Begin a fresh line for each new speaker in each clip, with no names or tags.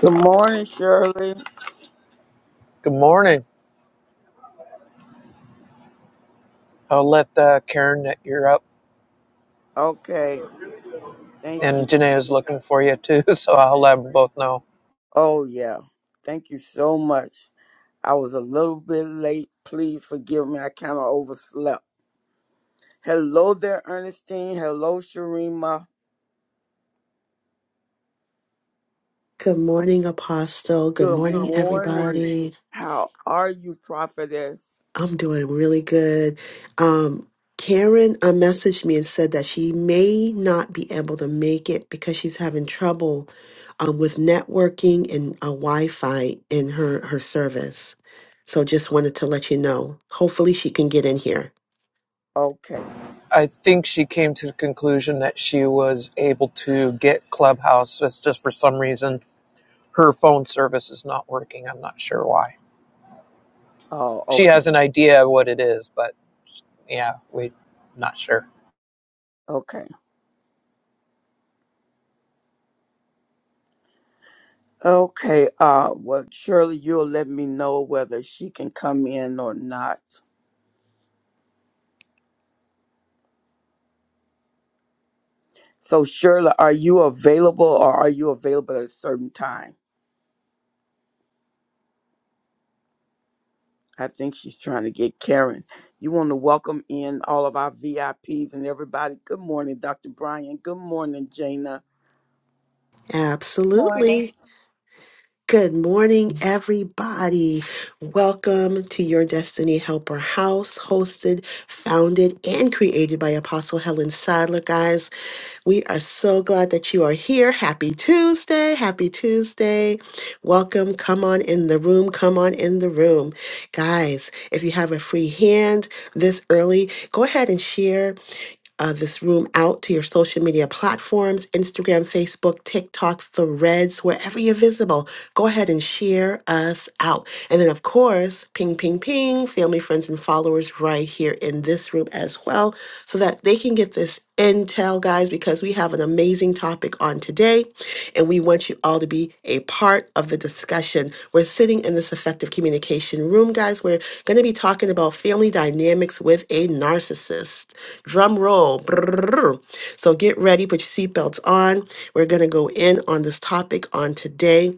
Good morning, Shirley.
Good morning. I'll let uh, Karen that you're up,
Okay, thank you.
and Janae is looking for you too, so I'll let them both know.
Oh, yeah. Thank you so much. I was a little bit late. Please forgive me. I kind of overslept. Hello there, Ernestine. Hello, Sharima.
Good morning, Apostle. Good
Good
morning,
morning.
everybody.
How are you, prophetess?
I'm doing really good. Um, Karen uh, messaged me and said that she may not be able to make it because she's having trouble um, with networking and uh, Wi-Fi in her her service. So just wanted to let you know. Hopefully, she can get in here.
Okay.
I think she came to the conclusion that she was able to get Clubhouse. It's just for some reason her phone service is not working. I'm not sure why.
Oh,
She
okay.
has an idea what it is, but yeah, we not sure.
Okay. Okay. Uh, well, Shirley, you'll let me know whether she can come in or not. So, Shirley, are you available or are you available at a certain time? I think she's trying to get Karen. You want to welcome in all of our VIPs and everybody. Good morning, Dr. Brian. Good morning, Jana.
morning.
Absolutely. Good morning, everybody. Welcome to your Destiny Helper House, hosted, founded, and created by Apostle Helen Sadler. Guys, we are so glad that you are here. Happy Tuesday. Happy Tuesday. Welcome. Come on in the room. Come on in the room. Guys, if you have a free hand this early, go ahead and share uh, this room out to your social media platforms Instagram, Facebook, TikTok, Threads, wherever you're visible. Go ahead and share us out. And then, of course, ping, ping, ping, family, friends, and followers right here in this room as well so that they can get this intel, guys, because we have an amazing topic topic on today, and we want you all to be a part of the discussion. We're sitting in this effective communication room, guys. We're going to be talking about family dynamics with a narcissist. Drum roll. Brrrr. So get ready, put your seatbelts on. We're going to go in on this topic on today.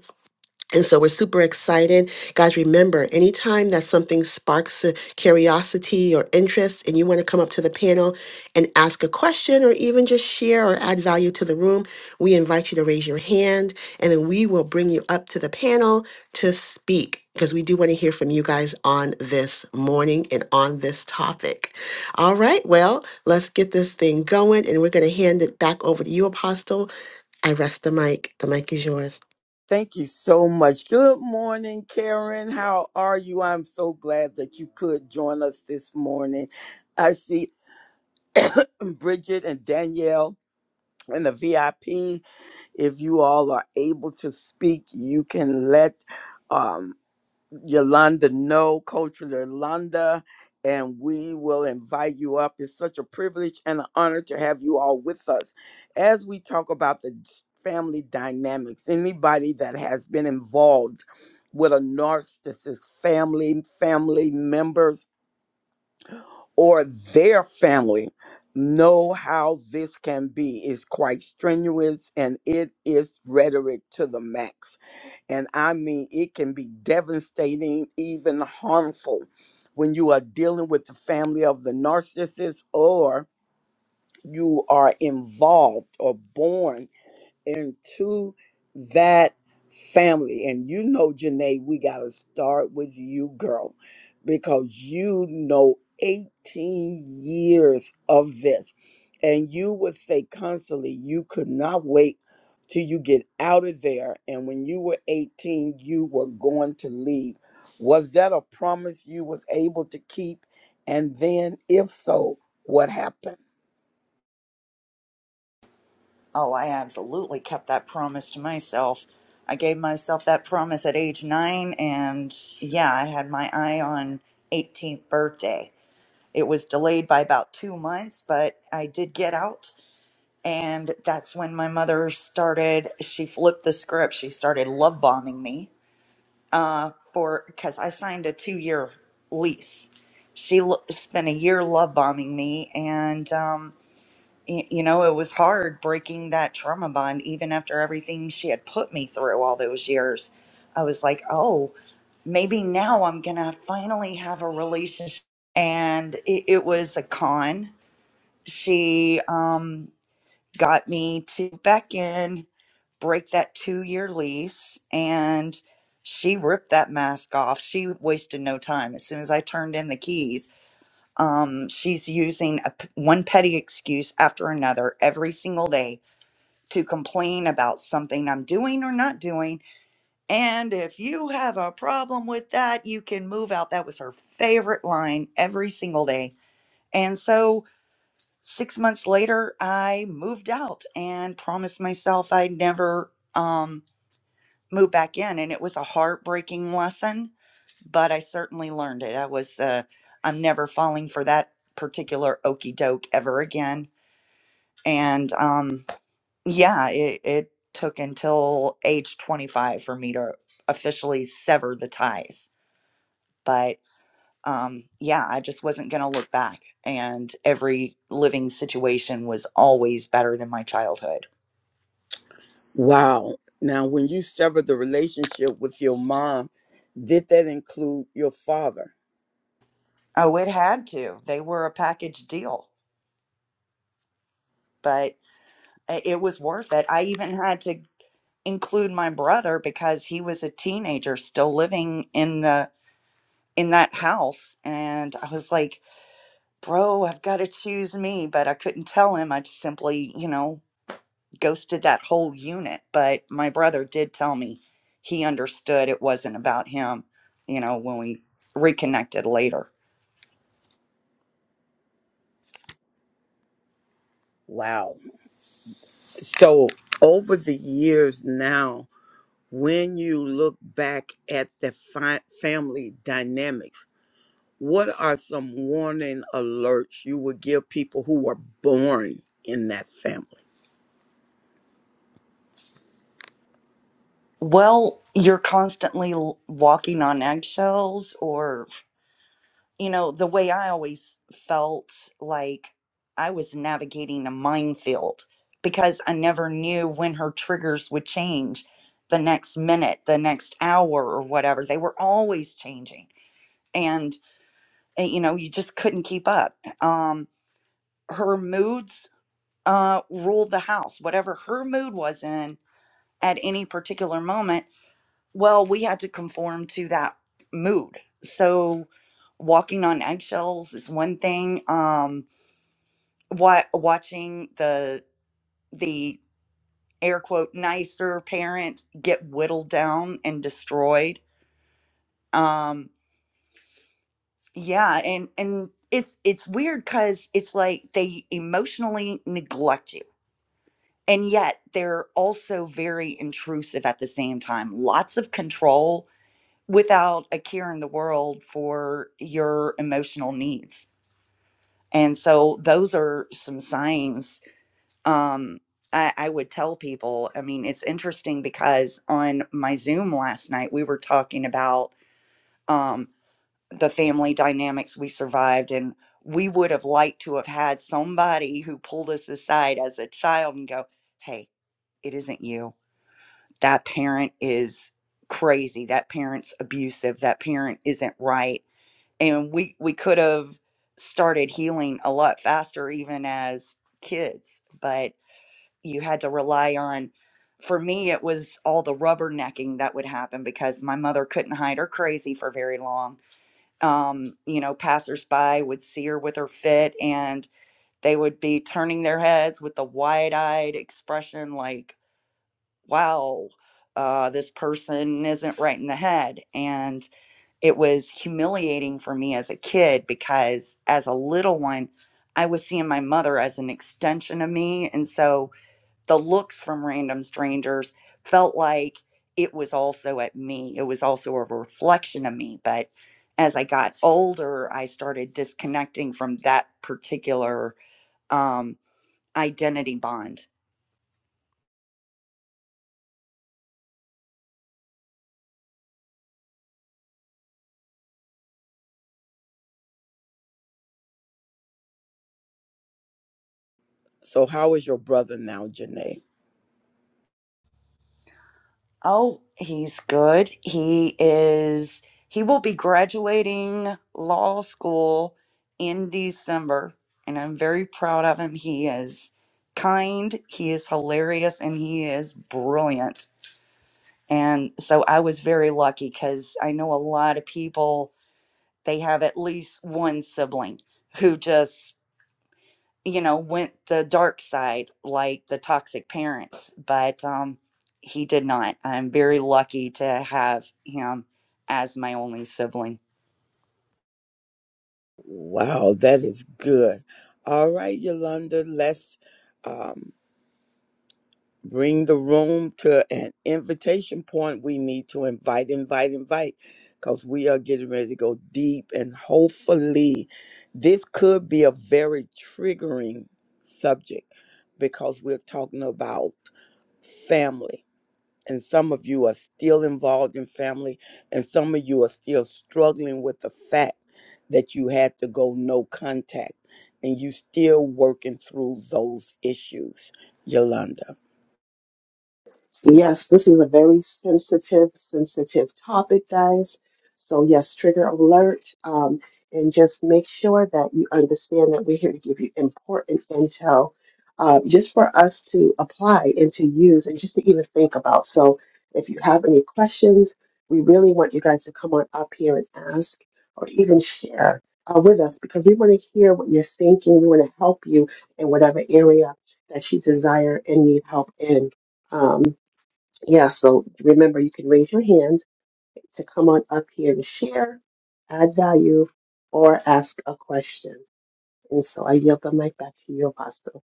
And so we're super excited. Guys, remember, anytime that something sparks a curiosity or interest and you want to come up to the panel and ask a question or even just share or add value to the room, we invite you to raise your hand and then we will bring you up to the panel to speak because we do want to hear from you guys on this morning and on this topic. All right, well, let's get this thing going and we're going to hand it back over to you, Apostle. I rest the mic. The mic is yours.
Thank you so much. Good morning, Karen. How are you? I'm so glad that you could join us this morning. I see um, Bridget and Danielle and the VIP. If you all are able to speak, you can let um, Yolanda No, Coach Yolanda, and we will invite you up. It's such a privilege and an honor to have you all with us as we talk about the family dynamics. Anybody that has been involved with a narcissist family, family members, or their family know how this can be. It's quite strenuous and it is rhetoric to the max. And I mean, it can be devastating, even harmful when you are dealing with the family of the narcissist or you are involved or born into that family. And you know, Janae, we got to start with you, girl, because you know 18 years of this. And you would say constantly, you could not wait till you get out of there. And when you were 18, you were going to leave. Was that a promise you was able to keep? And then if so, what happened?
Oh, I absolutely kept that promise to myself. I gave myself that promise at age nine, and yeah, I had my eye on 18th birthday. It was delayed by about two months, but I did get out. And that's when my mother started, she flipped the script. She started love bombing me uh, for, because I signed a two year lease. She l- spent a year love bombing me, and um, y- you know, it was hard breaking that trauma bond, even after everything she had put me through all those years. I was like, oh, maybe now I'm going to finally have a relationship. And it, it was a con. She um, got me to back in, break that two year lease, and she ripped that mask off. She wasted no time. As soon as I turned in the keys, um, she's using a p one petty excuse after another every single day to complain about something I'm doing or not doing. And if you have a problem with that, you can move out. That was her favorite line every single day. And so six months later, I moved out and promised myself I'd never um, move back in. And it was a heartbreaking lesson, but I certainly learned it. I was, uh, I'm never falling for that particular okey doke ever again. And, um, yeah, it, it took until age 25 for me to officially sever the ties. But um, yeah, I just wasn't going to look back. And every living situation was always better than my childhood.
Wow. Now, when you severed the relationship with your mom, did that include your father?
Oh, it had to. They were a package deal, but i- it was worth it. I even had to include my brother because he was a teenager still living in the in that house and I was like bro, I've got to choose me. But I couldn't tell him. I just simply, you know, ghosted that whole unit. But my brother did tell me he understood it wasn't about him, you know, when we reconnected later.
Wow. So, over the years now, when you look back at the fi- family dynamics, what are some warning alerts you would give people who were born in that family?
Well, you're constantly l- walking on eggshells, or you know, the way I always felt like I was navigating a minefield because I never knew when her triggers would change the next minute, the next hour, or whatever. They were always changing. And, uh, you know, you just couldn't keep up. Um, her moods uh, ruled the house. Whatever her mood was in at any particular moment, well, we had to conform to that mood. So walking on eggshells is one thing. Um what watching the the air quote nicer parent get whittled down and destroyed. Um yeah, and and it's it's weird cuz it's like they emotionally neglect you. And yet they're also very intrusive at the same time. Lots of control, without a care in the world for your emotional needs. And so those are some signs um, I, I would tell people. I mean, it's interesting because on my Zoom last night, we were talking about um, the family dynamics we survived, and we would have liked to have had somebody who pulled us aside as a child and go, Hey, it isn't you. That parent is crazy. That parent's abusive. That parent isn't right and we we could have started healing a lot faster even as kids but you had to rely on for me it was all the rubbernecking that would happen because my mother couldn't hide her crazy for very long um, you know passersby would see her with her fit and they would be turning their heads with the wide-eyed expression like wow uh, this person isn't right in the head And it was humiliating for me as a kid because as a little one, I was seeing my mother as an extension of me. And so the looks from random strangers felt like it was also at me, it was also a reflection of me. But as I got older, I started disconnecting from that particular um, identity bond
So, how is your brother now, Janae?
Oh, he's good. He is, he will be graduating law school in December, and I'm very proud of him. He is kind, he is hilarious, and he is brilliant. And so I was very lucky because I know a lot of people, they have at least one sibling who just you know, went the dark side like the toxic parents, but um, he did not. I'm very lucky to have him as my only sibling.
Wow, that is good. All right, Yolanda, let's. um. bring the room to an invitation point. We need to invite, invite, invite, because we are getting ready to go deep. And hopefully, this could be a very triggering subject because we're talking about family. And some of you are still involved in family, and some of you are still struggling with the fact that you had to go no contact, and you still working through those issues, Yolanda.
Yes, this is a very sensitive, sensitive topic, guys. So, yes, trigger alert. Um, and just make sure that you understand that we're here to give you important intel uh, just for us to apply and to use and just to even think about. So, if you have any questions, we really want you guys to come on up here and ask or even share uh, with us because we want to hear what you're thinking. We want to help you in whatever area that you desire and need help in. Um, yeah, so remember, you can raise your hands to come on up here and share, add value, or ask a question. And so I yield the mic back to you, Apostle.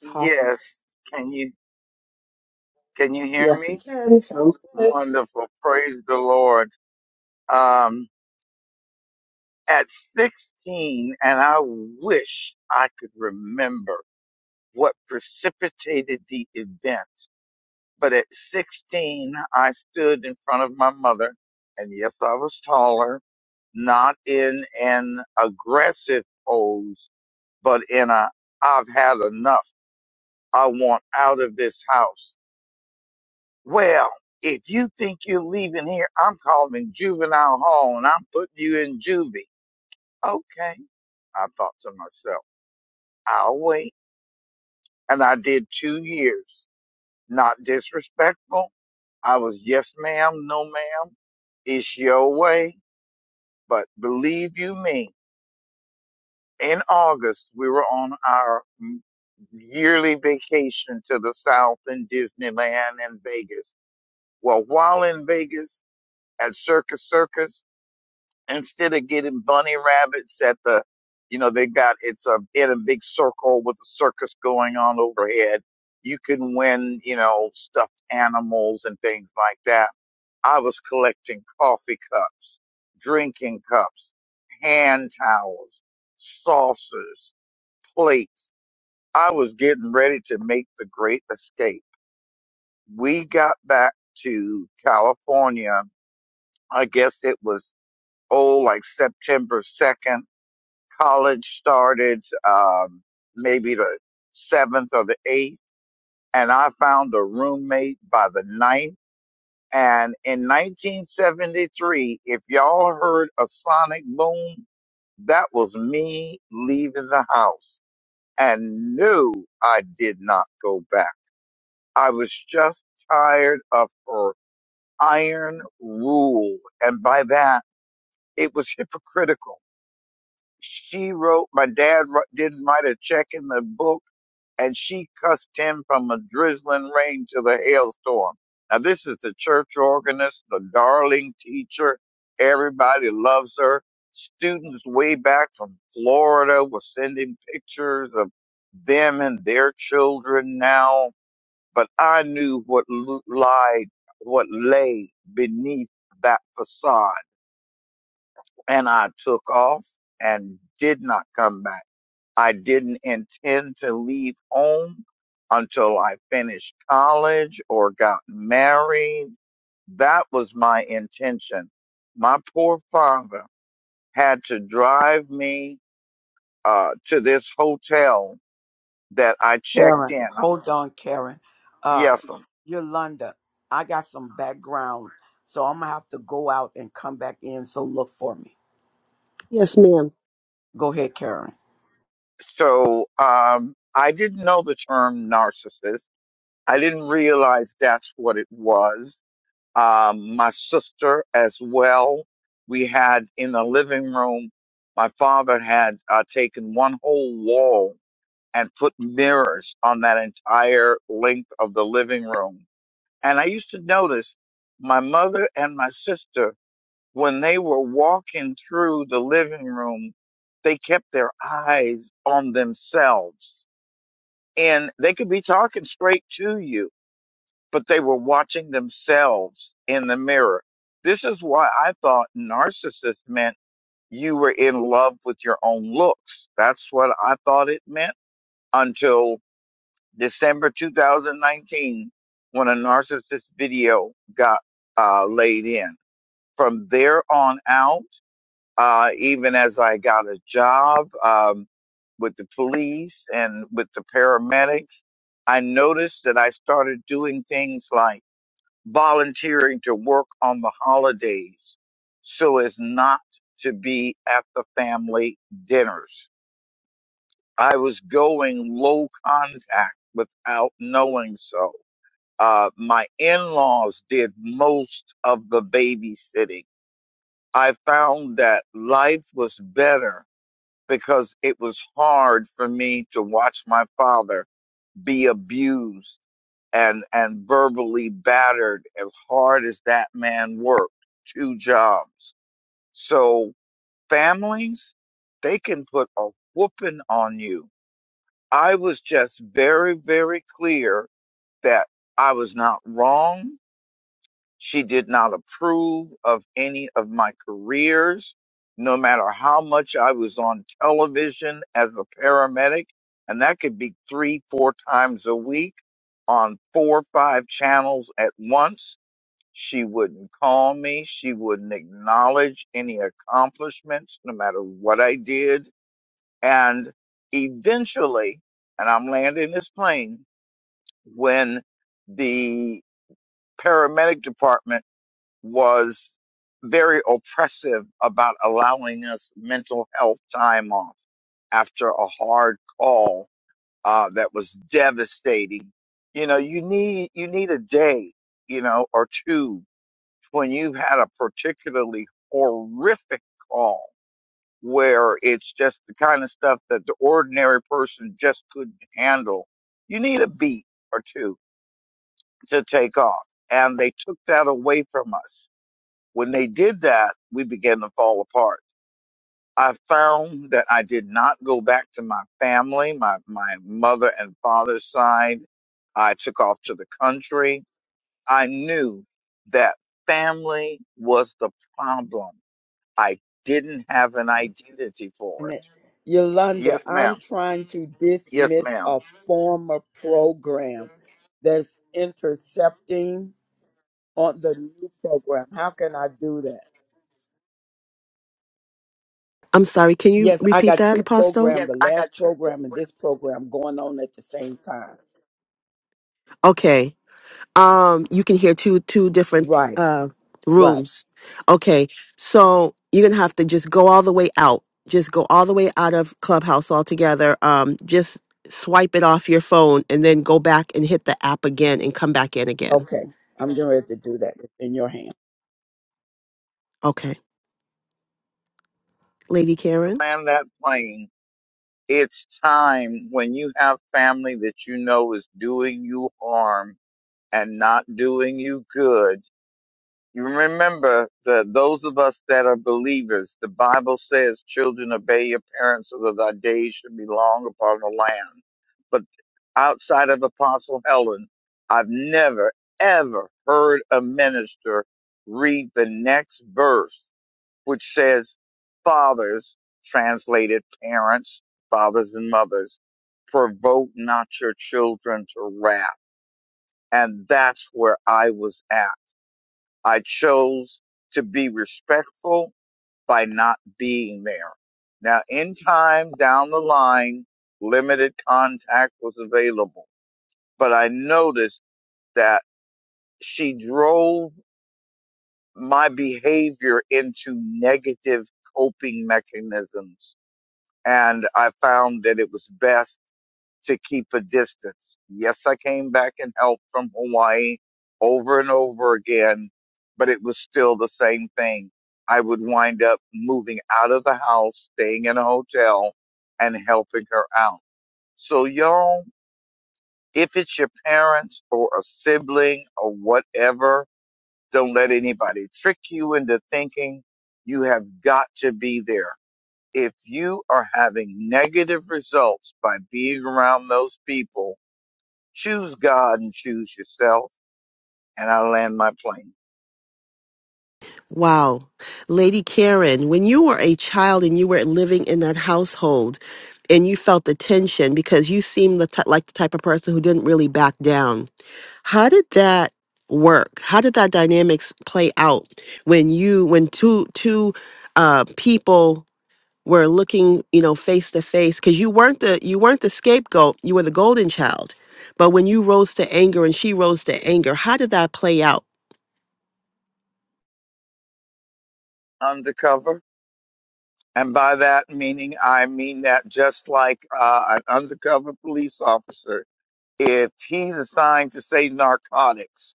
Yes, can you can you hear me? Wonderful. Praise the Lord. Um at 16 and I wish I could remember what precipitated the event. But at 16 I stood in front of my mother and yes, I was taller, not in an aggressive pose, but in a I've had enough. I want out of this house. Well, if you think you're leaving here, I'm calling juvenile hall and I'm putting you in juvie. Okay. I thought to myself, I'll wait. And I did two years. Not disrespectful. I was yes ma'am, no ma'am. It's your way. But believe you me, in August, we were on our mm, yearly vacation to the South in Disneyland and Vegas. Well, while in Vegas at Circus Circus, instead of getting bunny rabbits at the, you know, they got it's a in a big circle with a circus going on overhead. You can win, you know, stuffed animals and things like that. I was collecting coffee cups, drinking cups, hand towels, saucers, plates. I was getting ready to make the great escape. We got back to California. I guess it was, oh, like September 2nd College started um, maybe the seventh or the eighth, and I found a roommate by the ninth. And in 1973, if y'all heard a sonic boom, that was me leaving the house. And no, I did not go back. I was just tired of her iron rule. And by that, it was hypocritical. She wrote, my dad wr- didn't write a check in the book and she cussed him from a drizzling rain to the hailstorm. Now, this is the church organist, the darling teacher. Everybody loves her. Students way back from Florida were sending pictures of them and their children now. But I knew what l- lied, what lay beneath that facade. And I took off and did not come back. I didn't intend to leave home until I finished college or got married. That was my intention. My poor father had to drive me uh, to this hotel that I checked
Karen,
in. Uh,
hold on, Karen. Uh,
Yes. ma'am.
Yolanda, I got some background, so I'm gonna have to go out and come back in. So look for me.
Yes, ma'am.
Go ahead, Karen.
So um, I didn't know the term narcissist. I didn't realize that's what it was um, my sister as well. We had in the living room, my father had uh, taken one whole wall and put mirrors on that entire length of the living room. And I used to notice my mother and my sister, when they were walking through the living room, they kept their eyes on themselves. And they could be talking straight to you, but they were watching themselves in the mirror. This is why I thought narcissist meant you were in love with your own looks. That's what I thought it meant until December 2019 when a narcissist video got uh, laid in. From there on out, uh, even as I got a job um, with the police and with the paramedics, I noticed that I started doing things like volunteering to work on the holidays so as not to be at the family dinners. I was going low contact without knowing so. Uh, my in laws did most of the babysitting. I found that life was better because it was hard for me to watch my father be abused and and verbally battered as hard as that man worked two jobs so families they can put a whooping on you i was just very very clear that i was not wrong she did not approve of any of my careers, no matter how much I was on television as a paramedic. And that could be three, four times a week on four or five channels at once. She wouldn't call me. She wouldn't acknowledge any accomplishments, no matter what I did. And eventually, and I'm landing this plane, when the paramedic department was very oppressive about allowing us mental health time off after a hard call uh, that was devastating. You know, you need you need a day, you know, or two when you've had a particularly horrific call where it's just the kind of stuff that the ordinary person just couldn't handle. You need a beat or two to take off, and they took that away from us when they did that, we began to fall apart. I found that I did not go back to my family, my, my mother and father's side. I took off to the country. I knew that family was the problem. I didn't have an identity for
And
it.
it- Yolanda,
Yes,
I'm
ma'am.
trying to
Yes,
dismiss
ma'am.
a former program that's intercepting on the new program. How can I do that?
I'm sorry, can you
Yes, I
repeat
got
that,
two
Apostle?
programs, the last program and this program going on at the same time.
Okay. um you can hear two two different
Right,
uh
right.
rooms okay so you're gonna have to just go all the way out just go all the way out of clubhouse altogether um just swipe it off your phone and then go back and hit the app again and come back in again
Okay. I'm getting ready to do that. It's in your hand.
okay lady
To
karen
land that plane, it's time when you have family that you know is doing you harm and not doing you good You remember that those of us that are believers, the Bible says, children obey your parents so that thy days should be long upon the land. But outside of Apostle Helen, I've never, ever heard a minister read the next verse, which says, fathers, translated parents, fathers and mothers, provoke not your children to wrath. And that's where I was at I chose to be respectful by not being there. Now, in time down the line, limited contact was available, but I noticed that she drove my behavior into negative coping mechanisms. And I found that it was best to keep a distance. Yes, I came back and helped from Hawaii over and over again, but it was still the same thing. I would wind up moving out of the house, staying in a hotel, and helping her out. So, y'all, if it's your parents or a sibling or whatever, don't let anybody trick you into thinking you have got to be there. If you are having negative results by being around those people, Choose God and choose yourself, and I land my plane.
Wow. Lady Karen, when you were a child and you were living in that household and you felt the tension because you seemed the ty- like the type of person who didn't really back down, how did that work? How did that dynamics play out when you when two two uh people were looking, you know, face to face cuz you weren't the you weren't the scapegoat, you were the golden child. But when you rose to anger and she rose to anger, how did that play out?
Undercover. And by that meaning, I mean that just like uh, an undercover police officer, if he's assigned to say narcotics,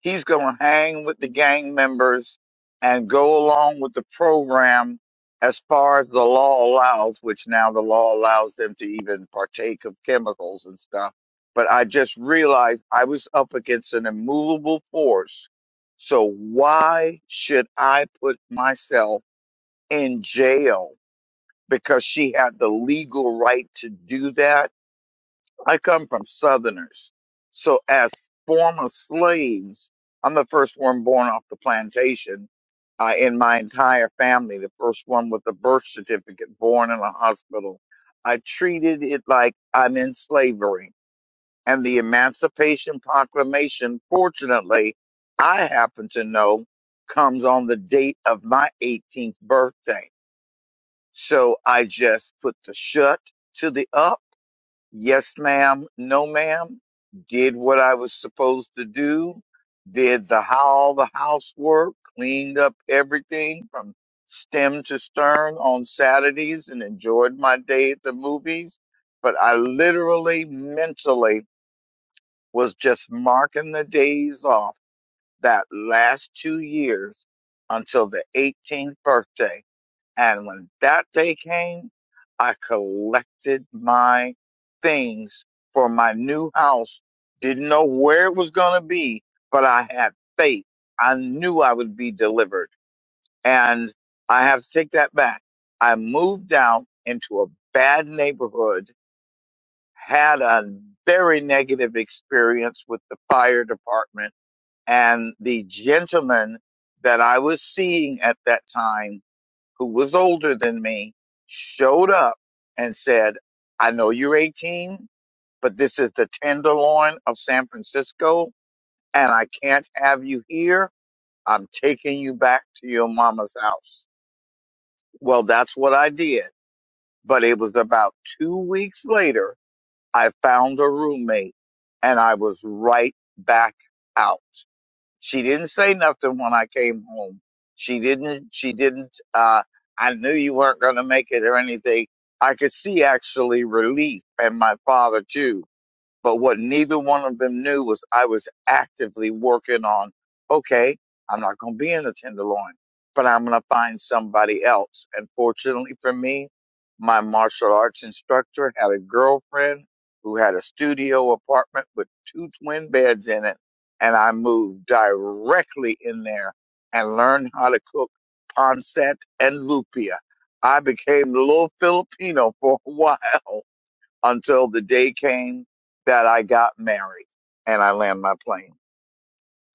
He's going to hang with the gang members and go along with the program as far as the law allows, which now the law allows them to even partake of chemicals and stuff. But I just realized I was up against an immovable force. So why should I put myself in jail? Because she had the legal right to do that I come from Southerners. So, as former slaves, I'm the first one born off the plantation. Uh, in my entire family, the first one with a birth certificate born in a hospital. I treated it like I'm in slavery. And the Emancipation Proclamation, fortunately, I happen to know comes on the date of my 18th birthday. So I just put the shut to the up yes ma'am, no ma'am, did what I was supposed to do, did the all the housework, cleaned up everything from stem to stern on Saturdays and enjoyed my day at the movies. But I literally mentally was just marking the days off that last two years until the 18th birthday. And when that day came, I collected my things for my new house. Didn't know where it was going to be, but I had faith. I knew I would be delivered. And I have to take that back. I moved out into a bad neighborhood, had a very negative experience with the fire department and the gentleman that I was seeing at that time who was older than me showed up and said, I know you're 18, but this is the tenderloin of San Francisco, and I can't have you here. I'm taking you back to your mama's house. Well, that's what I did. But it was about two weeks later, I found a roommate and I was right back out. She didn't say nothing when I came home. She didn't, she didn't, uh, I knew you weren't going to make it or anything. I could see actually relief and my father too. But what neither one of them knew was I was actively working on, okay, I'm not going to be in the Tenderloin, but I'm going to find somebody else. And fortunately for me, my martial arts instructor had a girlfriend who had a studio apartment with two twin beds in it. And I moved directly in there and learned how to cook pancetta and lupia. I became a little Filipino for a while until the day came that I got married and I landed my plane.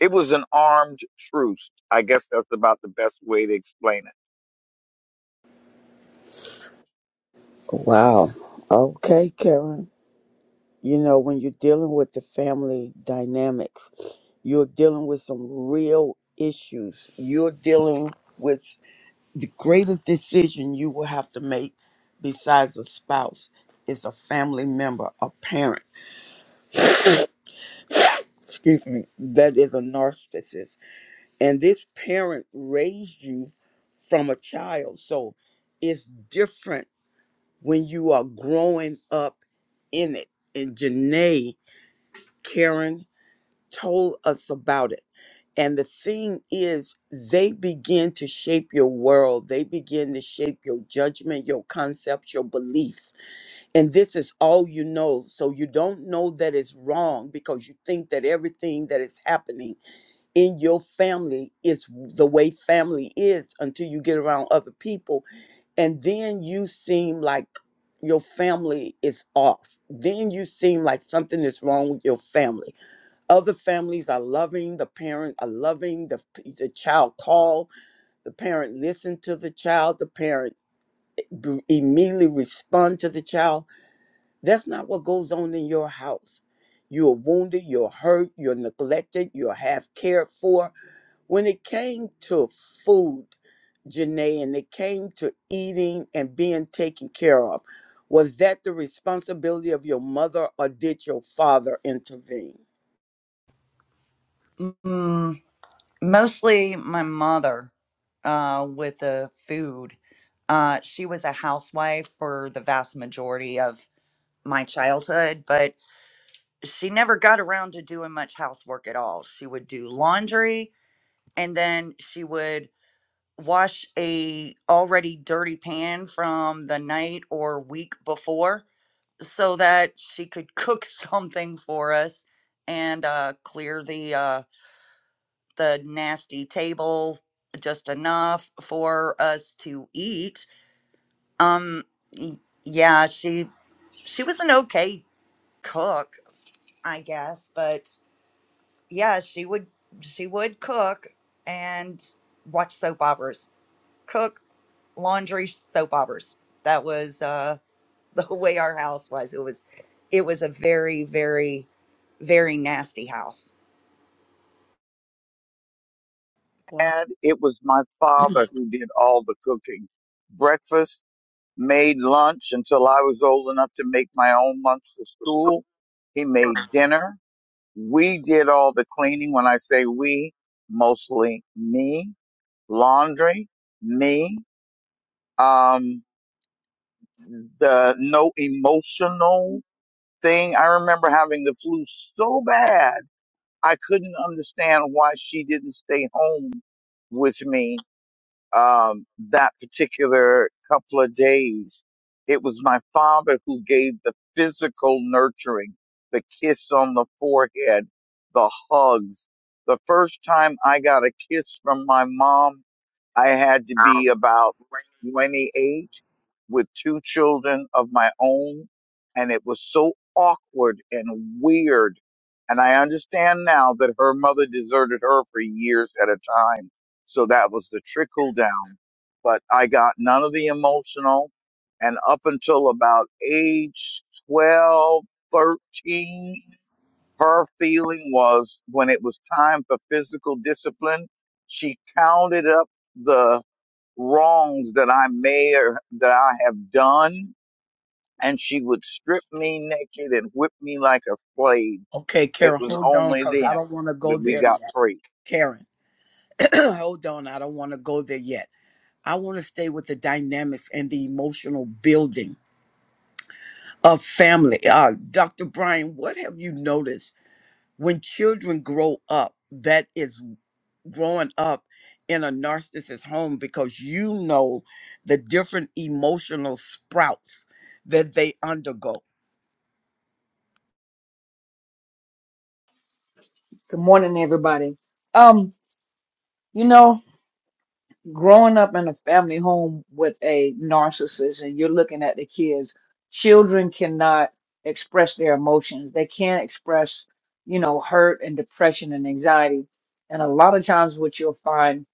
It was an armed truce. I guess that's about the best way to explain it.
Wow. Okay, Karen. You know, when you're dealing with the family dynamics, you're dealing with some real issues. You're dealing with the greatest decision you will have to make besides a spouse is a family member, a parent, excuse me, that is a narcissist. And this parent raised you from a child. So it's different when you are growing up in it. And Janae Karen told us about it. And the thing is, they begin to shape your world. They begin to shape your judgment, your concepts, your beliefs. And this is all you know. So you don't know that it's wrong because you think that everything that is happening in your family is the way family is until you get around other people. And then you seem like your family is off. Then you seem like something is wrong with your family other families are loving the parent are loving the, the child call the parent listen to the child the parent b- immediately respond to the child that's not what goes on in your house you're wounded you're hurt you're neglected you're half cared for when it came to food janae and it came to eating and being taken care of was that the responsibility of your mother or did your father intervene
Mm, mostly my mother uh, with the food. Uh, she was a housewife for the vast majority of my childhood, but she never got around to doing much housework at all. She would do laundry and then she would wash a already dirty pan from the night or week before so that she could cook something for us and uh, clear the uh, the nasty table just enough for us to eat um y- yeah she she was an okay cook i guess but yeah she would she would cook and watch soap operas cook laundry soap operas. That was uh, the way our house was. It was, it was a very, very, very nasty house.
And it was my father who did all the cooking. Breakfast, made lunch until I was old enough to make my own lunch for school. He made dinner. We did all the cleaning. When I say we, mostly me. Laundry, me. Um, the no emotional thing. I remember having the flu so bad, I couldn't understand why she didn't stay home with me um, that particular couple of days. It was my father who gave the physical nurturing, the kiss on the forehead, the hugs. The first time I got a kiss from my mom I had to be about 28 with two children of my own. And it was so awkward and weird. And I understand now that her mother deserted her for years at a time. So that was the trickle down. But I got none of the emotional. And up until about age 12, 13, her feeling was when it was time for physical discipline, she counted up the wrongs that I may or that I have done, and she would strip me naked and whip me like a slave.
Okay,
It
Karen,
was
hold on
only
because
then
I don't want to go
that we
there
got
yet.
free.
Karen, hold on. I don't want to go there yet. I want to stay with the dynamics and the emotional building of family. Uh, Dr. Brian, what have you noticed when children grow up that is growing up in a narcissist's home because you know the different emotional sprouts that they undergo?
Good morning, everybody. Um, you know, growing up in a family home with a narcissist and you're looking at the kids, children cannot express their emotions. They can't express, you know, hurt and depression and anxiety. And a lot of times what you'll find,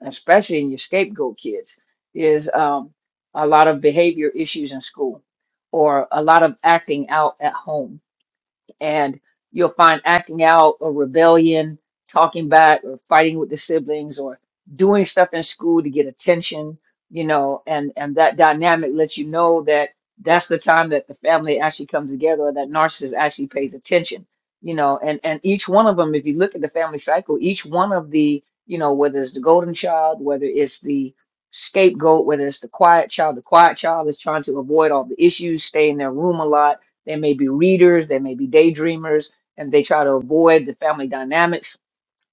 especially in your scapegoat kids, is um, a lot of behavior issues in school or a lot of acting out at home and you'll find acting out or rebellion, talking back or fighting with the siblings or doing stuff in school to get attention, you know, and and that dynamic lets you know that that's the time that the family actually comes together or that narcissist actually pays attention, you know, and and each one of them if you look at the family cycle, each one of the, you know, whether it's the golden child, whether it's the scapegoat, whether it's the quiet child, the quiet child is trying to avoid all the issues, stay in their room a lot they may be readers, they may be daydreamers, and they try to avoid the family dynamics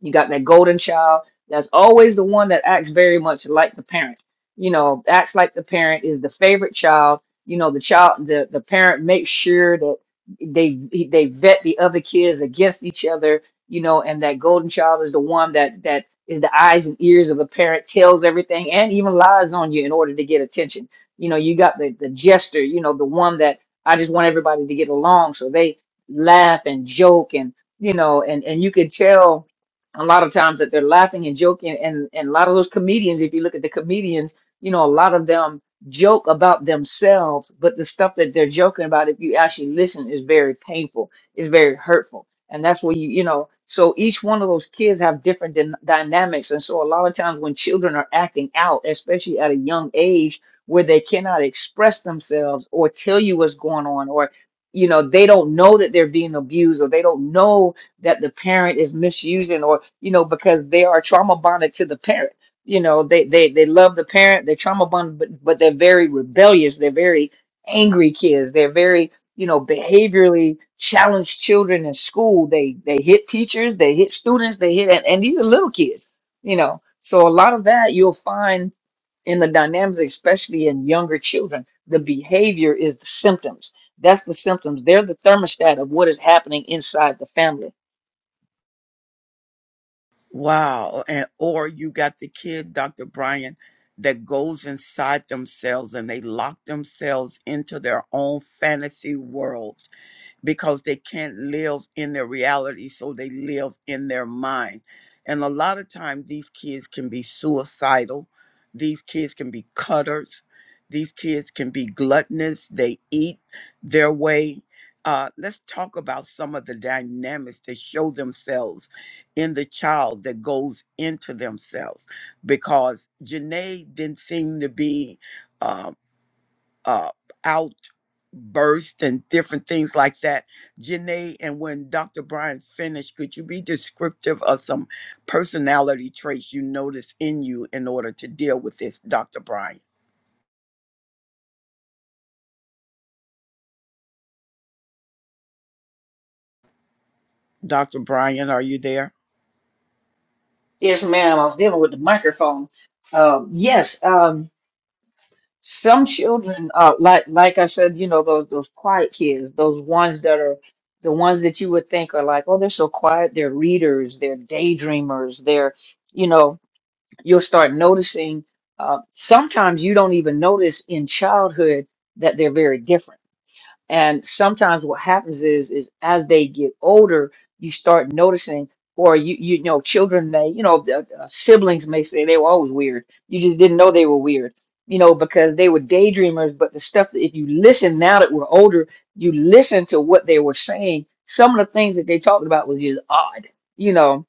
you got that golden child that's always the one that acts very much like the parent. You know, acts like the parent is the favorite child. You know, the child, the, the parent makes sure that they they vet the other kids against each other. You know, and that golden child is the one that that is the eyes and ears of the parent, tells everything, and even lies on you in order to get attention. You know, you got the the jester. You know, the one that I just want everybody to get along, so they laugh and joke and you know, and and you can tell a lot of times that they're laughing and joking and and a lot of those comedians if you look at the comedians you know a lot of them joke about themselves but the stuff that they're joking about if you actually listen is very painful is very hurtful and that's where you you know so each one of those kids have different dyn- dynamics and so a lot of times when children are acting out especially at a young age where they cannot express themselves or tell you what's going on or you know they don't know that they're being abused or they don't know that the parent is misusing or you know because they are trauma bonded to the parent you know they they they love the parent they're trauma bonded but, but they're very rebellious they're very angry kids they're very you know behaviorally challenged children in school they they hit teachers they hit students they hit and, and these are little kids you know so a lot of that you'll find in the dynamics especially in younger children the behavior is the symptoms that's the symptoms they're the thermostat of what is happening inside the family
Wow. And or you got the kid, Dr. Brian, that goes inside themselves and they lock themselves into their own fantasy world because they can't live in their reality, so they live in their mind. And a lot of times, these kids can be suicidal, these kids can be cutters, these kids can be gluttonous, they eat their way. Uh, let's talk about some of the dynamics that show themselves in the child that goes into themselves because Janae didn't seem to be. uh, uh, outburst and different things like that. Janae, and when Dr. Brian finished, could you be descriptive of some personality traits you notice in you in order to deal with this, Dr. Brian? Dr. Brian, are you there?
Yes, ma'am. I was dealing with the microphone. Um, yes, um, some children, uh, like like I said, you know those those quiet kids, those ones that are the ones that you would think are like, oh, they're so quiet. They're readers. They're daydreamers. They're, you know, you'll start noticing. Uh, sometimes you don't even notice in childhood that they're very different and sometimes what happens is, is as they get older, you start noticing, or you you know, children may, you know, the- uh, siblings may say they were always weird. You just didn't know they were weird, you know, because they were daydreamers. But the stuff that if you listen now that we're older, you listen to what they were saying. Some of the things that they talked about was just odd, you know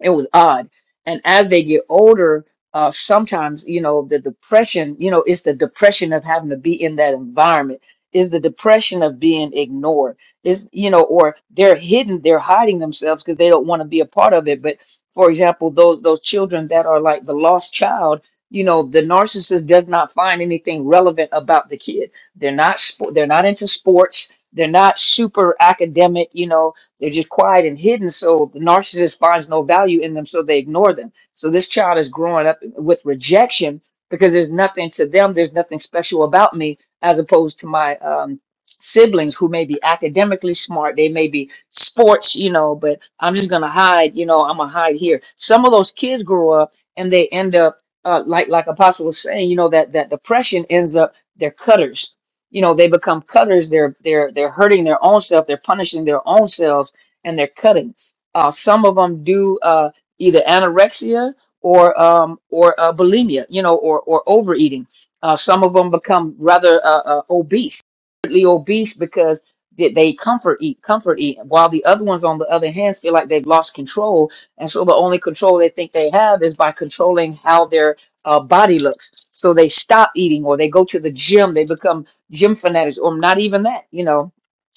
it was odd. And as they get older, uh, sometimes you know the depression. You know, it's the depression of having to be in that environment. Is the depression of being ignored. Is you know, or they're hidden. They're hiding themselves because they don't want to be a part of it. But for example, those those children that are like the lost child. You know, the narcissist does not find anything relevant about the kid. They're not. spo- They're not into sports. They're not super academic. You know, they're just quiet and hidden, so the narcissist finds no value in them, so they ignore them. So this child is growing up with rejection because there's nothing to them, there's nothing special about me, as opposed to my um, siblings who may be academically smart, they may be sports, you know, but I'm just gonna hide, you know, I'm gonna hide here. Some of those kids grow up and they end up uh, like like Apostle was saying, you know, that that depression ends up they're cutters you know they become cutters they're they're they're hurting their own self they're punishing their own selves and they're cutting uh, some of them do uh, either anorexia or um, or uh, bulimia you know or or overeating uh, some of them become rather uh, uh, obese really obese because they, they comfort eat comfort eat while the other ones on the other hand feel like they've lost control and so the only control they think they have is by controlling how their uh, body looks so they stop eating or they go to the gym they become gym fanatics or not even that you know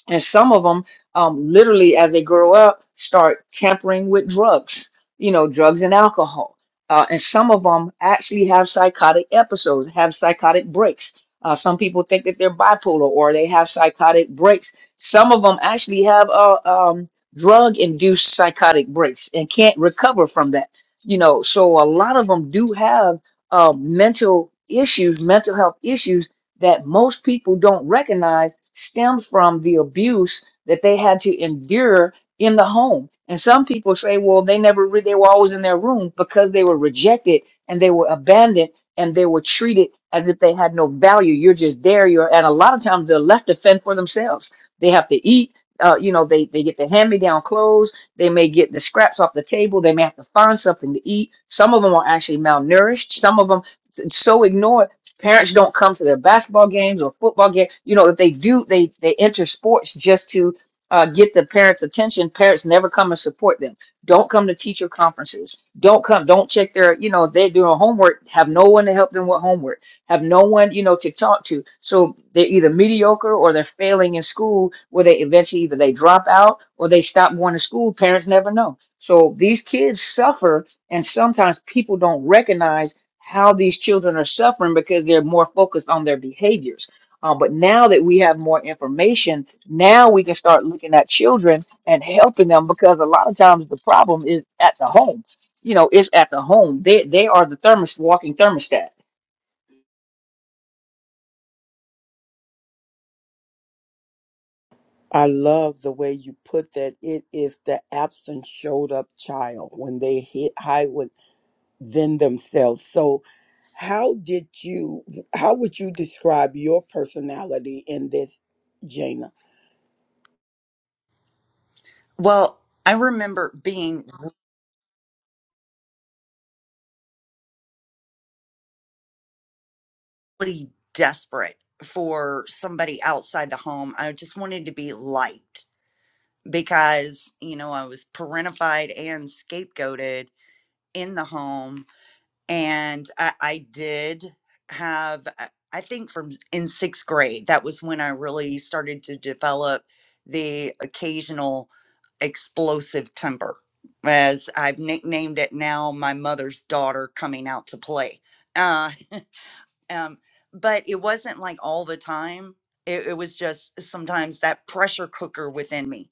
and some of them um, literally as they grow up start tampering with drugs you know drugs and alcohol uh, and some of them actually have psychotic episodes have psychotic breaks uh, some people think that they're bipolar or they have psychotic breaks some of them actually have uh, um, drug induced psychotic breaks and can't recover from that you know so a lot of them do have uh, mental issues mental health issues that most people don't recognize stems from the abuse that they had to endure in the home. And some people say, well, they never re- they were always in their room because they were rejected and they were abandoned and they were treated as if they had no value. You're just there. You're and a lot of times they're left to fend for themselves. They have to eat. Uh, you know, they, they get the hand-me-down clothes. They may get the scraps off the table. They may have to find something to eat. Some of them are actually malnourished. Some of them so ignored parents don't come to their basketball games or football games. You know, if they do, they they enter sports just to uh, get the parents' attention. Parents never come and support them. Don't come to teacher conferences. Don't come. Don't check their. You know, if they're doing homework. Have no one to help them with homework. Have no one, you know, to talk to. So they're either mediocre or they're failing in school, where they eventually either they drop out or they stop going to school. Parents never know. So these kids suffer, and sometimes people don't recognize how these children are suffering because they're more focused on their behaviors. Uh, but now that we have more information, now we can start looking at children and helping them because a lot of times the problem is at the home. You know, it's at the home. They they are the thermos walking thermostat.
I love the way you put that. It is the absent showed up child when they hit high within themselves. So, how did you, how would you describe your personality in this, Jana?
Well, I remember being really desperate for somebody outside the home. I just wanted to be liked because, you know, I was parentified and scapegoated in the home and I, I did have uh, i think from in sixth grade that was when i really started to develop the occasional explosive temper as i've nicknamed it now my mother's daughter coming out to play Uh, um, but it wasn't like all the time. It, it was just sometimes that pressure cooker within me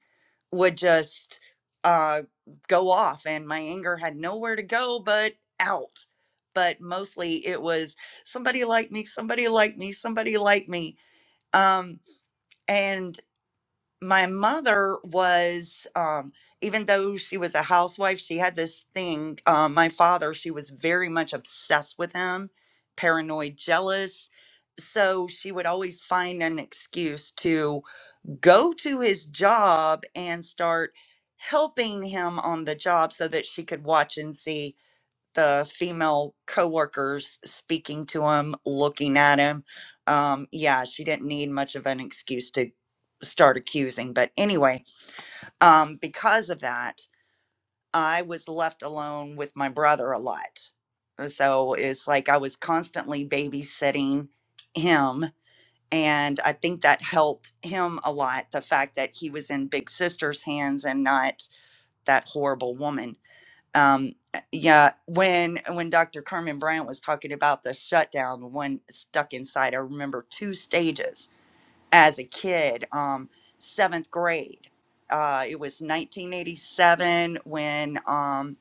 would just uh, go off, and my anger had nowhere to go but out. But mostly it was somebody like me, somebody like me, somebody like me. Um, and my mother was um even though she was a housewife she had this thing uh, my father she was very much obsessed with him paranoid jealous so she would always find an excuse to go to his job and start helping him on the job so that she could watch and see the female coworkers speaking to him, looking at him. Um, yeah, she didn't need much of an excuse to start accusing. But anyway, um, because of that, I was left alone with my brother a lot. So it's like I was constantly babysitting him. And I think that helped him a lot. The fact that he was in Big Sister's hands and not that horrible woman um yeah when when dr carmen bryant was talking about the shutdown when stuck inside i remember two stages as a kid um seventh grade uh it was 1987 when um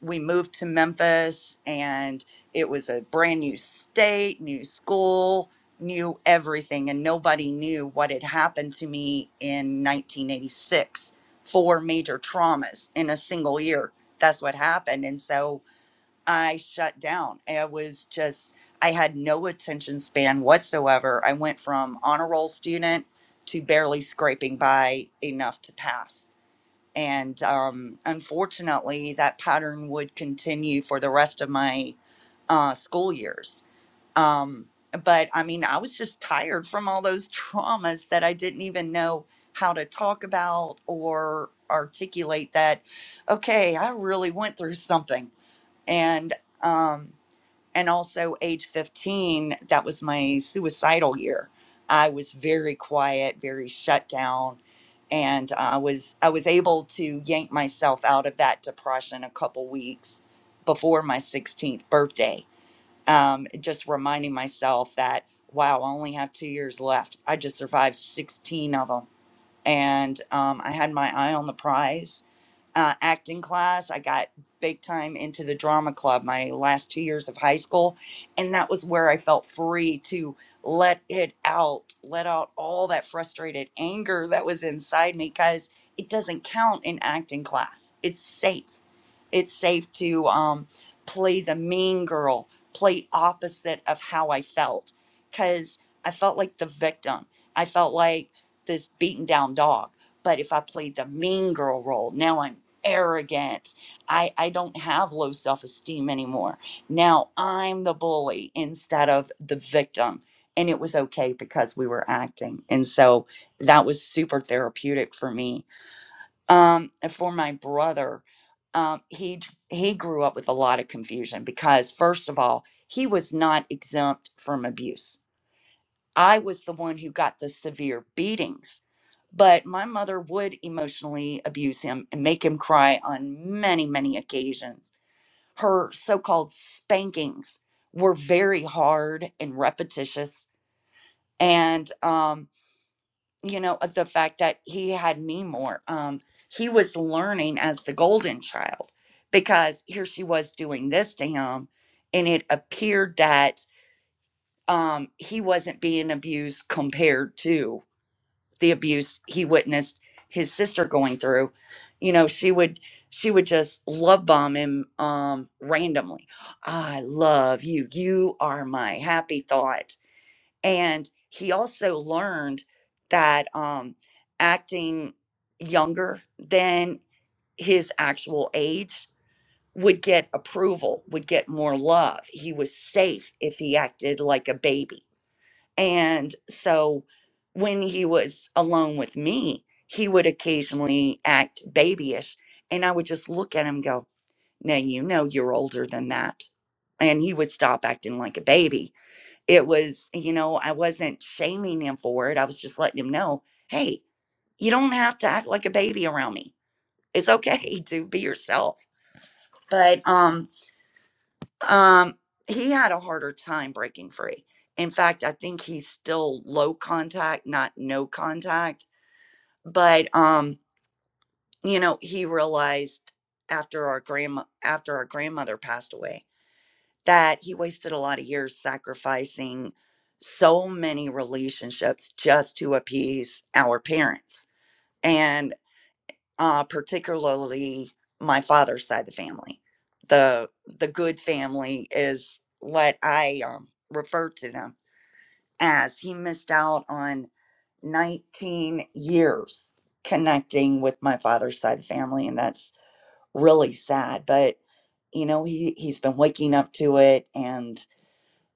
we moved to Memphis and it was a brand new state, new school, new everything. And nobody knew what had happened to me in 1986 four major traumas in a single year. That's what happened. And so I shut down. I was just, I had no attention span whatsoever. I went from honor roll student to barely scraping by enough to pass and um, unfortunately that pattern would continue for the rest of my uh, school years um, but i mean i was just tired from all those traumas that i didn't even know how to talk about or articulate that okay i really went through something and um, and also age 15 that was my suicidal year i was very quiet very shut down and i was i was able to yank myself out of that depression a couple weeks before my 16th birthday um, just reminding myself that wow i only have two years left i just survived 16 of them and um, i had my eye on the prize uh, acting class. I got big time into the drama club my last two years of high school. And that was where I felt free to let it out, let out all that frustrated anger that was inside me because it doesn't count in acting class. It's safe it's safe to um, play the mean girl, play opposite of how I felt. Because I felt like the victim. I felt like this beaten down dog. But if I played the mean girl role, now I'm arrogant. I, I don't have low self esteem anymore. Now I'm the bully instead of the victim. And it was okay because we were acting. And so that was super therapeutic for me um and for my brother um he he grew up with a lot of confusion because first of all he was not exempt from abuse i was the one who got the severe beatings but my mother would emotionally abuse him and make him cry on many many occasions her so-called spankings were very hard and repetitious and um you know, the fact that he had me more. Um, he was learning as the golden child because here she was doing this to him, and it appeared that um, he wasn't being abused compared to the abuse he witnessed his sister going through. You know, she would she would just love bomb him um, randomly. I love you. You are my happy thought and he also learned that um, acting younger than his actual age would get approval, would get more love. He was safe if he acted like a baby. And so when he was alone with me, he would occasionally act babyish. And I would just look at him and go, Now, you know, you're older than that. And he would stop acting like a baby it was, you know, I wasn't shaming him for it. I was just letting him know, hey, you don't have to act like a baby around me. It's okay to be yourself. But um, um, he had a harder time breaking free. In fact, I think he's still low contact, not no contact. But um, you know, he realized after our grandma after our grandmother passed away that he wasted a lot of years sacrificing so many relationships just to appease our parents and uh, particularly my father's side of the family the the good family is what i um, refer to them as he missed out on 19 years connecting with my father's side of the family and that's really sad but you know he he's been waking up to it and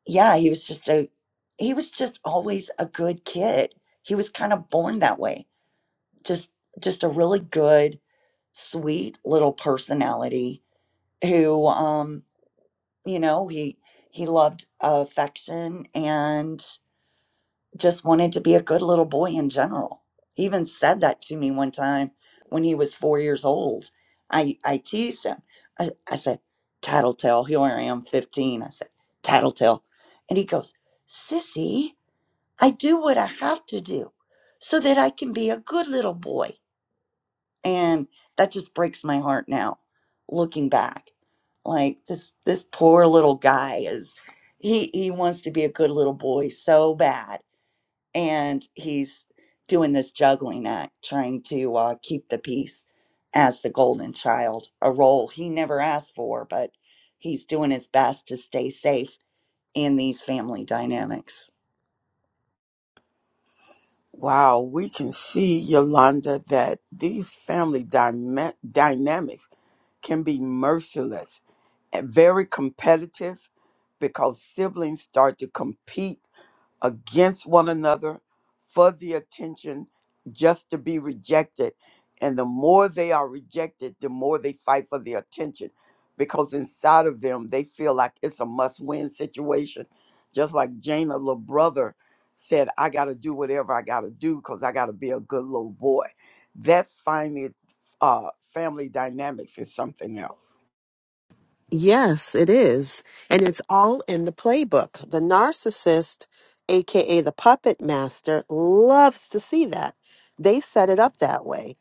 yeah, he was just a he was just always a good kid. He was kind of born that way. Just just a really good, sweet little personality who um, you know, he he loved affection and just wanted to be a good little boy in general. He even said that to me one time when he was 4 years old. I I teased him. I, I said, "Tattletale, here I am 15." I said, "Tattletale." And he goes, "Sissy, I do what I have to do so that I can be a good little boy. And that just breaks my heart now, looking back. Like this this poor little guy is he he wants to be a good little boy so bad. And he's doing this juggling act, trying to uh, keep the peace as the golden child, a role he never asked for, but he's doing his best to stay safe in these family dynamics.
Wow, we can see, Yolanda, that these family dyma- dynamics can be merciless and very competitive because siblings start to compete against one another for the attention just to be rejected. And the more they are rejected, the more they fight for the attention because inside of them, they feel like it's a must win situation. Just like Jane, a little brother, said, I got to do whatever I got to do because I got to be a good little boy. That finding uh, family dynamics is something else.
Yes, it is. And it's all in the playbook. The narcissist, aka the puppet master, loves to see that. They set it up that way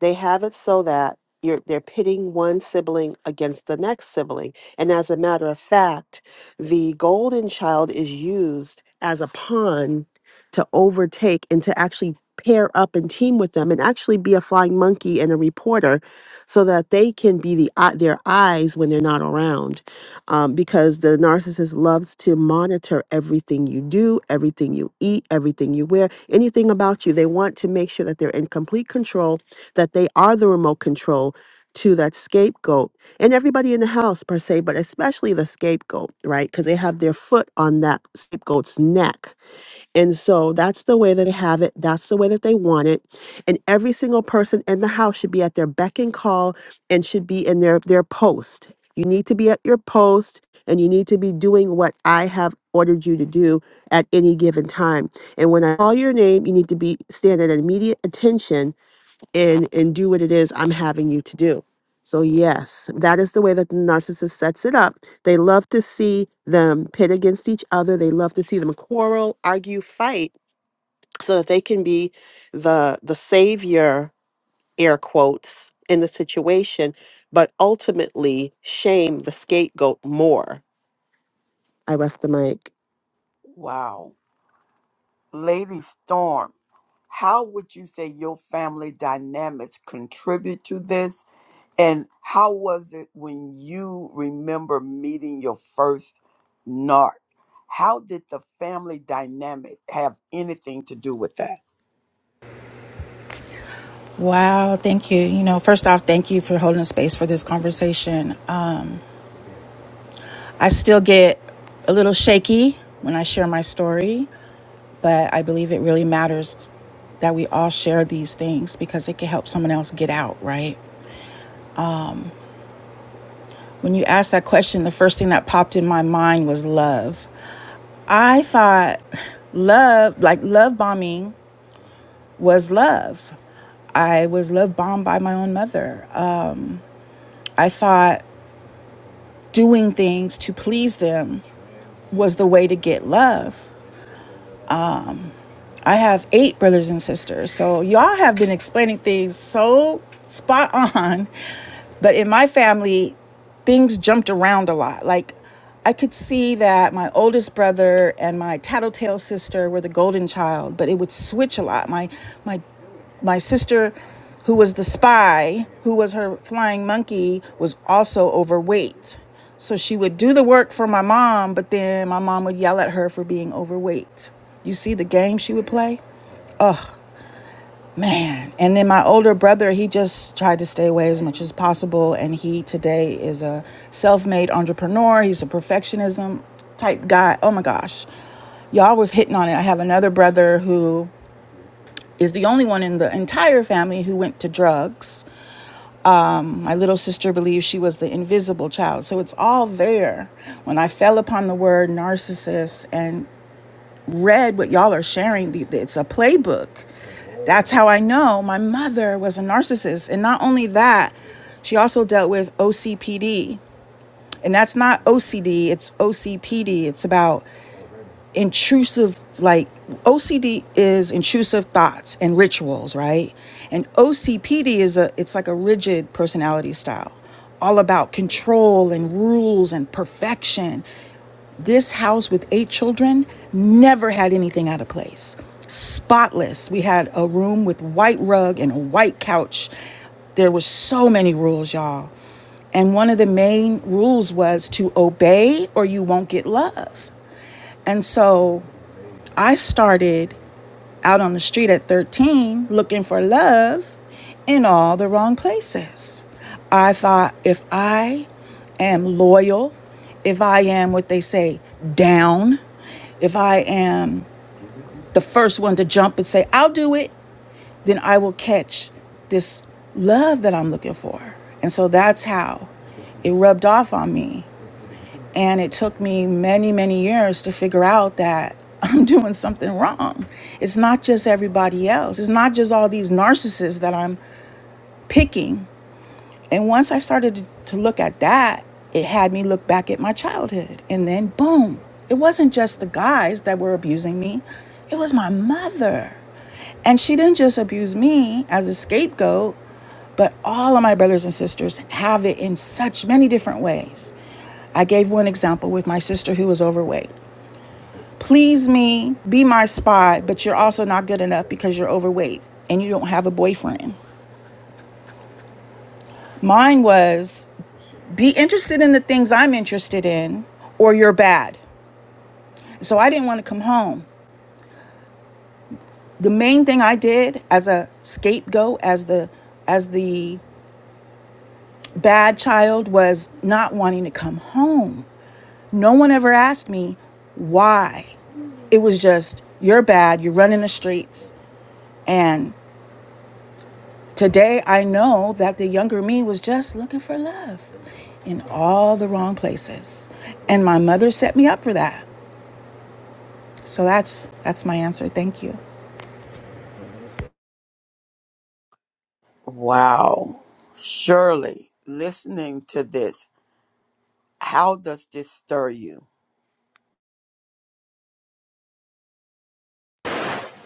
they have it so that you're they're pitting one sibling against the next sibling and as a matter of fact the golden child is used as a pawn to overtake and to actually pair up and team with them and actually be a flying monkey and a reporter so that they can be the eye- their eyes when they're not around um, because the narcissist loves to monitor everything you do everything you eat everything you wear anything about you they want to make sure that they're in complete control that they are the remote control to that scapegoat and everybody in the house per se but especially the scapegoat right because they have their foot on that scapegoat's neck and so that's the way that they have it that's the way that they want it and every single person in the house should be at their beck and call and should be in their their post you need to be at your post and you need to be doing what i have ordered you to do at any given time and when i call your name you need to be stand at immediate attention and and do what it is I'm having you to do. So yes, that is the way that the narcissist sets it up. They love to see them pit against each other. They love to see them quarrel, argue, fight so that they can be the the savior air quotes in the situation, but ultimately shame the scapegoat more. I rest the mic.
Wow. Lady Storm. How would you say your family dynamics contribute to this? And how was it when you remember meeting your first narc? How did the family dynamic have anything to do with that?
Wow, thank you. You know, first off, thank you for holding space for this conversation. Um, I still get a little shaky when I share my story, but I believe it really matters that we all share these things because it can help someone else get out, right? When you asked that question, the first thing that popped in my mind was love. I thought love, like love bombing, was love. I was love bombed by my own mother. Uh, I thought doing things to please them was the way to get love. I have eight brothers and sisters, so y'all have been explaining things so spot on. But in my family, things jumped around a lot. Like, I could see that my oldest brother and my tattletale sister were the golden child, but it would switch a lot. My my my sister, who was the spy, who was her flying monkey, was also overweight. So she would do the work for my mom, but then my mom would yell at her for being overweight. You see the game she would play? Man. And then my older brother, he just tried to stay away as much as possible. And he today is a self made entrepreneur. He's a perfectionism type guy. Oh my gosh y'all was hitting on it. I have another brother who is the only one in the entire family who went to drugs. My little sister believed she was the invisible child. So it's all there. When I fell upon the word narcissist and read what y'all are sharing, it's a playbook. That's how I know my mother was a narcissist. And not only that, she also dealt with OCPD. And that's not OCD, it's OCPD. It's about intrusive like OCD is intrusive thoughts and rituals, right? And OCPD is a it's like a rigid personality style, all about control and rules and perfection. This house with eight children never had anything out of place. Spotless. We had a room with white rug and a white couch. There were so many rules, y'all. And one of the main rules was to obey or you won't get love. And so I started out on the street at 13 looking for love in all the wrong places. I thought if I am loyal, if I am what they say, down, if I am the first one to jump and say, I'll do it, then I will catch this love that I'm looking for. And so that's how it rubbed off on me. And it took me many, many years to figure out that I'm doing something wrong. It's not just everybody else, it's not just all these narcissists that I'm picking and once I started to look at that, it had me look back at my childhood. And then, boom, it wasn't just the guys that were abusing me, it was my mother. And she didn't just abuse me as a scapegoat, but all of my brothers and sisters have it in such many different ways. I gave one example with my sister who was overweight. Please me, be my spy, but you're also not good enough because you're overweight and you don't have a boyfriend. Mine was be interested in the things I'm interested in, or you're bad. So I didn't want to come home. The main thing I did as a scapegoat, as the as the bad child, was not wanting to come home. No one ever asked me why. It was just you're bad. You're running the streets. And today I know that the younger me was just looking for love in all the wrong places. And my mother set me up for that. So that's that's my answer. Thank you.
Wow. Shirley, listening to this, how does this stir you?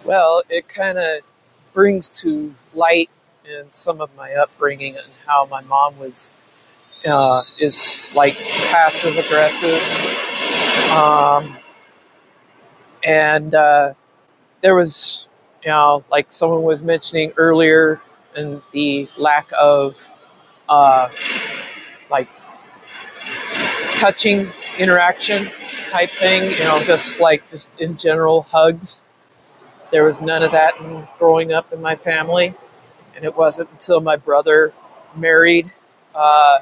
Well, it kind of brings to light and some of my upbringing and how my mom was uh, is like passive aggressive. Um, and uh, there was you know like someone was mentioning earlier and the lack of uh, like touching interaction type thing you know just like just in general hugs there was none of that in growing up in my family and it wasn't until my brother married uh,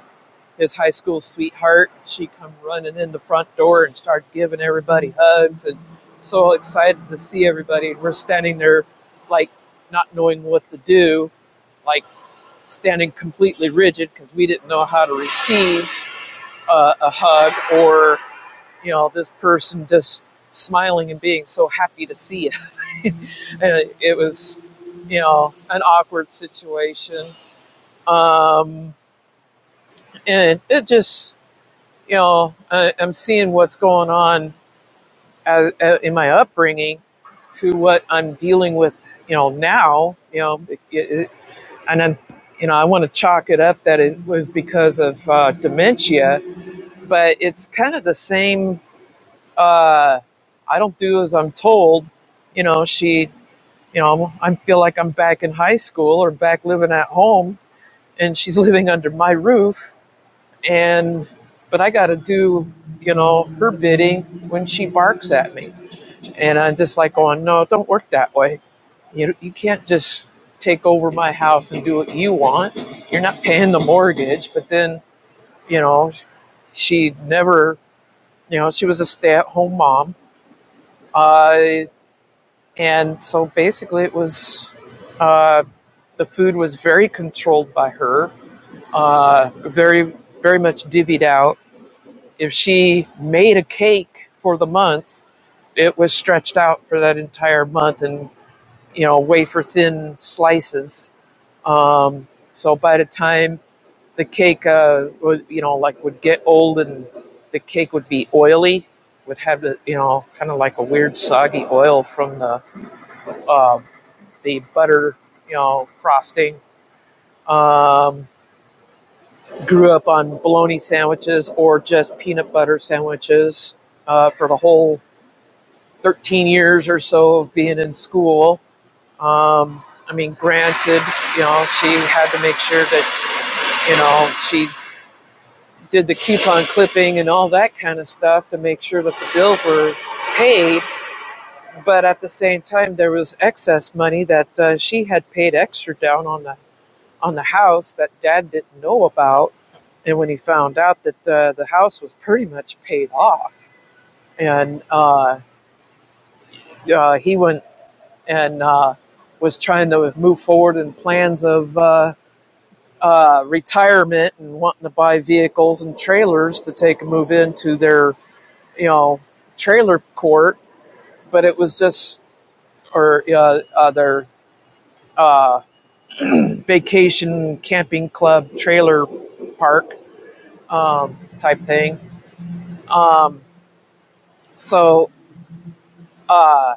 his high school sweetheart. She come running in the front door and started giving everybody hugs and so excited to see everybody. We're standing there like not knowing what to do, like standing completely rigid because we didn't know how to receive uh, a hug or you know this person just smiling and being so happy to see us. and it was you know an awkward situation um, and it just you know, I, I'm seeing what's going on as, uh, in my upbringing to what I'm dealing with, you know, now, you know, it, it, and I'm, you know, I want to chalk it up that it was because of uh, dementia, but it's kind of the same. Uh, I don't do as I'm told. You know, she, you know, I feel like I'm back in high school or back living at home, and she's living under my roof and but I got to do, you know, her bidding when she barks at me, and I'm just like going, no, it don't work that way. You you can't just take over my house and do what you want. You're not paying the mortgage, but then you know, she never, you know, she was a stay-at-home mom, uh, and so basically it was. Uh, the food was very controlled by her, uh, very very much divvied out if she made a cake for the month, it was stretched out for that entire month and you know wafer thin slices. Um, so by the time the cake, uh, would, you know, like would get old and the cake would be oily, would have the you know kind of like a weird soggy oil from the uh, the butter, you know, frosting. Um, grew up on bologna sandwiches or just peanut butter sandwiches uh, for the whole 13 years or so of being in school. Um, I mean, granted, you know, she had to make sure that, you know, she did the coupon clipping and all that kind of stuff to make sure that the bills were paid. But at the same time, there was excess money that uh, she had paid extra down on the on the house that Dad didn't know about. And when he found out that uh, the house was pretty much paid off, and uh, uh, he went and uh, was trying to move forward in plans of uh, uh, retirement and wanting to buy vehicles and trailers to take a move into their, you know, trailer court. But it was just, or uh, uh, their uh, vacation camping club trailer park um, type thing. So, uh,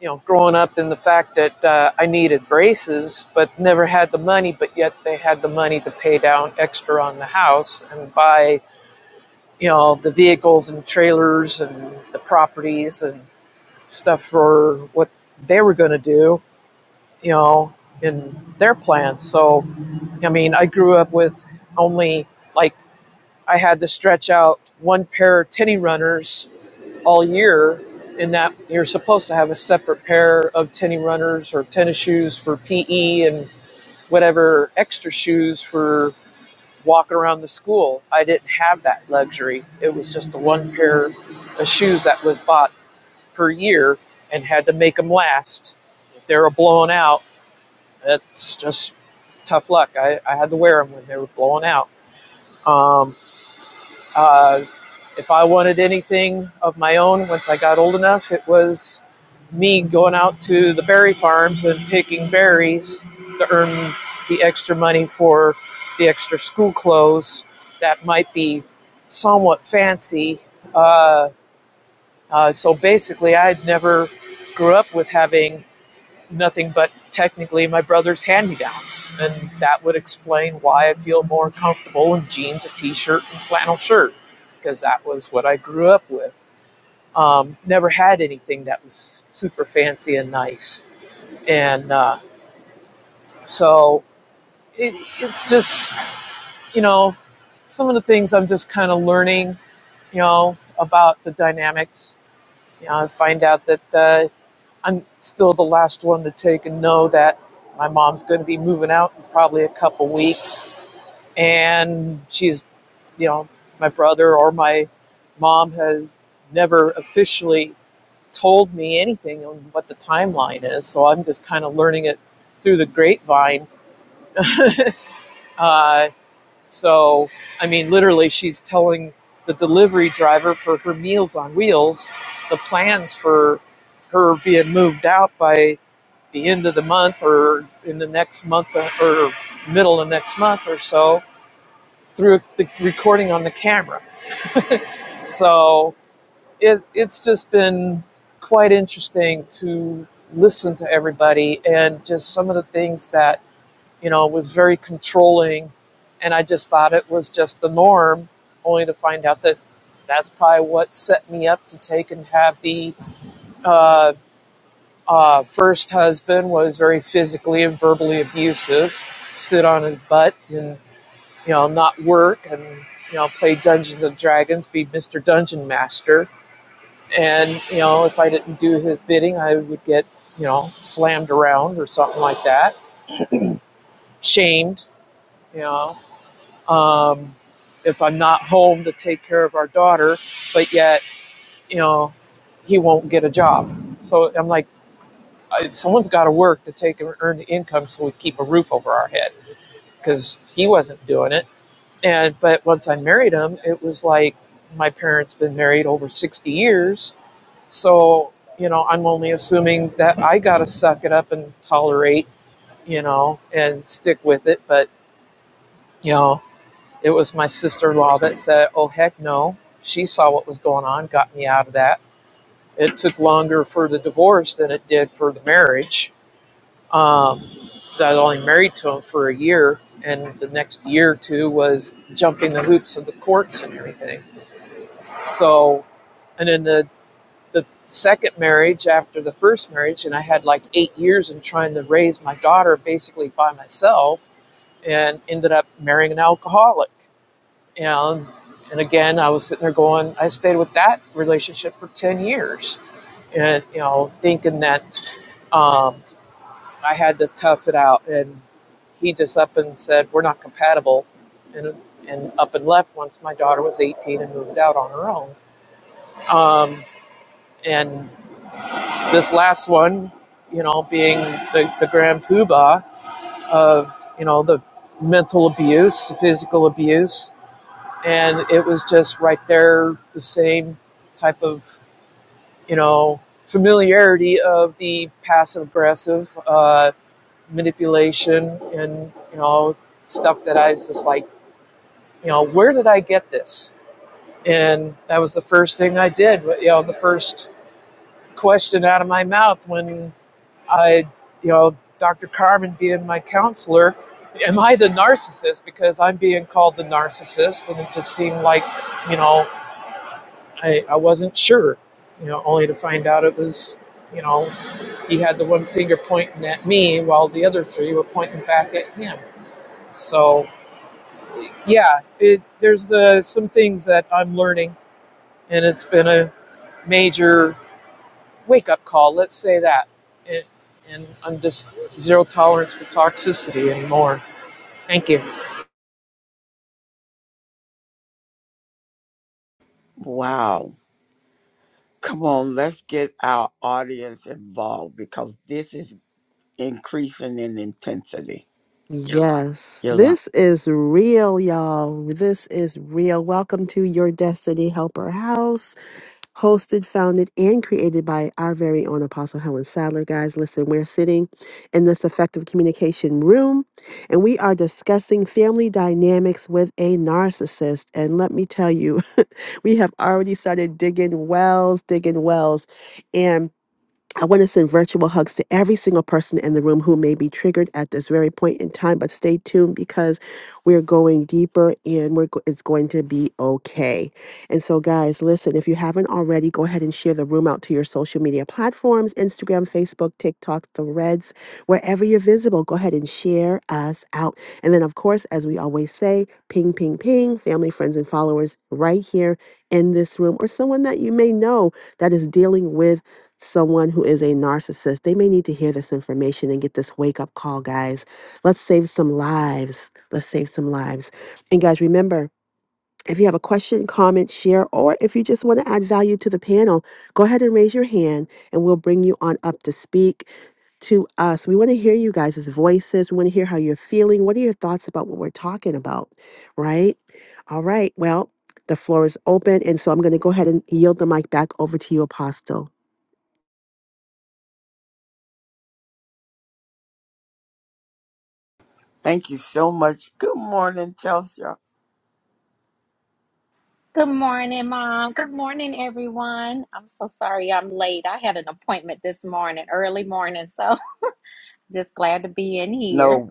you know, growing up in the fact that uh, I needed braces, but never had the money, but yet they had the money to pay down extra on the house and buy, you know, the vehicles and trailers and the properties and stuff for what they were going to do, you know, in their plan. So, I mean, I grew up with only like I had to stretch out one pair of tinny runners all year in that you're supposed to have a separate pair of tennis runners or tennis shoes for PE and whatever extra shoes for walking around the school. I didn't have that luxury. It was just the one pair of shoes that was bought per year and had to make them last. If they were blown out, it's just tough luck. I, I had to wear them when they were blown out. Um, uh, if I wanted anything of my own once I got old enough, it was me going out to the berry farms and picking berries to earn the extra money for the extra school clothes that might be somewhat fancy. Uh, uh, so basically, I'd never grew up with having nothing but technically my brother's hand me downs. And that would explain why I feel more comfortable in jeans, a t shirt, and flannel shirt, because that was what I grew up with. Um, never had anything that was super fancy and nice. And uh, so it, it's just, you know, some of the things I'm just kind of learning, you know, about the dynamics You know, I find out that uh, I'm still the last one to take and know that my mom's going to be moving out in probably a couple weeks. And she's, you know, my brother or my mom has never officially told me anything on what the timeline is. So I'm just kind of learning it through the grapevine. Uh, so, I mean, literally, she's telling the delivery driver for her Meals on Wheels the plans for her being moved out by the end of the month or in the next month or middle of next month or so through the recording on the camera. So, it, it's just been quite interesting to listen to everybody and just some of the things that you know, was very controlling. And I just thought it was just the norm, only to find out that that's probably what set me up to take and have the uh, uh, first husband was very physically and verbally abusive, sit on his butt and, you know, not work and, you know, play Dungeons and Dragons, be Mr. Dungeon Master. And, you know, if I didn't do his bidding, I would get, you know, slammed around or something like that, shamed, you know um, if I'm not home to take care of our daughter, but yet, you know, he won't get a job. So I'm like, someone's got to work to take and earn the income so we keep a roof over our head because he wasn't doing it. And but once I married him, it was like my parents been married over 60 years, so you know I'm only assuming that I got to suck it up and tolerate, you know, and stick with it. But you know, It was my sister in law that said, Oh, heck no. She saw what was going on, got me out of that. It took longer for the divorce than it did for the marriage. Um, 'cause I was only married to him for a year, and the next year or two was jumping the hoops of the courts and everything. So, and then the, the second marriage after the first marriage, and I had like eight years in trying to raise my daughter basically by myself and ended up marrying an alcoholic you know and, and again i was sitting there going i stayed with that relationship for 10 years and you know thinking that um, i had to tough it out and he just up and said we're not compatible and and up and left once my daughter was 18 and moved out on her own um, and this last one you know being the, the grand poobah of you know the mental abuse the physical abuse and it was just right there the same type of you know familiarity of the passive aggressive uh, manipulation and you know stuff that I was just like you know where did I get this and that was the first thing I did you know the first question out of my mouth when I you know Dr. Carmen being my counselor am I the narcissist because I'm being called the narcissist and it just seemed like you know I, I wasn't sure, you know, only to find out it was, you know, he had the one finger pointing at me while the other three were pointing back at him. So, yeah, it, there's uh, some things that I'm learning, and it's been a major wake up call, let's say that. It, and I'm just zero tolerance for toxicity anymore. Thank you.
Wow. Come on, let's get our audience involved because this is increasing in intensity.
Yes,
Yolanda,
this is real, y'all. This is real. Welcome to your Destiny Helper House. hosted, founded, and created by our very own Apostle Helen Sadler. Guys, listen, we're sitting in this effective communication room and we are discussing family dynamics with a narcissist. And let me tell you, we have already started digging wells, digging wells. And I want to send virtual hugs to every single person in the room who may be triggered at this very point in time, but stay tuned because we're going deeper and we're go- it's going to be okay. And so guys, listen, if you haven't already, go ahead and share the room out to your social media platforms, Instagram, Facebook, TikTok, Threads, wherever you're visible, go ahead and share us out. And then of course, as we always say, ping ping ping, family, friends and followers right here in this room or someone that you may know that is dealing with someone who is a narcissist, they may need to hear this information and get this wake up call, guys. Let's save some lives. Let's save some lives. And guys, remember, if you have a question, comment, share, or if you just want to add value to the panel, go ahead and raise your hand and we'll bring you on up to speak to us. We want to hear you guys' voices. We want to hear how you're feeling. What are your thoughts about what we're talking about? Right? All right. Well, the floor is open. And so I'm going to go ahead and yield the mic back over to you, Apostle.
thank you so much. Good morning, Chelsea.
Good morning, Mom. Good morning, everyone. I'm so sorry I'm late. I had an appointment this morning, early morning, so just glad to be in here.
No,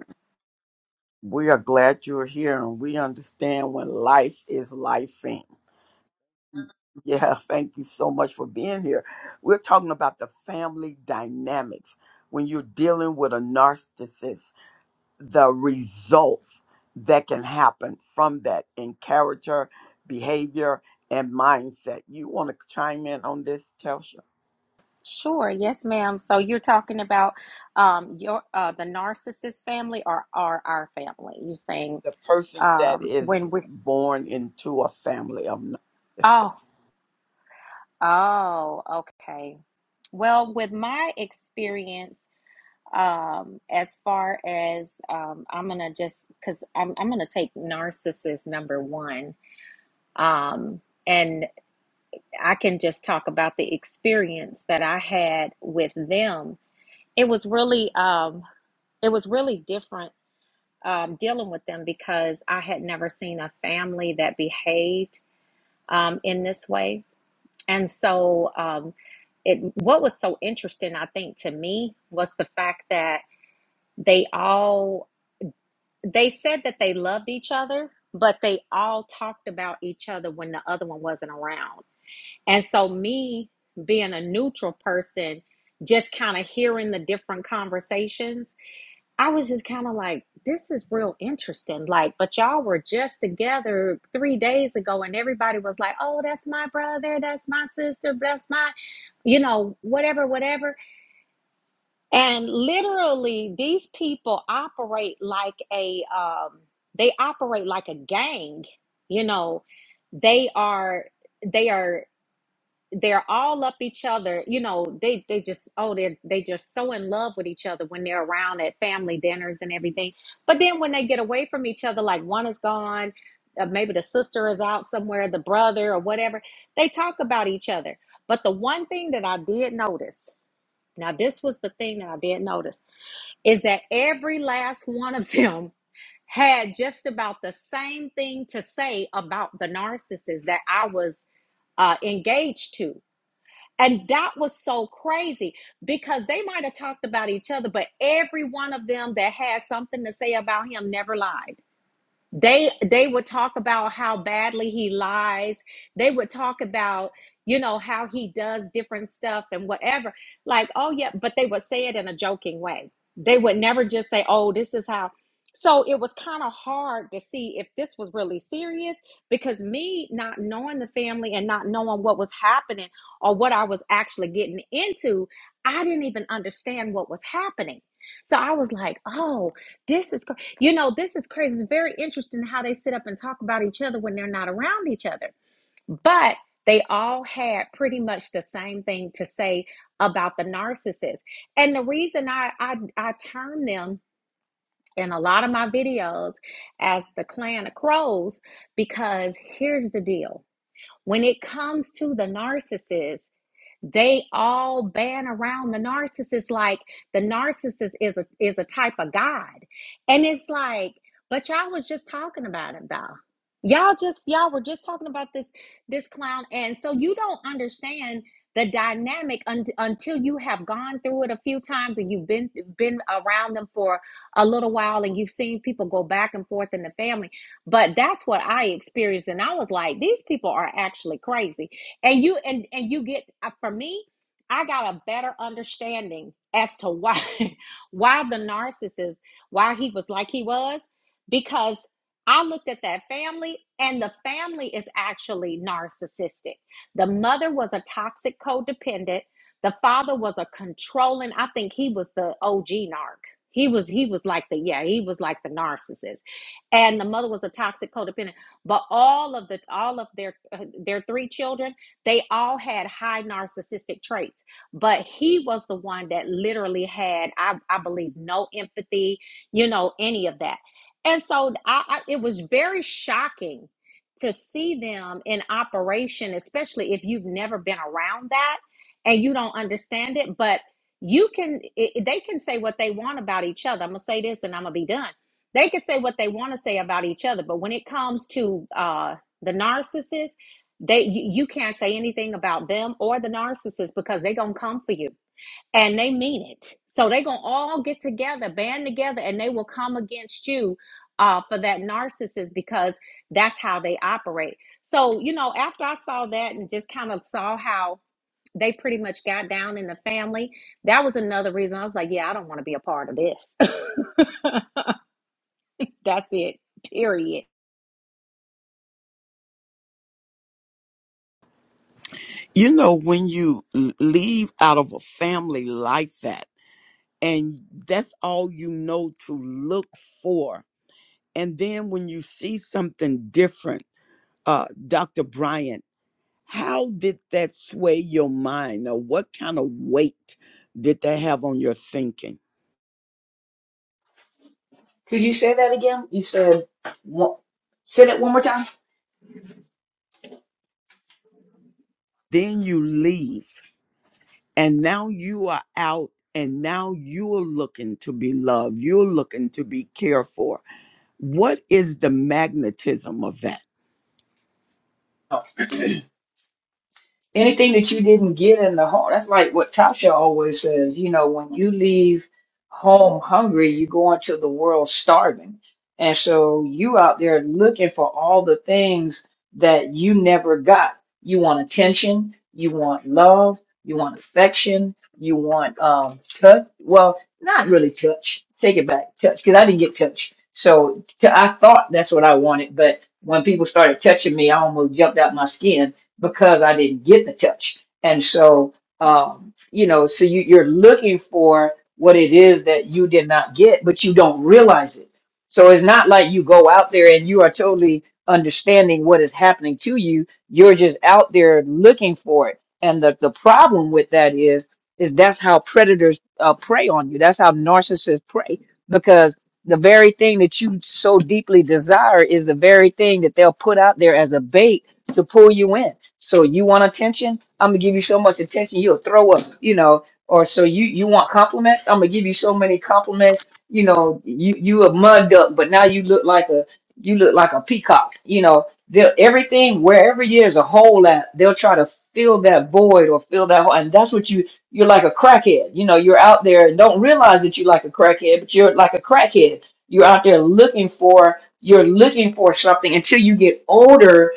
we are glad you're here and we understand when life is lifing. Yeah, thank you so much for being here. We're talking about the family dynamics when you're dealing with a narcissist the results that can happen from that in character, behavior, and mindset. You want to chime in on this, Telsha?
Sure, yes, ma'am. So you're talking about um, your uh, the narcissist family or, or our family? You're saying
The person that
um,
is
when we?
born into a family of
Oh,
narcissists.
oh, okay. Well, with my experience, um, as far as um, I'm gonna just because I'm I'm gonna take narcissist number one Um, and I can just talk about the experience that I had with them. It was really, um, it was really different um, dealing with them because I had never seen a family that behaved um, in this way. And so, um, it what was so interesting, I think, to me was the fact that they all they said that they loved each other, but they all talked about each other when the other one wasn't around And so, me being a neutral person, just kind of hearing the different conversations, I was just kind of like, this is real interesting. Like, but y'all were just together three days ago, and everybody was like, oh, that's my brother, that's my sister, that's my, you know, whatever, whatever. And literally, these people operate like a, um, they operate like a gang, you know, they are they are they're all up each other you know they they just oh they they just so in love with each other when they're around at family dinners and everything but then when they get away from each other like one is gone uh, maybe the sister is out somewhere the brother or whatever they talk about each other but the one thing that i did notice now this was the thing that i did notice is that every last one of them had just about the same thing to say about the narcissist that i was uh, engaged to and that was so crazy because they might have talked about each other, but every one of them that had something to say about him never lied they they would talk about how badly he lies they would talk about you know how he does different stuff and whatever like oh yeah but they would say it in a joking way they would never just say oh this is how so it was kind of hard to see if this was really serious because me not knowing the family and not knowing what was happening or what I was actually getting into, I didn't even understand what was happening. So I was like, oh, this is. cr-. You know, this is crazy. It's very interesting how they sit up and talk about each other when they're not around each other. But they all had pretty much the same thing to say about the narcissist. And the reason I I, I term them in a lot of my videos as the clan of crows, because here's the deal. When it comes to the narcissist, they all ban around the narcissist like the narcissist is a is a type of God. And it's like, but y'all was just talking about it though. Y'all just y'all were just talking about this this clown. And so you don't understand the dynamic un- until you have gone through it a few times and you've been been around them for a little while and you've seen people go back and forth in the family but that's what i experienced and i was like these people are actually crazy and you and and you get uh, for me i got a better understanding as to why why the narcissist why he was like he was because i looked at that family and the family is actually narcissistic the mother was a toxic codependent the father was a controlling i think he was the og narc he was he was like the yeah he was like the narcissist and the mother was a toxic codependent but all of the all of their uh, their three children they all had high narcissistic traits, but he was the one that literally had, I, I believe, no empathy, you know, any of that. And so I, I, it was very shocking to see them in operation, especially if you've never been around that and you don't understand it. But you can, it, they can say what they want about each other. I'm going to say this and I'm going to be done they can say what they want to say about each other but when it comes to uh the narcissist they you, you can't say anything about them or the narcissist because they gonna come for you and they mean it. So they gonna all get together, band together, and they will come against you uh, for that narcissist because that's how they operate. So you know, after I saw that and just kind of saw how they pretty much got down in the family, that was another reason I was like, yeah, I don't want to be a part of this. that's it. Period.
You know, when you l- leave out of a family like that, and that's all you know to look for, and then when you see something different, uh, Dr. Bryant. How did that sway your mind, or what kind of weight did that have on your thinking?
Could you say that again? You said one, say that one more time.
Then you leave, and now you are out, and now you're looking to be loved, you're looking to be cared for. What is the magnetism of that?
anything that you didn't get in the home that's like what tasha always says you know when you leave home hungry you go into the world starving and so you out there looking for all the things that you never got you want attention you want love you want affection you want um touch well not really touch take it back touch because i didn't get touch so t- I thought that's what i wanted but when people started touching me i almost jumped out my skin because I didn't get the touch. And so, um, you know, so you, you're looking for what it is that you did not get, but you don't realize it. So it's not like you go out there and you are totally understanding what is happening to you. You're just out there looking for it. And the, the problem with that is, is that's how predators uh, prey on you. That's how narcissists prey because the very thing that you so deeply desire is the very thing that they'll put out there as a bait to pull you in. So you want attention? I'm gonna give you so much attention you'll throw up, you know. Or so you you want compliments? I'm gonna give you so many compliments, you know. You you a mud duck, but now you look like a you look like a peacock, you know. They'll, everything wherever there's a hole at, they'll try to fill that void or fill that hole, and that's what you you're like a crackhead. You know, you're out there and don't realize that you're like a crackhead, but you're like a crackhead. You're out there looking for you're looking for something until you get older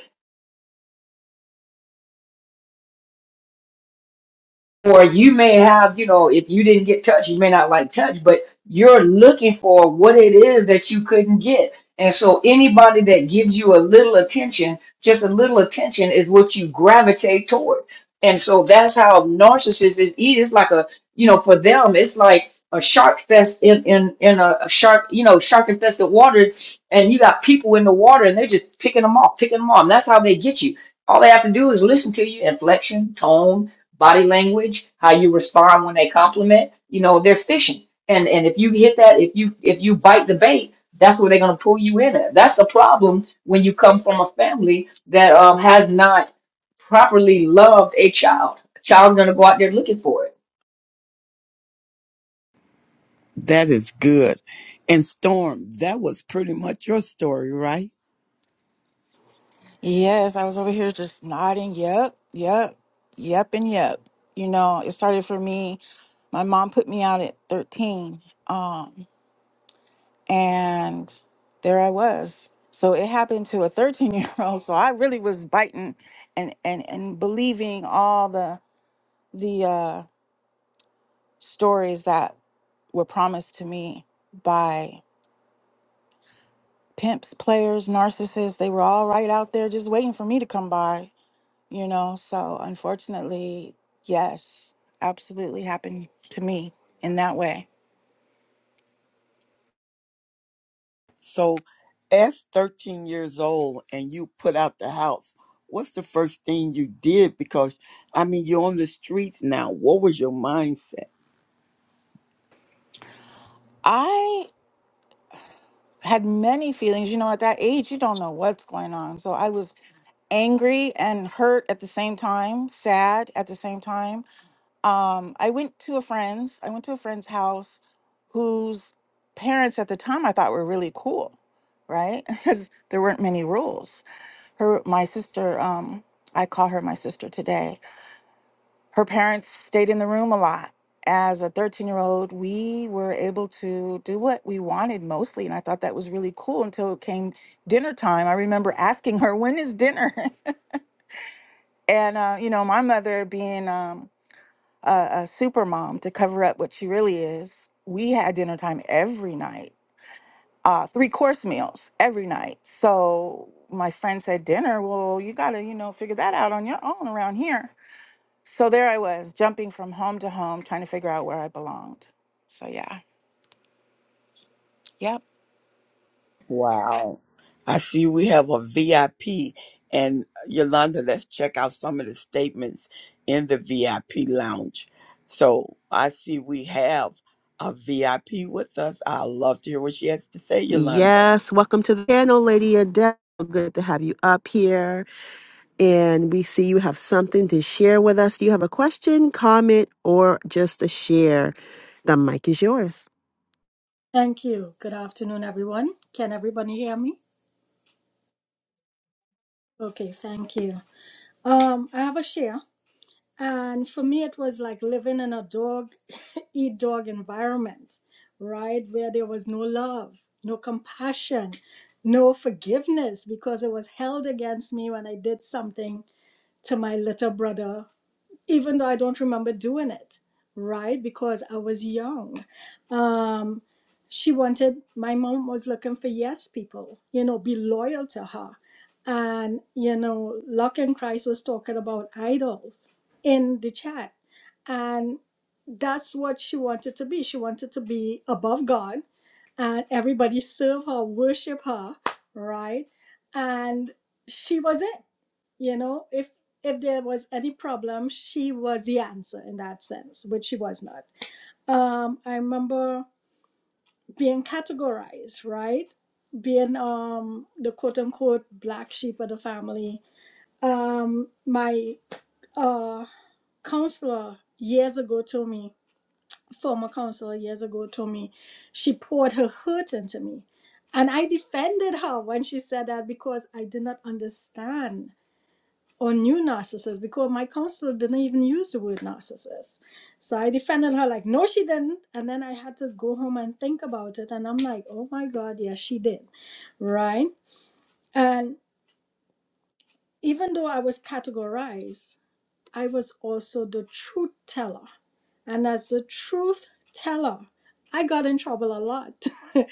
or you may have, you know, if you didn't get touch, you may not like touch, but you're looking for what it is that you couldn't get. And so anybody that gives you a little attention, just a little attention is what you gravitate toward. And so that's how narcissists is it's like a you know, for them it's like a shark fest in in, in a, a shark, you know, shark infested waters and you got people in the water and they're just picking them off, picking them off. And that's how they get you. All they have to do is listen to you, inflection, tone, body language, how you respond when they compliment. You know, they're fishing, and and if you hit that, if you if you bite the bait, that's where they're gonna pull you in. At. That's the problem when you come from a family that um, has not properly loved a child. A child's gonna go out there looking for it
That is good. And Storm, that was pretty much your story, right?
Yes, I was over here just nodding. Yep, yep, yep, and yep. You know, it started for me. My mom put me out at 13, um, and there I was. So it happened to a 13 year old. So I really was biting and and and believing all the the uh, stories that were promised to me by pimps, players, narcissists. They were all right out there just waiting for me to come by. you know? So unfortunately, yes, absolutely happened to me in that way.
So as 13 years old and you put out the house what's the first thing you did because i mean you're on the streets now what was your mindset
I had many feelings, you know, at that age, you don't know what's going on. So I was angry and hurt at the same time, sad at the same time. Um, I went to a friend's. I went to a friend's house, whose parents at the time I thought were really cool, right? Because there weren't many rules. Her, my sister. Um, I call her my sister today. her parents stayed in the room a lot. As a 13 year old, we were able to do what we wanted mostly. And I thought that was really cool until it came dinner time. I remember asking her, When is dinner? and, uh, you know, my mother being um, a, a super mom to cover up what she really is, we had dinner time every night, uh, three course meals every night. So my friend said, Dinner? Well, you got to, you know, figure that out on your own around here. So there I was, jumping from home to home, trying to figure out where I belonged. So yeah. Yep.
wow i see we have a vip and uh, yolanda let's check out some of the statements in the vip lounge so i see we have a vip with us i love to hear what she has to say yolanda
Yes, welcome to the panel, Lady Adele. Good to have you up here. And we see you have something to share with us. Do you have a question, comment, or just a share? The mic is yours.
Thank you. Good afternoon, everyone. Can everybody hear me? Okay, thank you. Um, I have a share, and for me, it was like living in a dog eat dog environment, right? Where there was no love, no compassion, no forgiveness because it was held against me when I did something to my little brother even though I don't remember doing it, right? Because I was young. Um, she wanted, my mom was looking for yes people, you know, be loyal to her. And, you know, Locke and Christ was talking about idols in the chat. And that's what she wanted to be. She wanted to be above God and everybody serve her, worship her, right? And she was it you know if if there was any problem she was the answer in that sense which she was not um i remember being categorized right being um the quote unquote black sheep of the family um my uh counselor years ago told me former counselor years ago told me she poured her hurt into me and i defended her when she said that because i did not understand or new narcissist because my counselor didn't even use the word narcissist. So I defended her like, no, she didn't. And then I had to go home and think about it. And I'm like, oh my God, yes, she did. Right. And even though I was categorized, I was also the truth teller and as a truth teller, I got in trouble a lot.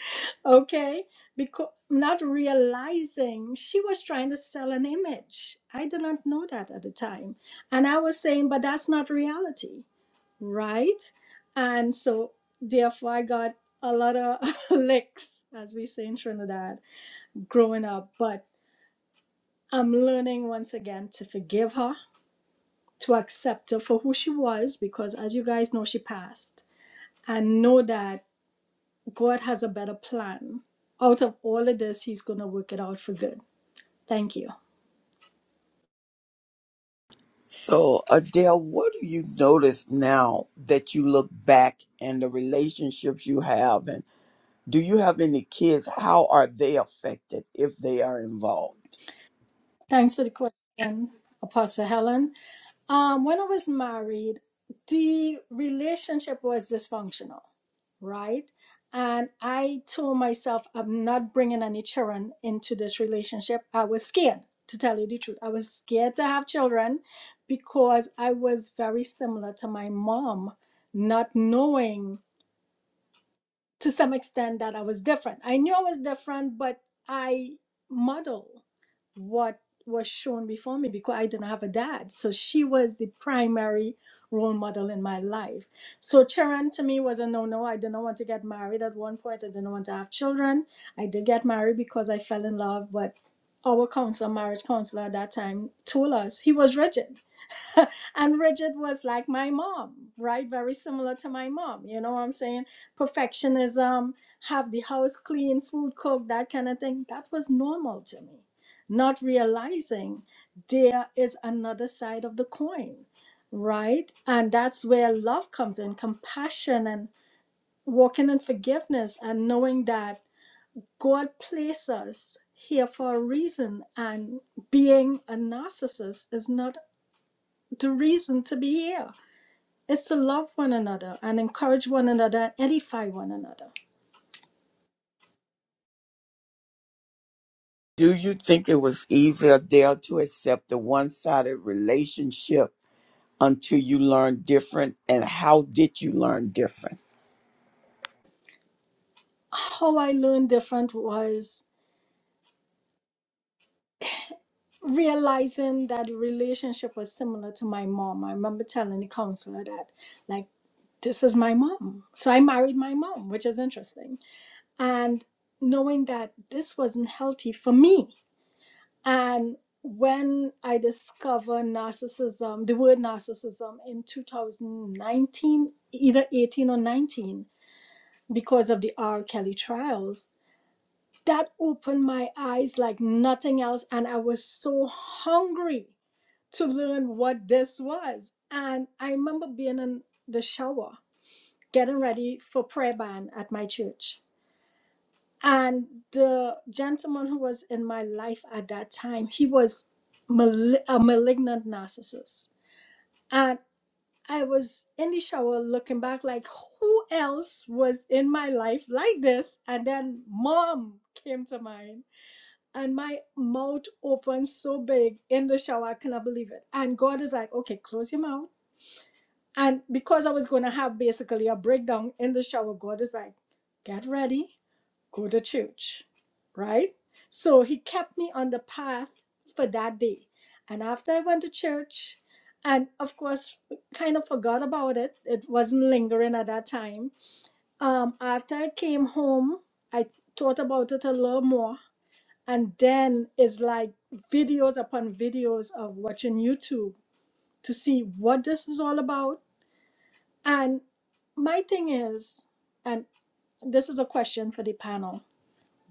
okay? Because not realizing she was trying to sell an image. I did not know that at the time. And I was saying, but that's not reality, right? And so, therefore, I got a lot of licks, as we say in Trinidad, growing up. But I'm learning once again to forgive her, to accept her for who she was, because as you guys know, she passed. And know that God has a better plan. Out of all of this, He's going to work it out for good. Thank you.
So, Adele, what do you notice now that you look back and the relationships you have? And do you have any kids? How are they affected if they are involved?
Thanks for the question, Apostle Helen. Um, when I was married, the relationship was dysfunctional, right? And I told myself, I'm not bringing any children into this relationship. I was scared, to tell you the truth. I was scared to have children because I was very similar to my mom, not knowing to some extent that I was different. I knew I was different, but I model what was shown before me because I didn't have a dad. So she was the primary role model in my life. So Charon to me was a no no. I didn't want to get married at one point. I didn't want to have children. I did get married because I fell in love, but our counselor, marriage counselor at that time, told us he was rigid and Bridget was like my mom, right? Very similar to my mom. You know what I'm saying? Perfectionism, have the house clean, food cooked, that kind of thing. That was normal to me. Not realizing there is another side of the coin, right? And that's where love comes in, compassion and walking in forgiveness and knowing that God placed us here for a reason and being a narcissist is not the reason to be here is to love one another and encourage one another and edify one another.
Do you think it was easy, Adele, to accept a one sided relationship until you learned different? And how did you learn different?
How I learned different was realizing that the relationship was similar to my mom. I remember telling the counselor that, like, this is my mom. So I married my mom, which is interesting. And knowing that this wasn't healthy for me. And when I discovered narcissism, the word narcissism in 2019, either 18 or 19, because of the R. Kelly trials. That opened my eyes like nothing else. And I was so hungry to learn what this was. And I remember being in the shower, getting ready for prayer band at my church. And the gentleman who was in my life at that time, he was mal- a malignant narcissist. and. I was in the shower looking back, like, who else was in my life like this? And then mom came to mind. And my mouth opened so big in the shower, I cannot believe it. And God is like, okay, close your mouth. And because I was going to have basically a breakdown in the shower, God is like, get ready go to church, right? So he kept me on the path for that day. And after I went to church, and of course, kind of forgot about it, it wasn't lingering at that time. Um, after I came home, I thought about it a little more. And then it's like videos upon videos of watching YouTube to see what this is all about. And my thing is, and this is a question for the panel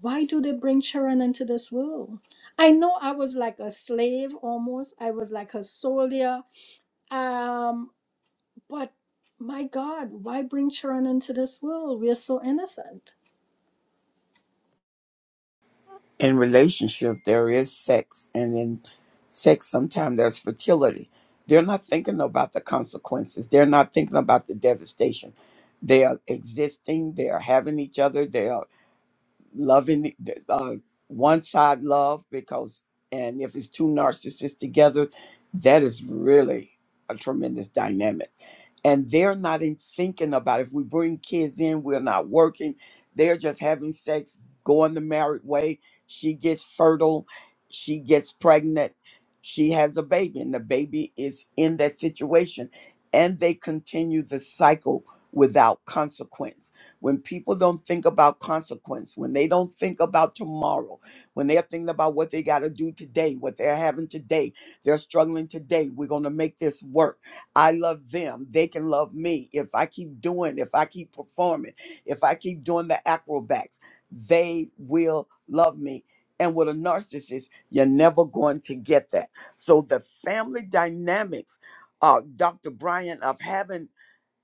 why do they bring children into this world? I know I was like a slave almost. I was like a soldier. Um, but my God, why bring children into this world? We are so innocent.
in relationship there is sex and in sex sometimes there's fertility they're not thinking about the consequences they're not thinking about the devastation they are existing they are having each other they are loving uh, one side love because and if it's two narcissists together that is really a tremendous dynamic and they're not in thinking about if we bring kids in we're not working they're just having sex going the married way she gets fertile she gets pregnant she has a baby and the baby is in that situation and they continue the cycle without consequence when people don't think about consequence, when they don't think about tomorrow, when they're thinking about what they got to do today, what they're having today, they're struggling today. We're going to make this work. I love them. They can love me. If I keep doing, if I keep performing, if I keep doing the acrobats, they will love me. And with a narcissist, you're never going to get that. So the family dynamics, uh, Dr. Brian, of having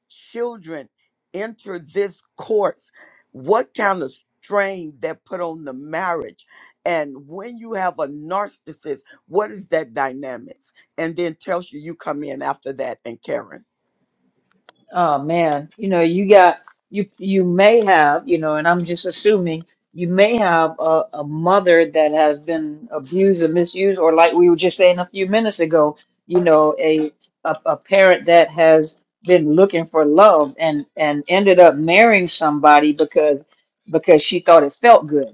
children enter this course, what kind of strain that put on the marriage? And when you have a narcissist, what is that dynamics? And then tells you you come in after that and Karen.
Oh man, you know, you got you you may have, you know, and I'm just assuming you may have a, a mother that has been abused or misused, or like we were just saying a few minutes ago, you know, a a, a parent that has been looking for love and and ended up marrying somebody because because she thought it felt good.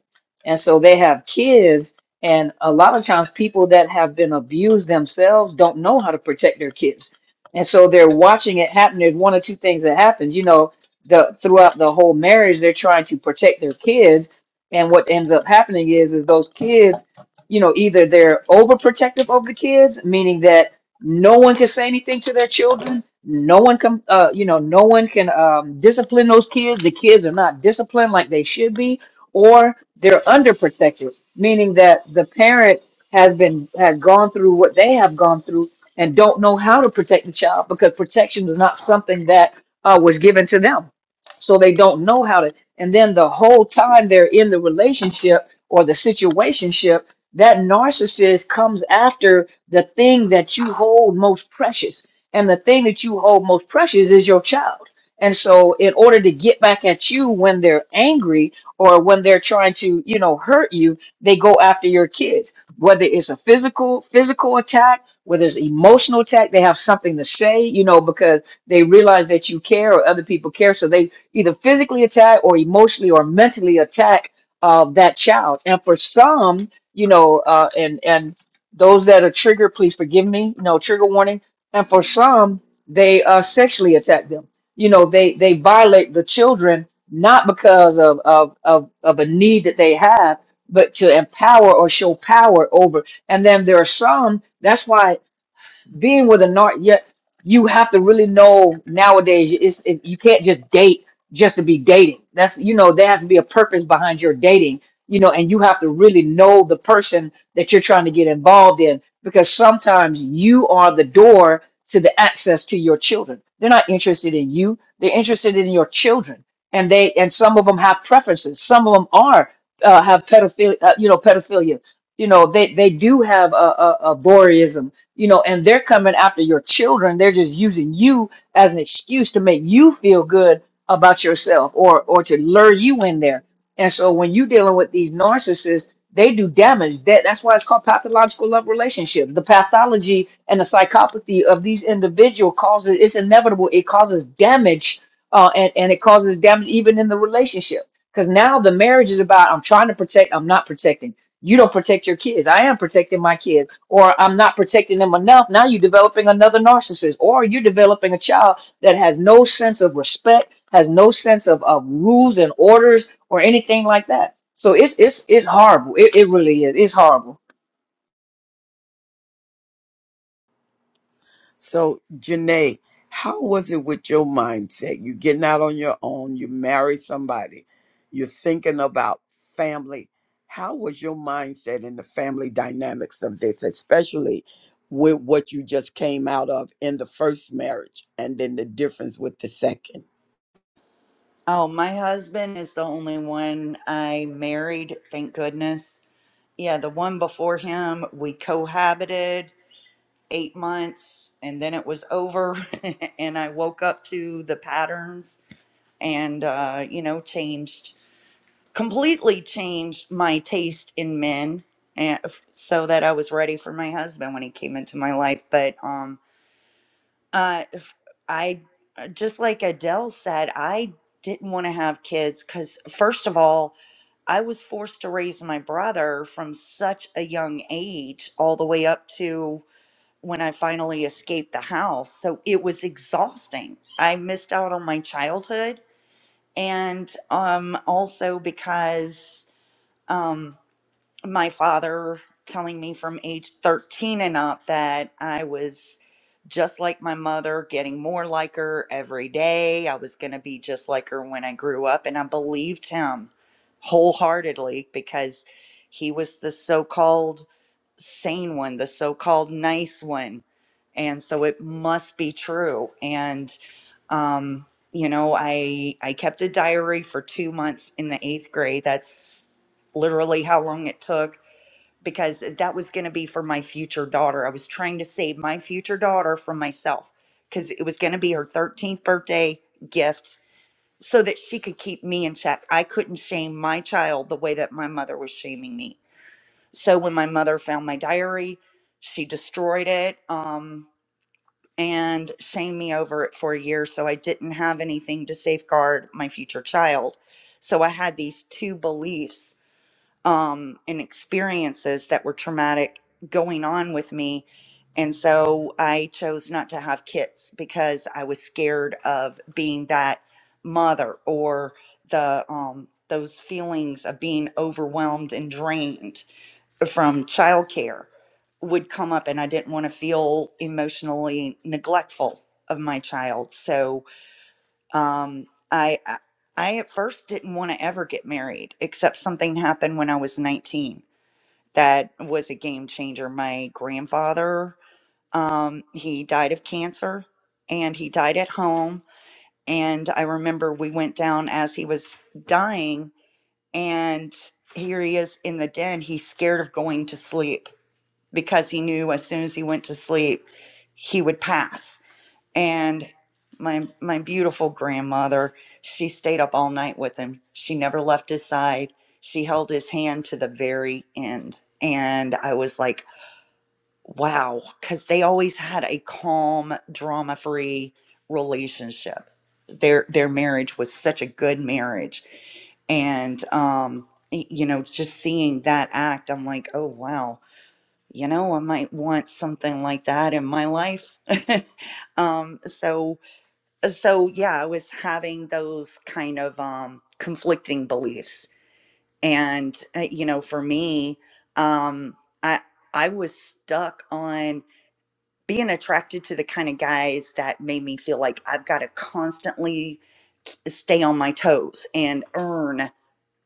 And so they have kids, and a lot of times people that have been abused themselves don't know how to protect their kids and so they're watching it happen. There's one or two things that happens. You know, the throughout the whole marriage, they're trying to protect their kids, and what ends up happening is is those kids, you know, either they're overprotective of the kids, meaning that no one can say anything to their children, no one can, uh, you know, no one can um, discipline those kids. The kids are not disciplined like they should be, or they're underprotected, meaning that the parent has been has gone through what they have gone through and don't know how to protect the child because protection is not something that uh, was given to them. So they don't know how to. And then the whole time they're in the relationship or the situationship, that narcissist comes after the thing that you hold most precious. And the thing that you hold most precious is your child. And so, in order to get back at you when they're angry or when they're trying to, you know, hurt you, they go after your kids, whether it's a physical physical attack whether it's emotional attack, they have something to say, you know, because they realize that you care or other people care. So they either physically attack or emotionally or mentally attack uh, that child. And for some, you know, uh, and and those that are triggered, please forgive me, you know, trigger warning. And for some, they uh, sexually attack them. You know, they they violate the children not because of of of, of a need that they have, but to empower or show power over and then there are some, that's why being with a nar yeah, you have to really know nowadays it's, it, you can't just date just to be dating that's you know there has to be a purpose behind your dating you know and you have to really know the person that you're trying to get involved in because sometimes you are the door to the access to your children they're not interested in you they're interested in your children and they and some of them have preferences some of them are uh, have pedophilia uh, you know pedophilia you know they they do have a, a, a voyeurism you know, and they're coming after your children. They're just using you as an excuse to make you feel good about yourself or or to lure you in there. And so when you're dealing with these narcissists, they do damage. That that's why it's called pathological love relationship. The pathology and the psychopathy of these individual causes it's inevitable. It causes damage, uh, and and it causes damage even in the relationship. Because now the marriage is about I'm trying to protect, I'm not protecting you don't protect your kids. I am protecting my kids, or I'm not protecting them enough. Now you're developing another narcissist, or you're developing a child that has no sense of respect, has no sense of, of rules and orders, or anything like that. So it's it's it's horrible. It, it really is. It's horrible.
So, Janae, how was it with your mindset? You're getting out on your own, you marry somebody, you're thinking about family. How was your mindset in the family dynamics of this, especially with what you just came out of in the first marriage and then the difference with the second?
Oh, my husband is the only one I married, thank goodness. Yeah, the one before him, we cohabited eight months and then it was over. and I woke up to the patterns and, uh, you know, changed, completely changed my taste in men and f- so that I was ready for my husband when he came into my life. But um, uh, if- I, uh, just like Adele said, I didn't want to have kids because, first of all, I was forced to raise my brother from such a young age, all the way up to when I finally escaped the house. So it was exhausting. I missed out on my childhood. And um, also because um, my father telling me from age 13 and up that I was just like my mother, getting more like her every day. I was going to be just like her when I grew up. And I believed him wholeheartedly because he was the so called sane one, the so called nice one. And so it must be true. And, um, you know, I I kept a diary for two months in the eighth grade. That's literally how long it took because that was going to be for my future daughter. I was trying to save my future daughter from myself because it was going to be her 13th birthday gift so that she could keep me in check. I couldn't shame my child the way that my mother was shaming me. So when my mother found my diary, she destroyed it um, and shamed me over it for a year. So I didn't have anything to safeguard my future child. So I had these two beliefs um, and experiences that were traumatic going on with me. And so I chose not to have kids because I was scared of being that mother or the um, those feelings of being overwhelmed and drained from childcare would come up, and I didn't want to feel emotionally neglectful of my child. So um, I I I at first didn't want to ever get married, except something happened when I was 19 that was a game changer. My grandfather, um, he died of cancer and he died at home. And I remember we went down as he was dying, and here he is in the den. He's scared of going to sleep because he knew as soon as he went to sleep, he would pass and my my beautiful grandmother she stayed up all night with him she never left his side she held his hand to the very end and i was like wow cuz they always had a calm drama free relationship their their marriage was such a good marriage and um y- you know just seeing that act i'm like oh wow you know i might want something like that in my life um so so yeah i was having those kind of um conflicting beliefs and uh, you know for me um i i was stuck on being attracted to the kind of guys that made me feel like i've got to constantly stay on my toes and earn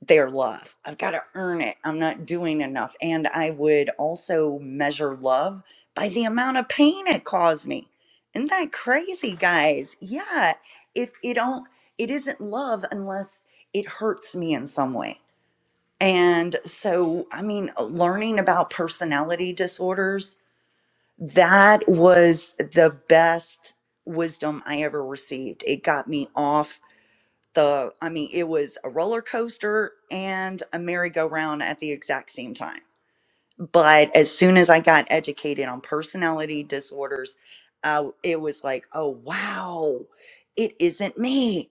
their love. I've got to earn it. I'm not doing enough. And I would also measure love by the amount of pain it caused me. Isn't that crazy, guys? Yeah. If it don't it isn't love unless it hurts me in some way. And so, I mean, learning about personality disorders, that was the best wisdom I ever received. It got me off the i mean it was a roller coaster and a merry-go-round at the exact same time but as soon as i got educated on personality disorders uh, it was like oh wow it isn't me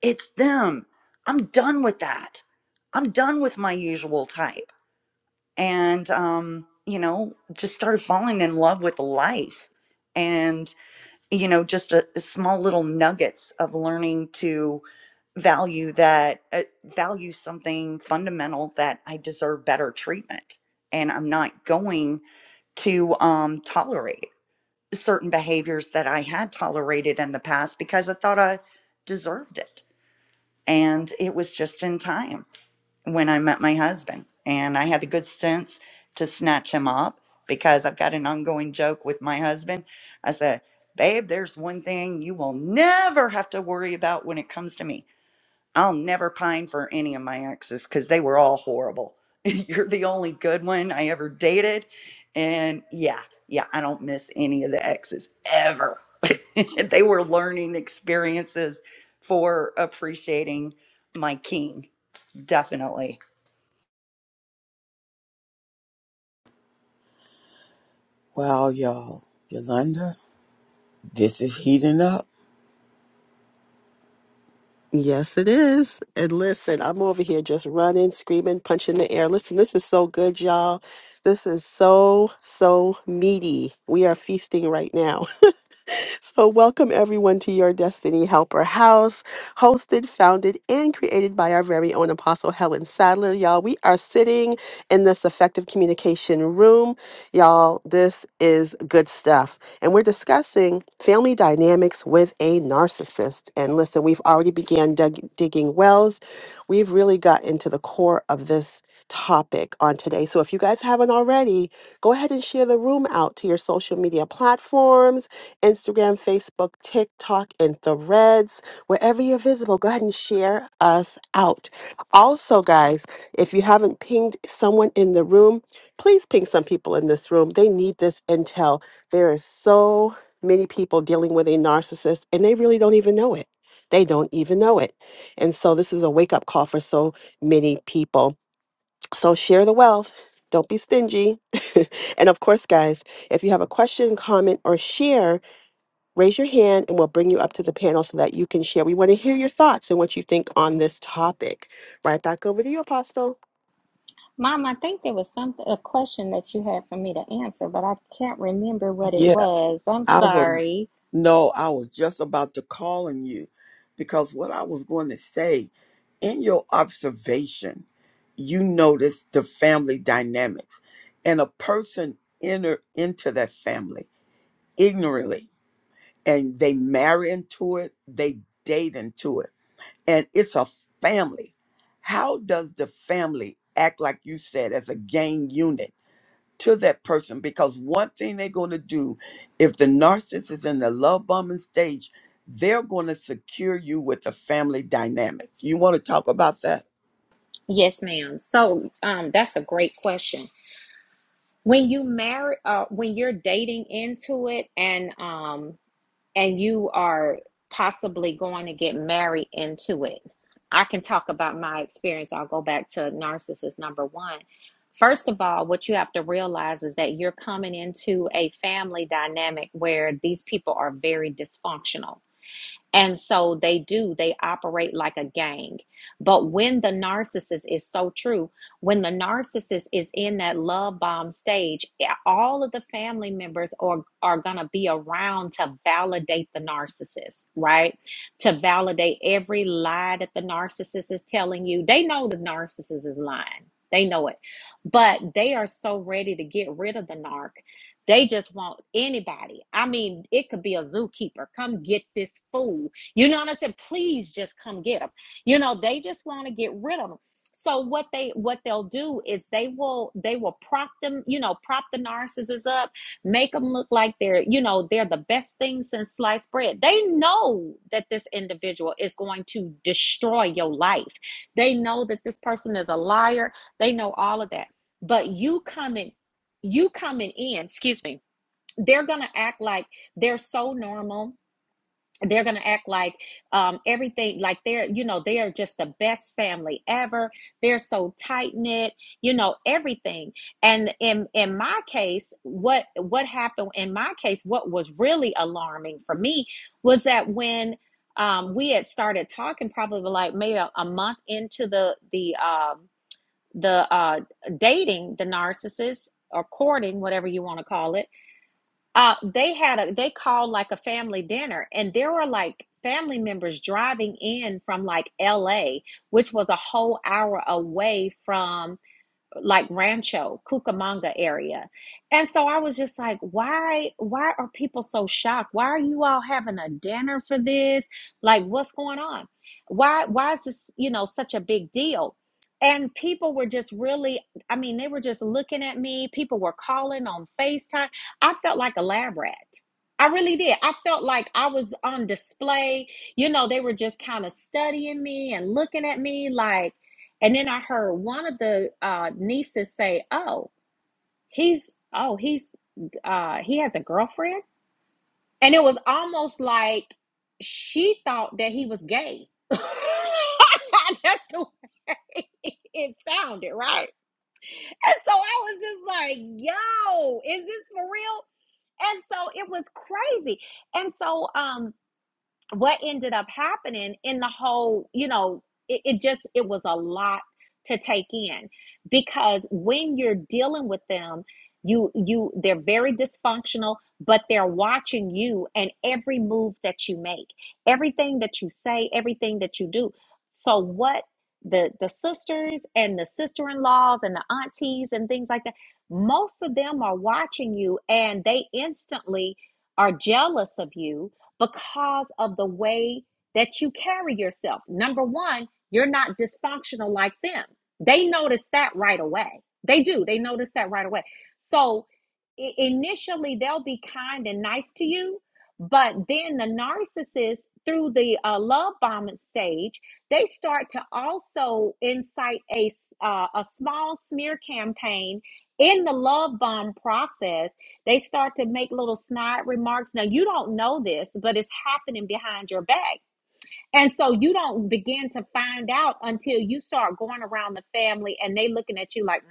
it's them i'm done with that i'm done with my usual type and um you know just started falling in love with life and you know just a, a small little nuggets of learning to value that uh, value something fundamental that i deserve better treatment and i'm not going to um, tolerate certain behaviors that i had tolerated in the past because i thought i deserved it and it was just in time when I met my husband. And I had the good sense to snatch him up because I've got an ongoing joke with my husband. I said, Babe, there's one thing you will never have to worry about when it comes to me. I'll never pine for any of my exes because they were all horrible. You're the only good one I ever dated. And yeah, yeah, I don't miss any of the exes ever. they were learning experiences for appreciating my king, definitely.
Well, y'all. Yolanda, this is heating up.
Yes, it is. And listen, I'm over here just running, screaming, punching the air. Listen, this is so good, y'all. This is so, so meaty. We are feasting right now. So, welcome everyone to your Destiny Helper House, hosted, founded, and created by our very own Apostle Helen Sadler. Y'all, we are sitting in this effective communication room. Y'all, this is good stuff. And we're discussing family dynamics with a narcissist. And listen, we've already began dug- digging wells. We've really got into the core of this topic on today. So if you guys haven't already, go ahead and share the room out to your social media platforms Instagram, Facebook, TikTok, and Threads. Wherever you're visible, go ahead and share us out. Also, guys, if you haven't pinged someone in the room, please ping some people in this room. They need this intel. There is so many people dealing with a narcissist, and they really don't even know it. They don't even know it. And so, this is a wake up call for so many people. So, share the wealth. Don't be stingy. and of course, guys, if you have a question, comment, or share, raise your hand and we'll bring you up to the panel so that you can share. We want to hear your thoughts and what you think on this topic. Right back over to you, Apostle.
Mom, I think there was some a question that you had for me to answer, but I can't remember what it
Yeah,
was. I'm
I was
sorry.
No, I was just about to call on you because what I was going to say in your observation, you noticed the family dynamics and a person enter into that family ignorantly and they marry into it, they date into it, and it's a family. How does the family act like you said as a gang unit? to that person because one thing they're going to do if the narcissist is in the love bombing stage they're going to secure you with the family dynamics you want to talk about that
Yes, ma'am. So, um, that's a great question. When you marry, uh, when you're dating into it, and um, and you are possibly going to get married into it. I can talk about my experience. I'll go back to narcissist number one. First of all, what you have to realize is that you're coming into a family dynamic where these people are very dysfunctional and so they do, they operate like a gang. But when the narcissist is so true, when the narcissist is in that love bomb stage, eh, all of the family members are, are going to be around to validate the narcissist, right? To validate every lie that the narcissist is telling you. They know the narcissist is lying, they know it. But they are so ready to get rid of the narc they just want anybody. I mean, it could be a zookeeper. Come get this fool. You know what I said? Please just come get them. You know, they just want to get rid of them. So what they what they'll do is they will they will prop them, you know, prop the narcissists up, make them look like they're, you know, they're the best thing since sliced bread. They know that this individual is going to destroy your life. They know that this person is a liar. They know all of that. But you come in you coming in, excuse me, they're going to act like they're so normal. They're going to act like um, everything, like they're, you know, they are just the best family ever. They're so tight knit, you know, everything. And in in my case, what what happened in my case, what was really alarming for me was that when um, we had started talking, probably like maybe a, a month into the the um, the uh, dating the narcissist or courting whatever you want to call it uh, they had a they called like a family dinner and there were like family members driving in from like la which was a whole hour away from like Rancho, Cucamonga area. And so I was just like, why why are people so shocked? Why are you all having a dinner for this? Like what's going on? Why why is this, you know, such a big deal? And people were just really, I mean, they were just looking at me. People were calling on FaceTime. I felt like a lab rat. I really did. I felt like I was on display. You know, they were just kind of studying me and looking at me like and then I heard one of the uh, nieces say, "Oh, he's oh he's uh, he has a girlfriend," and it was almost like she thought that he was gay. That's the way it sounded, right? And so I was just like, "Yo, is this for real?" And so it was crazy. And so, um, what ended up happening in the whole, you know, it, it just it was a lot to take in because when you're dealing with them, you you they're very dysfunctional, but they're watching you and every move that you make, everything that you say, everything that you do. So what the the sisters and the sister-in-laws and the aunties and things like that, most of them are watching you and they instantly are jealous of you because of the way that you carry yourself. Number one, you're not dysfunctional like them. They notice that right away. They do. They notice that right away. So initially, they'll be kind and nice to you, but then the narcissist, through the uh, love bombing stage, they start to also incite a uh, a small smear campaign in the love bomb process they start to make little snide remarks. Now, you don't know this, but it's happening behind your back. And so you don't begin to find out until you start going around the family and they looking at you like, "Mm."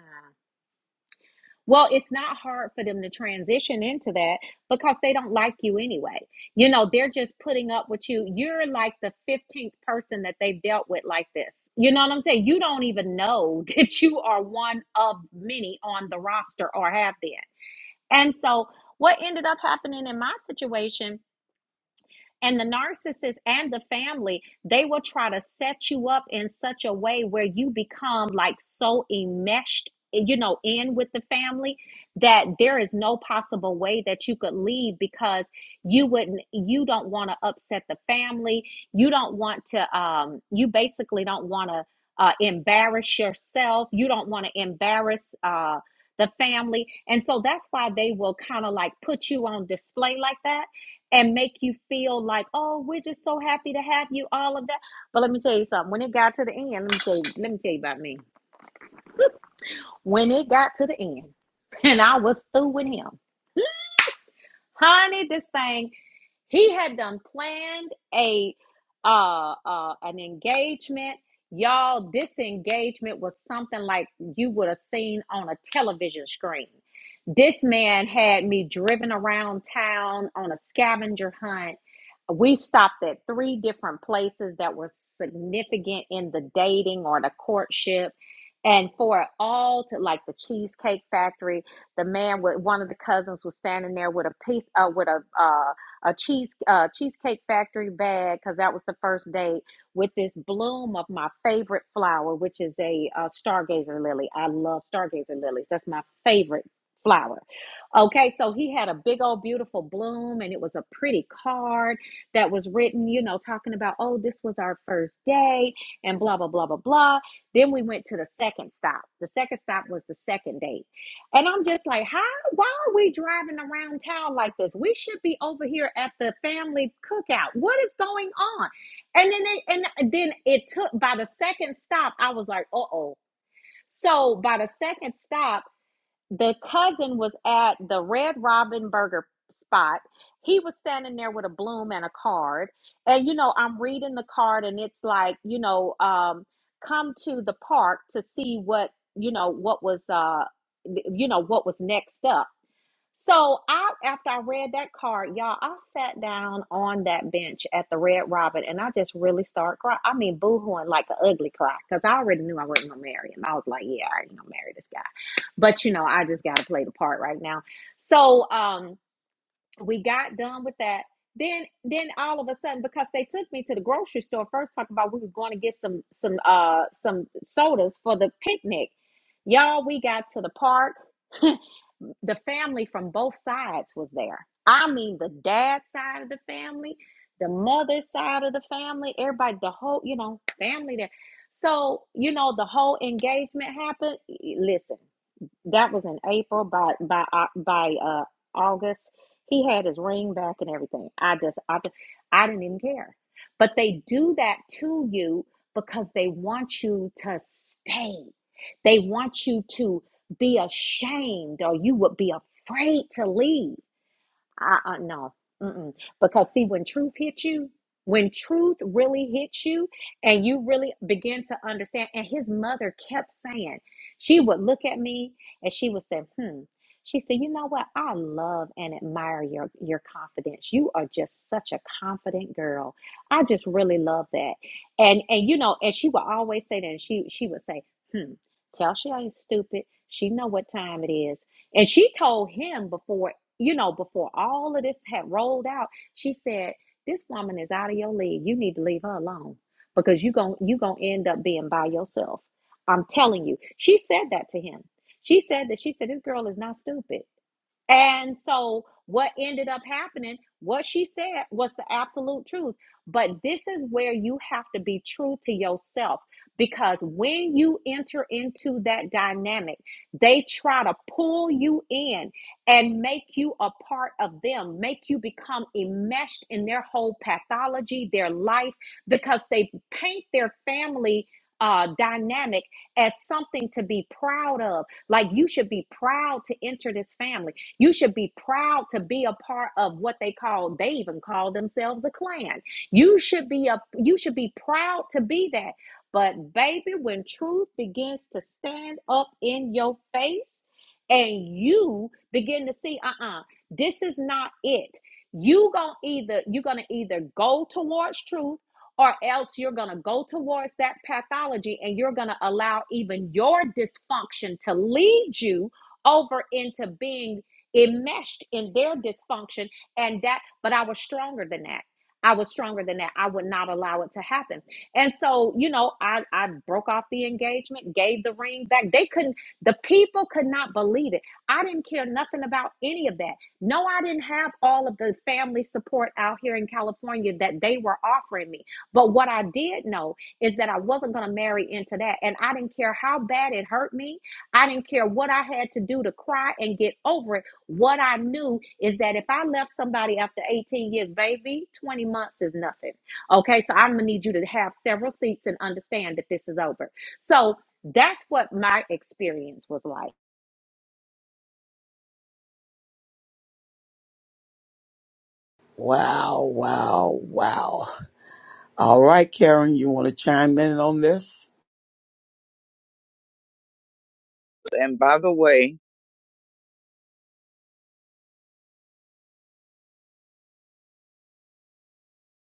well, it's not hard for them to transition into that because they don't like you anyway. You know, they're just putting up with you. You're like the 15th person that they've dealt with like this. You know what I'm saying? You don't even know that you are one of many on the roster or have been. And so, what ended up happening in my situation and the narcissist and the family, they will try to set you up in such a way where you become like so enmeshed, you know, in with the family that there is no possible way that you could leave because you wouldn't, you don't want to upset the family. You don't want to, um, you basically don't want to uh, embarrass yourself. You don't want to embarrass, uh, the family. And so that's why they will kind of like put you on display like that and make you feel like, oh, we're just so happy to have you, all of that. But let me tell you something. When it got to the end, let me tell you, let me tell you about me. When it got to the end, and I was through with him, honey, this thing He had done planned a uh, uh, an engagement. Y'all, this engagement was something like you would have seen on a television screen. This man had me driven around town on a scavenger hunt. We stopped at three different places that were significant in the dating or the courtship. And for it all to like the Cheesecake Factory, the man with one of the cousins was standing there with a piece, uh, with a uh, a cheese uh, cheesecake factory bag because that was the first date with this bloom of my favorite flower, which is a, uh stargazer lily. I love stargazer lilies. That's my favorite flower. Okay, so he had a big old beautiful bloom and it was a pretty card that was written, you know, talking about, oh, this was our first day and blah, blah, blah, blah, blah. Then we went to the second stop. The second stop was the second date. And I'm just like, how why are we driving around town like this? We should be over here at the family cookout. What is going on? And then it, and then it took by the second stop, I was like, uh oh. So by the second stop, the cousin was at the Red Robin Burger spot. He was standing there with a bloom and a card. And you know, I'm reading the card and it's like, you know, um, come to the park to see what, you know, what was uh you know what was next up so I, after I read that card, y'all, I sat down on that bench at the Red Robin, and I just really started crying. I mean, boohooing like an ugly cry, because I already knew I wasn't gonna marry him. I was like, yeah, I already gonna marry this guy, but you know, I just gotta play the part right now. So um, we got done with that. Then, then all of a sudden, because they took me to the grocery store first, talking about we was going to get some some uh some sodas for the picnic. Y'all, we got to the park. the family from both sides was there. I mean, the dad side of the family, the mother side of the family, everybody, the whole, you know, family there. So, you know, the whole engagement happened. Listen, that was in April. By by uh, by uh, August, he had his ring back and everything. I just I, I d- I didn't even care. But they do that to you because they want you to stay. They want you to be ashamed, or you would be afraid to leave. I, I no, mm-mm. because see, when truth hits you, when truth really hits you, and you really begin to understand, and his mother kept saying, she would look at me and she would say, "Hmm." She said, "You know what? I love and admire your your confidence. You are just such a confident girl. I just really love that." And and you know, and she would always say that. And she she would say, "Hmm." Tell she ain't stupid. She know what time it is. And she told him before you know, before all of this had rolled out, she said, This woman is out of your league. You need to leave her alone because you're going you going to end up being by yourself. I'm telling you. She said that to him. She said that she said, This girl is not stupid. And so, what ended up happening, what she said was the absolute truth. But this is where you have to be true to yourself because when you enter into that dynamic, they try to pull you in and make you a part of them, make you become enmeshed in their whole pathology, their life, because they paint their family. Uh, dynamic as something to be proud of. Like you should be proud to enter this family. You should be proud to be a part of what they call, they even call themselves a clan. You should be a you should be proud to be that. But baby, when truth begins to stand up in your face and you begin to see, uh-uh, this is not it. You gonna either you're gonna either go towards truth or else you're going to go towards that pathology and you're going to allow even your dysfunction to lead you over into being enmeshed in their dysfunction and that but i was stronger than that i was stronger than that i would not allow it to happen and so you know i i broke off the engagement gave the ring back they couldn't the people could not believe it i didn't care nothing about any of that no i didn't have all of the family support out here in california that they were offering me but what i did know is that i wasn't going to marry into that and i didn't care how bad it hurt me I didn't care what I had to do to cry and get over it what I knew is that if I left somebody after 18 years, baby, 20 months is nothing. Okay, so I'm gonna need you to have several seats and understand that this is over. So that's what my experience was like.
Wow, wow, wow. All right, Karen, you want to chime in on this?
And by the way,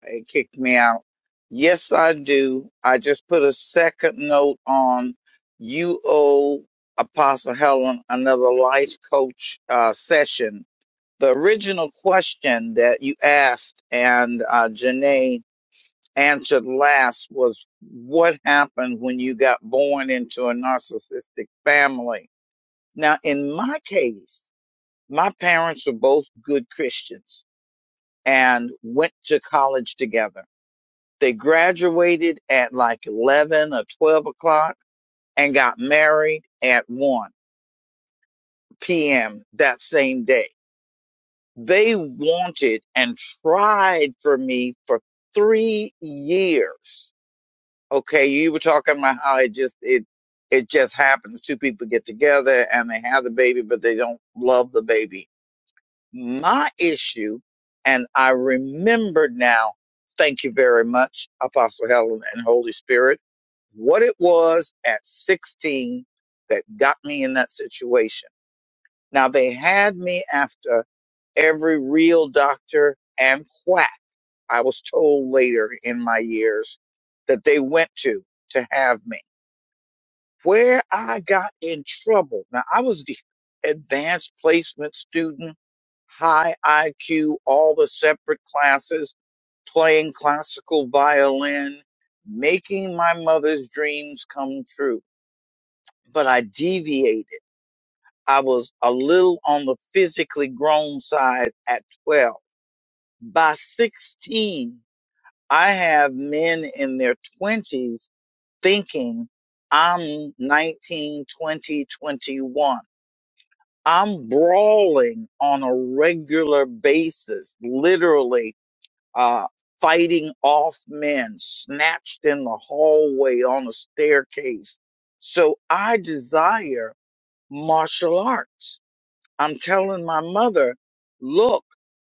it kicked me out. Yes, I do. I just put a second note on you owe Apostle Helen another life coach uh, session. The original question that you asked and uh, Janae answered last was what happened when you got born into a narcissistic family. Now, in my case, my parents were both good Christians and went to college together. They graduated at like 11 or 12 o'clock and got married at 1 p.m. that same day. They wanted and tried for me for three years Okay, you were talking about how it just it it just happens. Two people get together and they have the baby, but they don't love the baby. My issue, and I remember now. Thank you very much, Apostle Helen and Holy Spirit. What it was at 16 that got me in that situation. Now they had me after every real doctor and quack. I was told later in my years that they went to to have me where I got in trouble. Now I was the advanced placement student, high IQ, all the separate classes, playing classical violin, making my mother's dreams come true. But I deviated. I was a little on the physically grown side at 12. By 16, I have men in their 20s thinking I'm nineteen, twenty, twenty-one. I'm brawling on a regular basis, literally uh, fighting off men, snatched in the hallway on a staircase. So I desire martial arts. I'm telling my mother, look,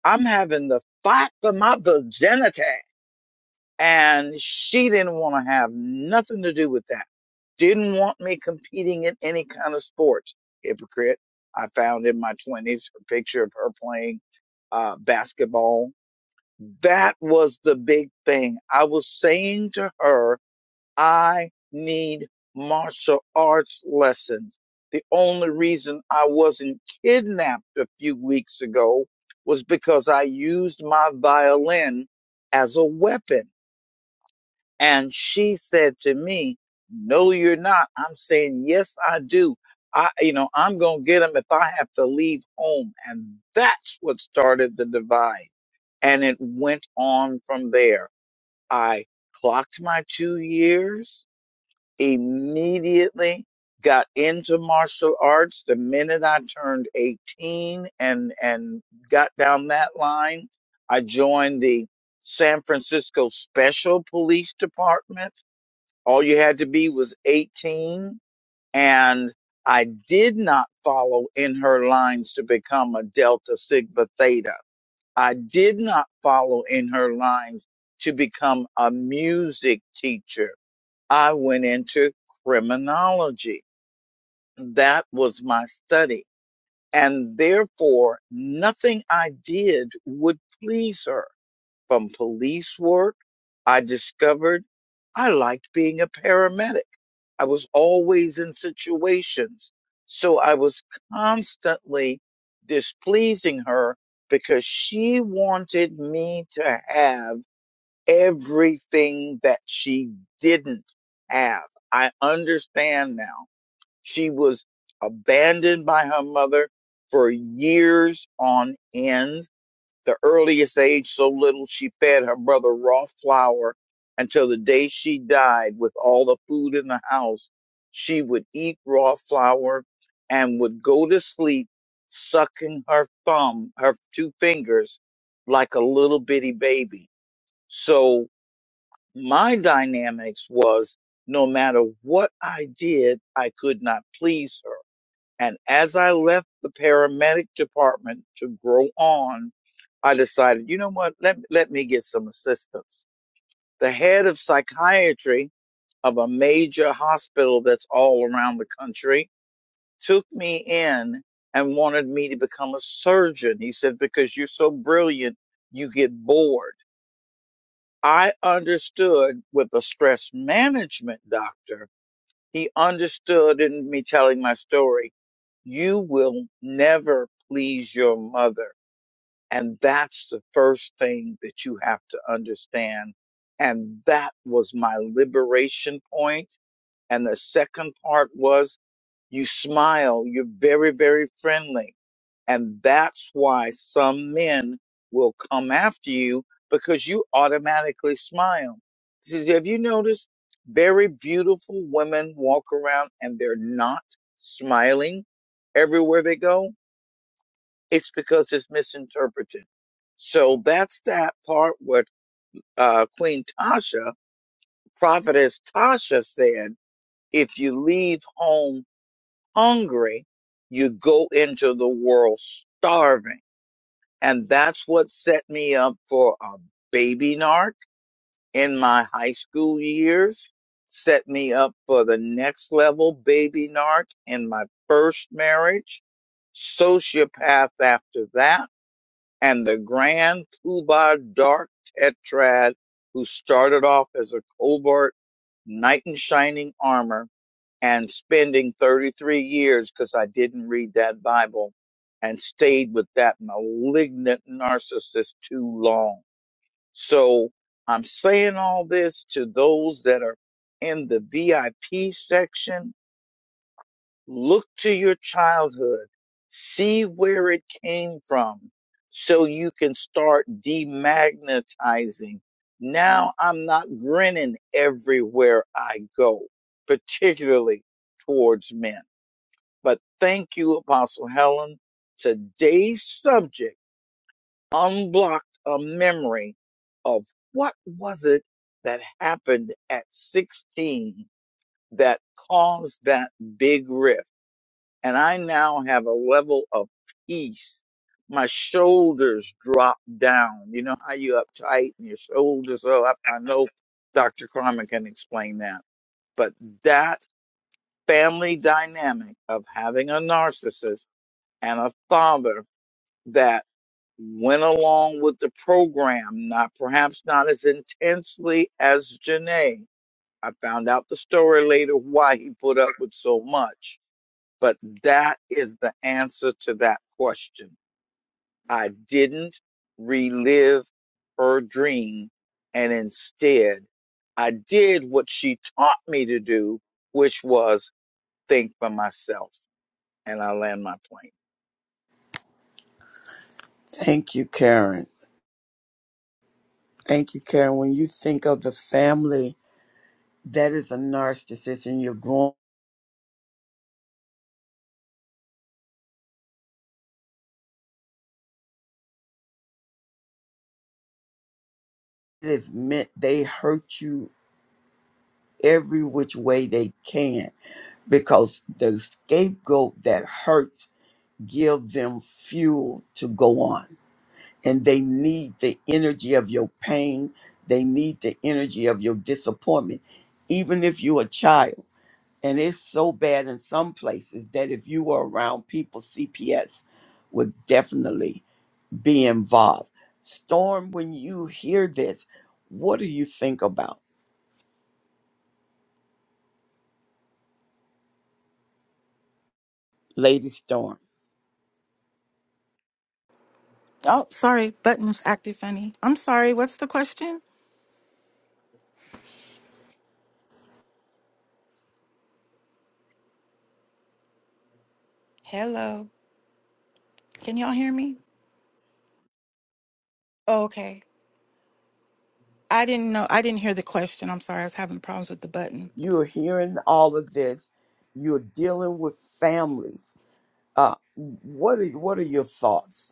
I'm having the fight for my virginity. And she didn't want to have nothing to do with that. Didn't want me competing in any kind of sports. Hypocrite. I found in my 20s a picture of her playing uh, basketball. That was the big thing. I was saying to her, I need martial arts lessons. The only reason I wasn't kidnapped a few weeks ago was because I used my violin as a weapon and she said to me, No, you're not. I'm saying, Yes, I do. I, you know, I'm going to get them if I have to leave home. And that's what started the divide. And it went on from there. I clocked my two years immediately, got into martial arts the minute I turned 18 and, and got down that line. I joined the San Francisco Special Police Department all you had to be was 18. And I did not follow in her lines to become a Delta Sigma Theta. I did not follow in her lines to become a music teacher. I went into criminology. That was my study. And therefore, nothing I did would please her. From police work, I discovered I liked being a paramedic. I was always in situations. So I was constantly displeasing her because she wanted me to have everything that she didn't have. I understand now. She was abandoned by her mother for years on end the earliest age so little she fed her brother raw flour until the day she died with all the food in the house. She would eat raw flour and would go to sleep sucking her thumb, her two fingers, like a little bitty baby. So my dynamics was no matter what I did, I could not please her and as I left the paramedic department to grow on, I decided, you know what? Let, let me get some assistance. The head of psychiatry of a major hospital that's all around the country took me in and wanted me to become a surgeon. He said, because you're so brilliant, you get bored. I understood with a stress management doctor he understood in me telling my story, you will never please your mother. And that's the first thing that you have to understand. And that was my liberation point. And the second part was you smile, you're very, very friendly. And that's why some men will come after you because you automatically smile. Did- Have you noticed very beautiful women walk around and they're not smiling everywhere they go? It's because it's misinterpreted. So that's that part what uh, Queen Tasha, prophetess Tasha said, if you leave home hungry, you go into the world starving And that's what set me up for a baby narc in my high school years, set me up for the next level baby narc in my first marriage, sociopath after that, and the grand poobah dark tetrad who started off as a covert knight in shining armor and spending 33 years because I didn't read that Bible and stayed with that malignant narcissist too long. So I'm saying all this to those that are in the VIP section. Look to your childhood, see where it came from so you can start demagnetizing. Now I'm not grinning everywhere I go, particularly towards men. But thank you, Apostle Helen. Today's subject unblocked a memory of what was it that happened at 16 that caused that big rift. And I now have a level of peace. My shoulders drop down. You know how you uptight and your shoulders are up. I know Dr. Carmen can explain that. But that family dynamic of having a narcissist and a father that went along with the program, not perhaps not as intensely as Janae. I found out the story later why he put up with so much. But that is the answer to that question. I didn't relive her dream, and instead, I did what she taught me to do, which was think for myself. And I land my plane.
thank you karen thank you karen when you think of the family that is a narcissist and you're growing it is meant they hurt you every which way they can because the scapegoat that hurts give them fuel to go on. And they need the energy of your pain. They need the energy of your disappointment. Even if you're a child, and it's so bad in some places that if you were around people, CPS would definitely be involved. Storm, when you hear this, what do you think about, Lady Storm?
Oh, sorry. Button's acting funny. I'm sorry. What's the question? Hello. Can y'all hear me? Oh, okay. I didn't know. I didn't hear the question. I'm sorry. I was having problems with the button.
You're hearing all of this. You're dealing with families. Uh, what are what are your thoughts?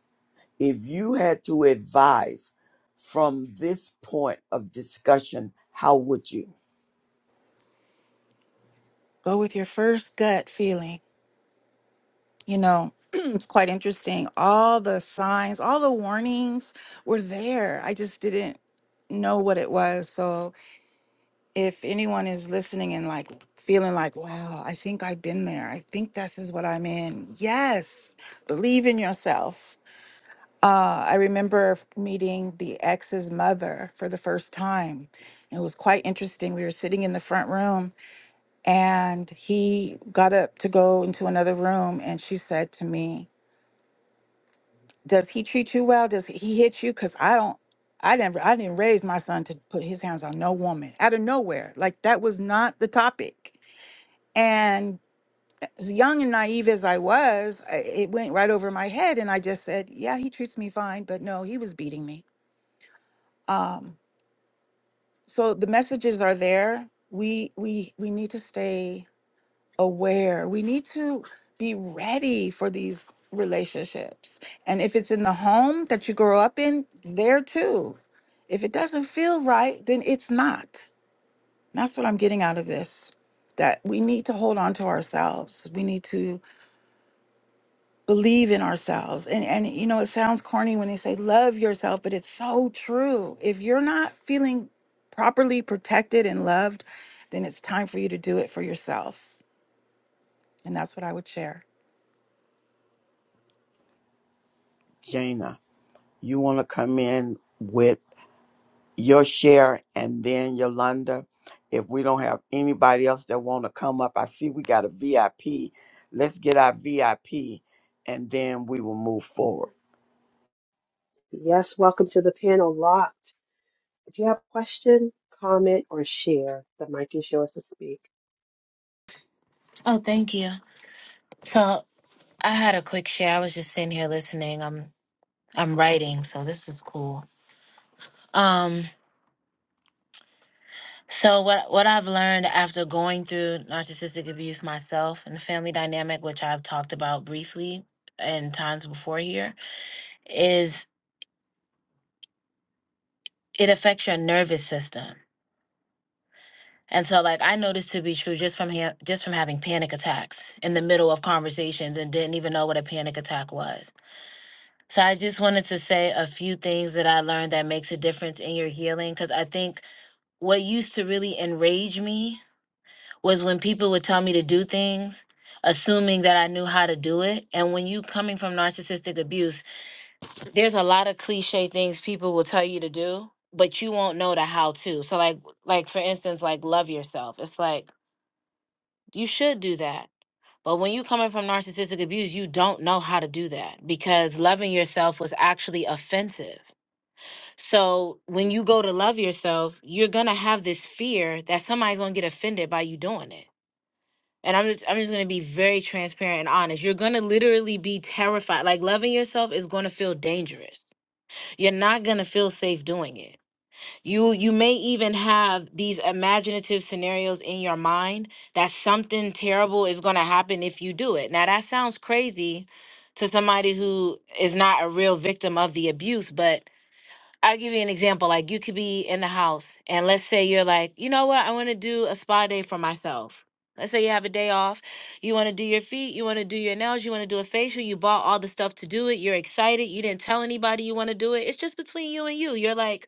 if you had to advise from this point of discussion, how would you?
Go with your first gut feeling. You know, it's quite interesting. All the signs, all the warnings were there. I just didn't know what it was. So if anyone is listening and like feeling like, wow, I think I've been there. I think this is what I'm in. Yes, believe in yourself. Uh, I remember meeting the ex's mother for the first time. It was quite interesting. We were sitting in the front room and he got up to go into another room and she said to me, Does he treat you well? Does he hit you? Because I don't I never I didn't raise my son to put his hands on no woman out of nowhere. Like that was not the topic. And as young and naive as I was, I- it went right over my head. And I just said, yeah, he treats me fine, but no, he was beating me. Um, so the messages are there. We, we, we need to stay aware. We need to be ready for these relationships. And if it's in the home that you grow up in, there too. If it doesn't feel right, then it's not. That's what I'm getting out of this. That we need to hold on to ourselves. We need to believe in ourselves and and you know it sounds corny when they say love yourself but it's so true if you're not feeling properly protected and loved then it's time for you to do it for yourself and that's what i would share
Jana, you want to come in with your share and then Yolanda? If we don't have anybody else that want to come up, I see we got a VIP. Let's get our VIP and then we will move forward.
Yes, welcome to the panel locked. If you have a question, comment, or share, the mic is yours to speak.
Oh, thank you. So I had a quick share. I was just sitting here listening. I'm I'm writing, so this is cool. Um, so what what I've learned after going through narcissistic abuse myself and the family dynamic, which I've talked about briefly and times before here, is it affects your nervous system. And so like I noticed to be true just from ha- just from having panic attacks in the middle of conversations and didn't even know what a panic attack was So I just wanted to say a few things that I learned that makes a difference in your healing cuz I think what used to really enrage me was when people would tell me to do things assuming that I knew how to do it and when you coming from narcissistic abuse there's a lot of cliche things people will tell you to do but you won't know the how to. So like like for instance like love yourself. It's like you should do that. But when you coming from narcissistic abuse, you don't know how to do that because loving yourself was actually offensive So when you go to love yourself, you're gonna have this fear that somebody's gonna get offended by you doing it. And I'm just I'm just gonna be very transparent and honest. You're gonna literally be terrified. Like loving yourself is gonna feel dangerous. You're not gonna feel safe doing it. You you may even have these imaginative scenarios in your mind that something terrible is gonna happen if you do it. Now that sounds crazy to somebody who is not a real victim of the abuse, but I'll give you an example. Like you could be in the house and let's say you're like, you know what, I want to do a spa day for myself. Let's say you have a day off, you want to do your feet, you want to do your nails, you want to do a facial, you bought all the stuff to do it, you're excited, you didn't tell anybody you want to do it. It's just between you and you. You're like,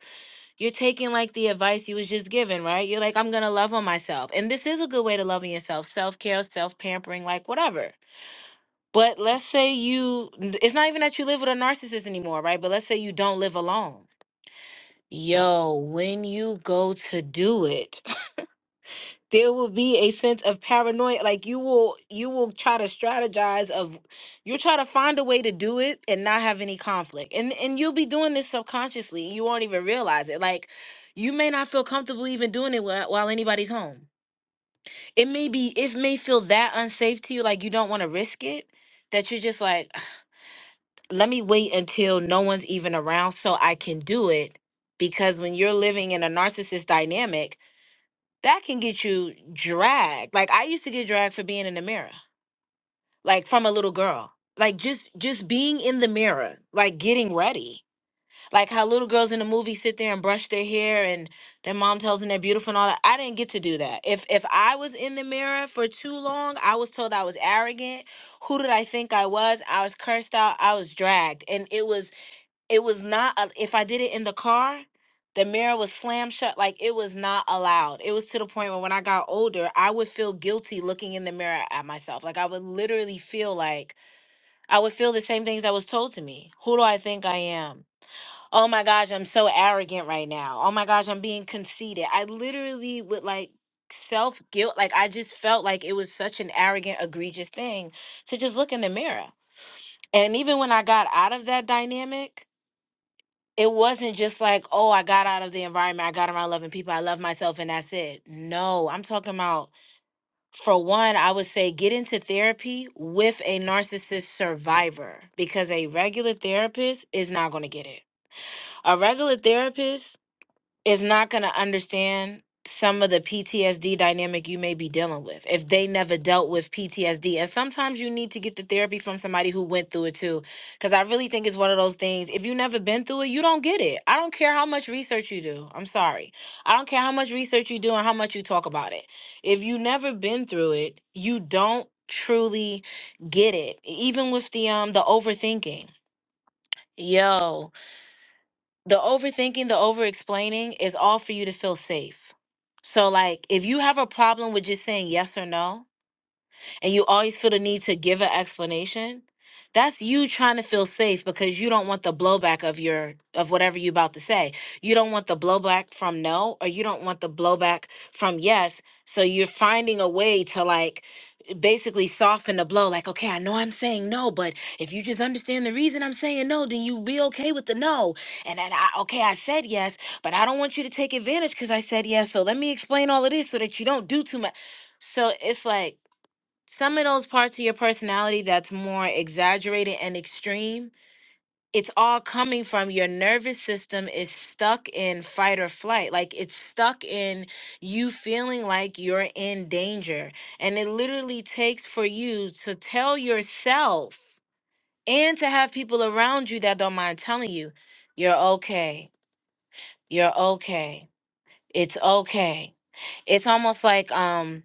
you're taking like the advice you was just given, right? You're like, I'm gonna love on myself. And this is a good way to love on yourself, self-care, self-pampering, like whatever. But let's say you it's not even that you live with a narcissist anymore, right? But let's say you don't live alone Yo, when you go to do it, there will be a sense of paranoia. Like you will you will try to strategize of you'll try to find a way to do it and not have any conflict. And and you'll be doing this subconsciously. You won't even realize it. Like you may not feel comfortable even doing it while, while anybody's home. It may be it may feel that unsafe to you, like you don't want to risk it, that you're just like, let me wait until no one's even around so I can do it. Because when you're living in a narcissist dynamic, that can get you dragged. Like I used to get dragged for being in the mirror, like from a little girl. Like just just being in the mirror, like getting ready. Like how little girls in the movie sit there and brush their hair and their mom tells them they're beautiful and all that. I didn't get to do that. If if I was in the mirror for too long, I was told I was arrogant. Who did I think I was? I was cursed out. I was dragged. And it was it was not a- if i did it in the car the mirror was slammed shut like it was not allowed it was to the point where when i got older i would feel guilty looking in the mirror at myself like i would literally feel like i would feel the same things that was told to me who do i think i am oh my gosh i'm so arrogant right now oh my gosh i'm being conceited i literally would like self guilt like i just felt like it was such an arrogant egregious thing to just look in the mirror and even when i got out of that dynamic it wasn't just like, oh, I got out of the environment, I got around loving people, I love myself, and that's it. No, I'm talking about, for one, I would say get into therapy with a narcissist survivor because a regular therapist is not going to get it. A regular therapist is not going to understand some of the PTSD dynamic you may be dealing with if they never dealt with PTSD. And sometimes you need to get the therapy from somebody who went through it too. Because I really think it's one of those things, if you never been through it, you don't get it. I don't care how much research you do. I'm sorry. I don't care how much research you do and how much you talk about it. If you never been through it, you don't truly get it. Even with the um the overthinking. Yo, the overthinking, the over explaining is all for you to feel safe. So, like, if you have a problem with just saying yes or no, and you always feel the need to give an explanation, that's you trying to feel safe because you don't want the blowback of your of whatever you about to say. You don't want the blowback from no or you don't want the blowback from yes. So you're finding a way to like basically soften the blow like okay, I know I'm saying no, but if you just understand the reason I'm saying no, then you be okay with the no. And then I okay, I said yes, but I don't want you to take advantage cuz I said yes. So let me explain all of this so that you don't do too much. So it's like some of those parts of your personality that's more exaggerated and extreme, it's all coming from your nervous system is stuck in fight or flight. Like it's stuck in you feeling like you're in danger. And it literally takes for you to tell yourself and to have people around you that don't mind telling you, you're okay. You're okay. It's okay. It's almost like um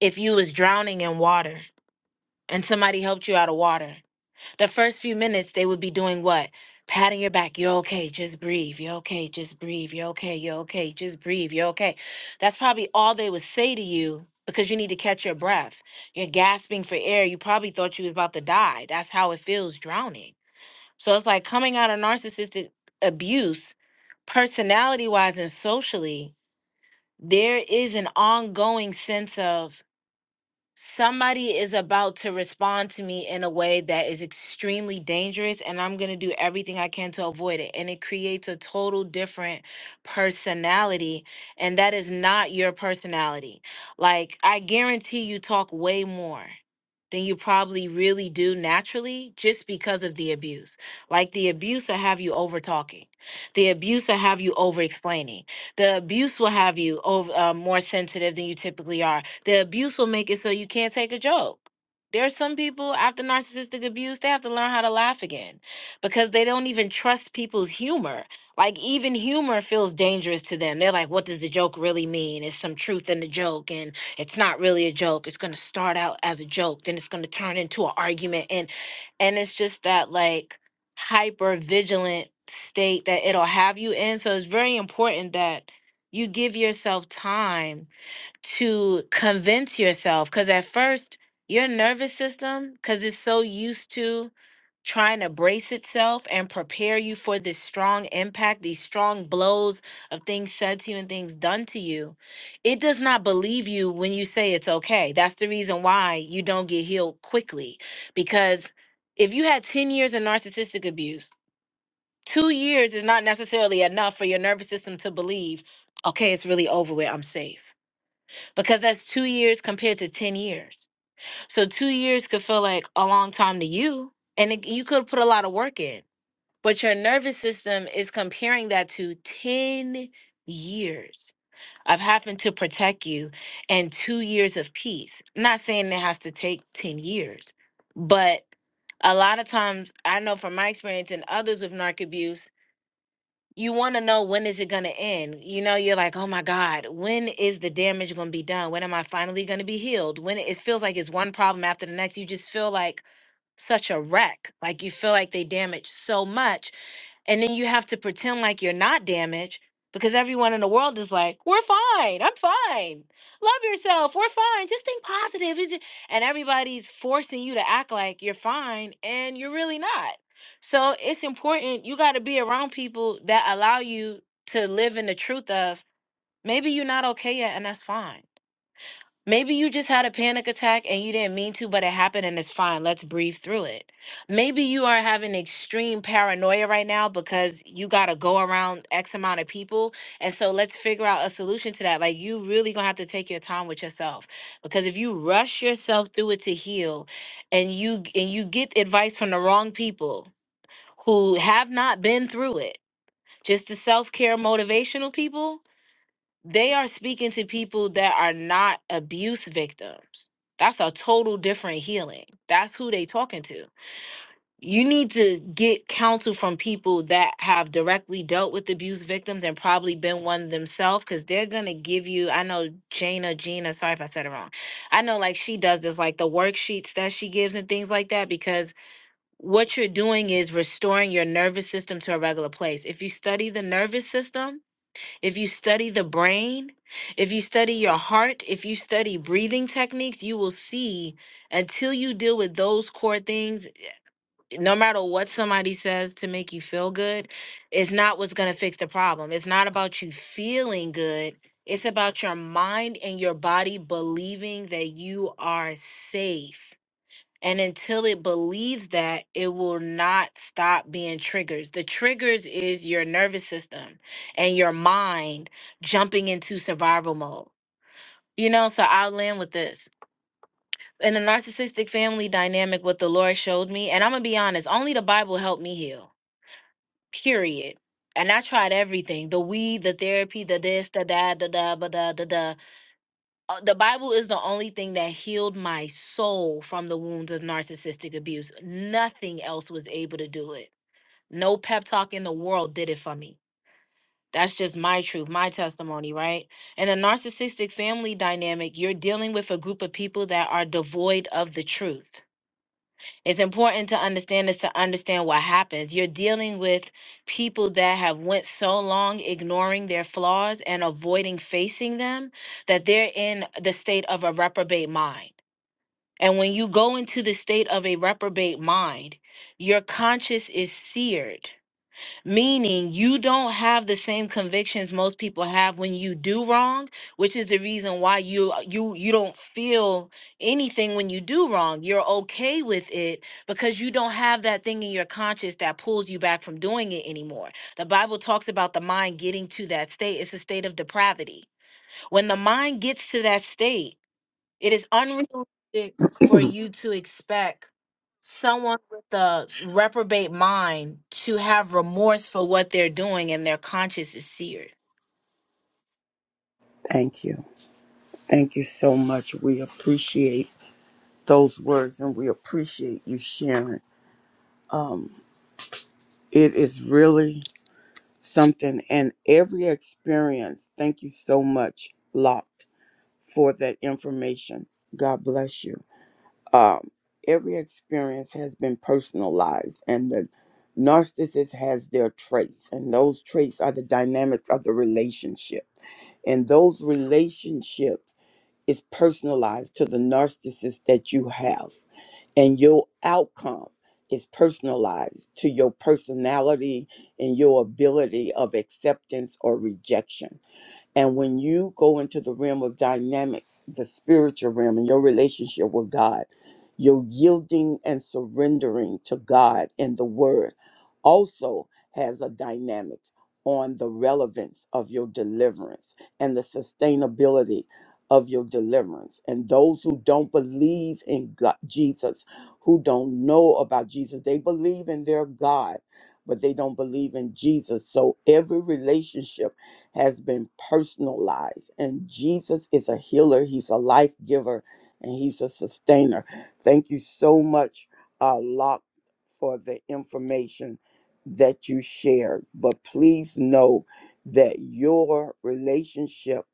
if you was drowning in water and somebody helped you out of water the first few minutes they would be doing what patting your back you're okay just breathe you're okay just breathe you're okay you're okay just breathe you're okay that's probably all they would say to you because you need to catch your breath you're gasping for air you probably thought you was about to die that's how it feels drowning so it's like coming out of narcissistic abuse personality wise and socially there is an ongoing sense of somebody is about to respond to me in a way that is extremely dangerous and I'm going to do everything I can to avoid it and it creates a total different personality and that is not your personality. Like I guarantee you talk way more than you probably really do naturally just because of the abuse. Like the abuse will have you over talking. The abuse will have you over explaining. The abuse will have you over uh, more sensitive than you typically are. The abuse will make it so you can't take a joke. There are some people after narcissistic abuse, they have to learn how to laugh again because they don't even trust people's humor. Like, even humor feels dangerous to them. They're like, what does the joke really mean? Is some truth in the joke? And it's not really a joke. It's going to start out as a joke, then it's going to turn into an argument. And, and it's just that, like, hyper vigilant state that it'll have you in. So it's very important that you give yourself time to convince yourself because at first your nervous system because it's so used to trying to brace itself and prepare you for this strong impact these strong blows of things said to you and things done to you it does not believe you when you say it's okay that's the reason why you don't get healed quickly because if you had 10 years of narcissistic abuse two years is not necessarily enough for your nervous system to believe okay it's really over with i'm safe because that's two years compared to 10 years. So two years could feel like a long time to you, and it, you could put a lot of work in, but your nervous system is comparing that to 10 years of having to protect you and two years of peace. Not saying it has to take 10 years, but a lot of times I know from my experience and others with narc abuse you want to know when is it going to end you know you're like oh my god when is the damage going to be done when am i finally going to be healed when it it feels like it's one problem after the next you just feel like such a wreck like you feel like they damaged so much and then you have to pretend like you're not damaged because everyone in the world is like, we're fine. I'm fine. Love yourself. We're fine. Just think positive. It's- And everybody's forcing you to act like you're fine and you're really not. So it's important. You got to be around people that allow you to live in the truth of maybe you're not okay yet and that's fine Maybe you just had a panic attack and you didn't mean to, but it happened and it's fine. Let's breathe through it. Maybe you are having extreme paranoia right now because you got to go around X amount of people. And so let's figure out a solution to that. Like, you really gonna have to take your time with yourself because if you rush yourself through it to heal and you and you get advice from the wrong people who have not been through it, just the self-care motivational people, they are speaking to people that are not abuse victims. That's a total different healing. That's who they talking to. You need to get counsel from people that have directly dealt with abuse victims and probably been one themselves because they're gonna give you. I know Jana, Gina, sorry if I said it wrong. I know like she does this, like the worksheets that she gives and things like that, because what you're doing is restoring your nervous system to a regular place. If you study the nervous system, if you study the brain, if you study your heart, if you study breathing techniques, you will see until you deal with those core things, no matter what somebody says to make you feel good, it's not what's going to fix the problem. It's not about you feeling good. It's about your mind and your body believing that you are safe and until it believes that, it will not stop being triggers. The triggers is your nervous system and your mind jumping into survival mode. You know, so I'll land with this. In a narcissistic family dynamic, what the Lord showed me, and I'm gonna be honest, only the Bible helped me heal, period. And I tried everything the weed, the therapy, the this, the that, the da, ba da, da, da uh, the Bible is the only thing that healed my soul from the wounds of narcissistic abuse. Nothing else was able to do it. No pep talk in the world did it for me. That's just my truth, my testimony, right? In a narcissistic family dynamic, you're dealing with a group of people that are devoid of the truth it's important to understand this to understand what happens you're dealing with people that have went so long ignoring their flaws and avoiding facing them that they're in the state of a reprobate mind and when you go into the state of a reprobate mind your conscience is seared meaning you don't have the same convictions most people have when you do wrong which is the reason why you you you don't feel anything when you do wrong you're okay with it because you don't have that thing in your conscience that pulls you back from doing it anymore the bible talks about the mind getting to that state it's a state of depravity when the mind gets to that state it is unrealistic for you to expect someone with a reprobate mind to have remorse for what they're doing and their conscience is seared.
Thank you. Thank you so much. We appreciate those words and we appreciate you sharing. Um, it is really something and every experience. Thank you so much, Locked, for that information. God bless you. Um, every experience has been personalized, and the narcissist has their traits, and those traits are the dynamics of the relationship. And those relationships is personalized to the narcissist that you have and your outcome is personalized to your personality and your ability of acceptance or rejection. And when you go into the realm of dynamics, the spiritual realm, and your relationship with God, your yielding and surrendering to God and the Word also has a dynamic on the relevance of your deliverance and the sustainability of your deliverance. And those who don't believe in God, Jesus, who don't know about Jesus, they believe in their God, but they don't believe in Jesus. So every relationship has been personalized. And Jesus is a healer, He's a life giver, and He's a sustainer. Thank you so much, uh, Locke, for the information that you shared. But please know that your relationship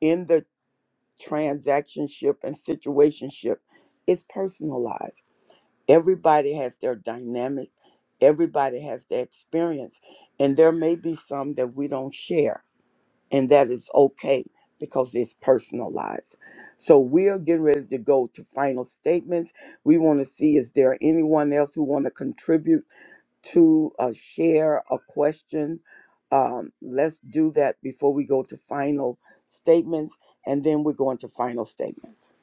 in the transactionship and situationship is personalized. Everybody has their dynamic. Everybody has their experience, and there may be some that we don't share and that is okay because it's personalized. So we are getting ready to go to final statements. We want to see is there anyone else who want to contribute to a share a question. Um, let's do that before we go to final statements, and then we're going to final statements.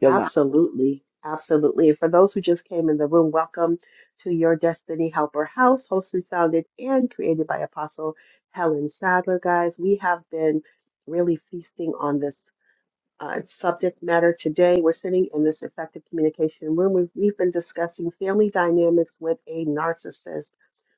Yolanda.
Absolutely. Absolutely. And for those who just came in the room, welcome to your Destiny Helper House, hosted, founded, and created by Apostle Helen Sadler. Guys, we have been really feasting on this Uh, its subject matter today, we're sitting in this effective communication room. We've, we've been discussing family dynamics with a narcissist.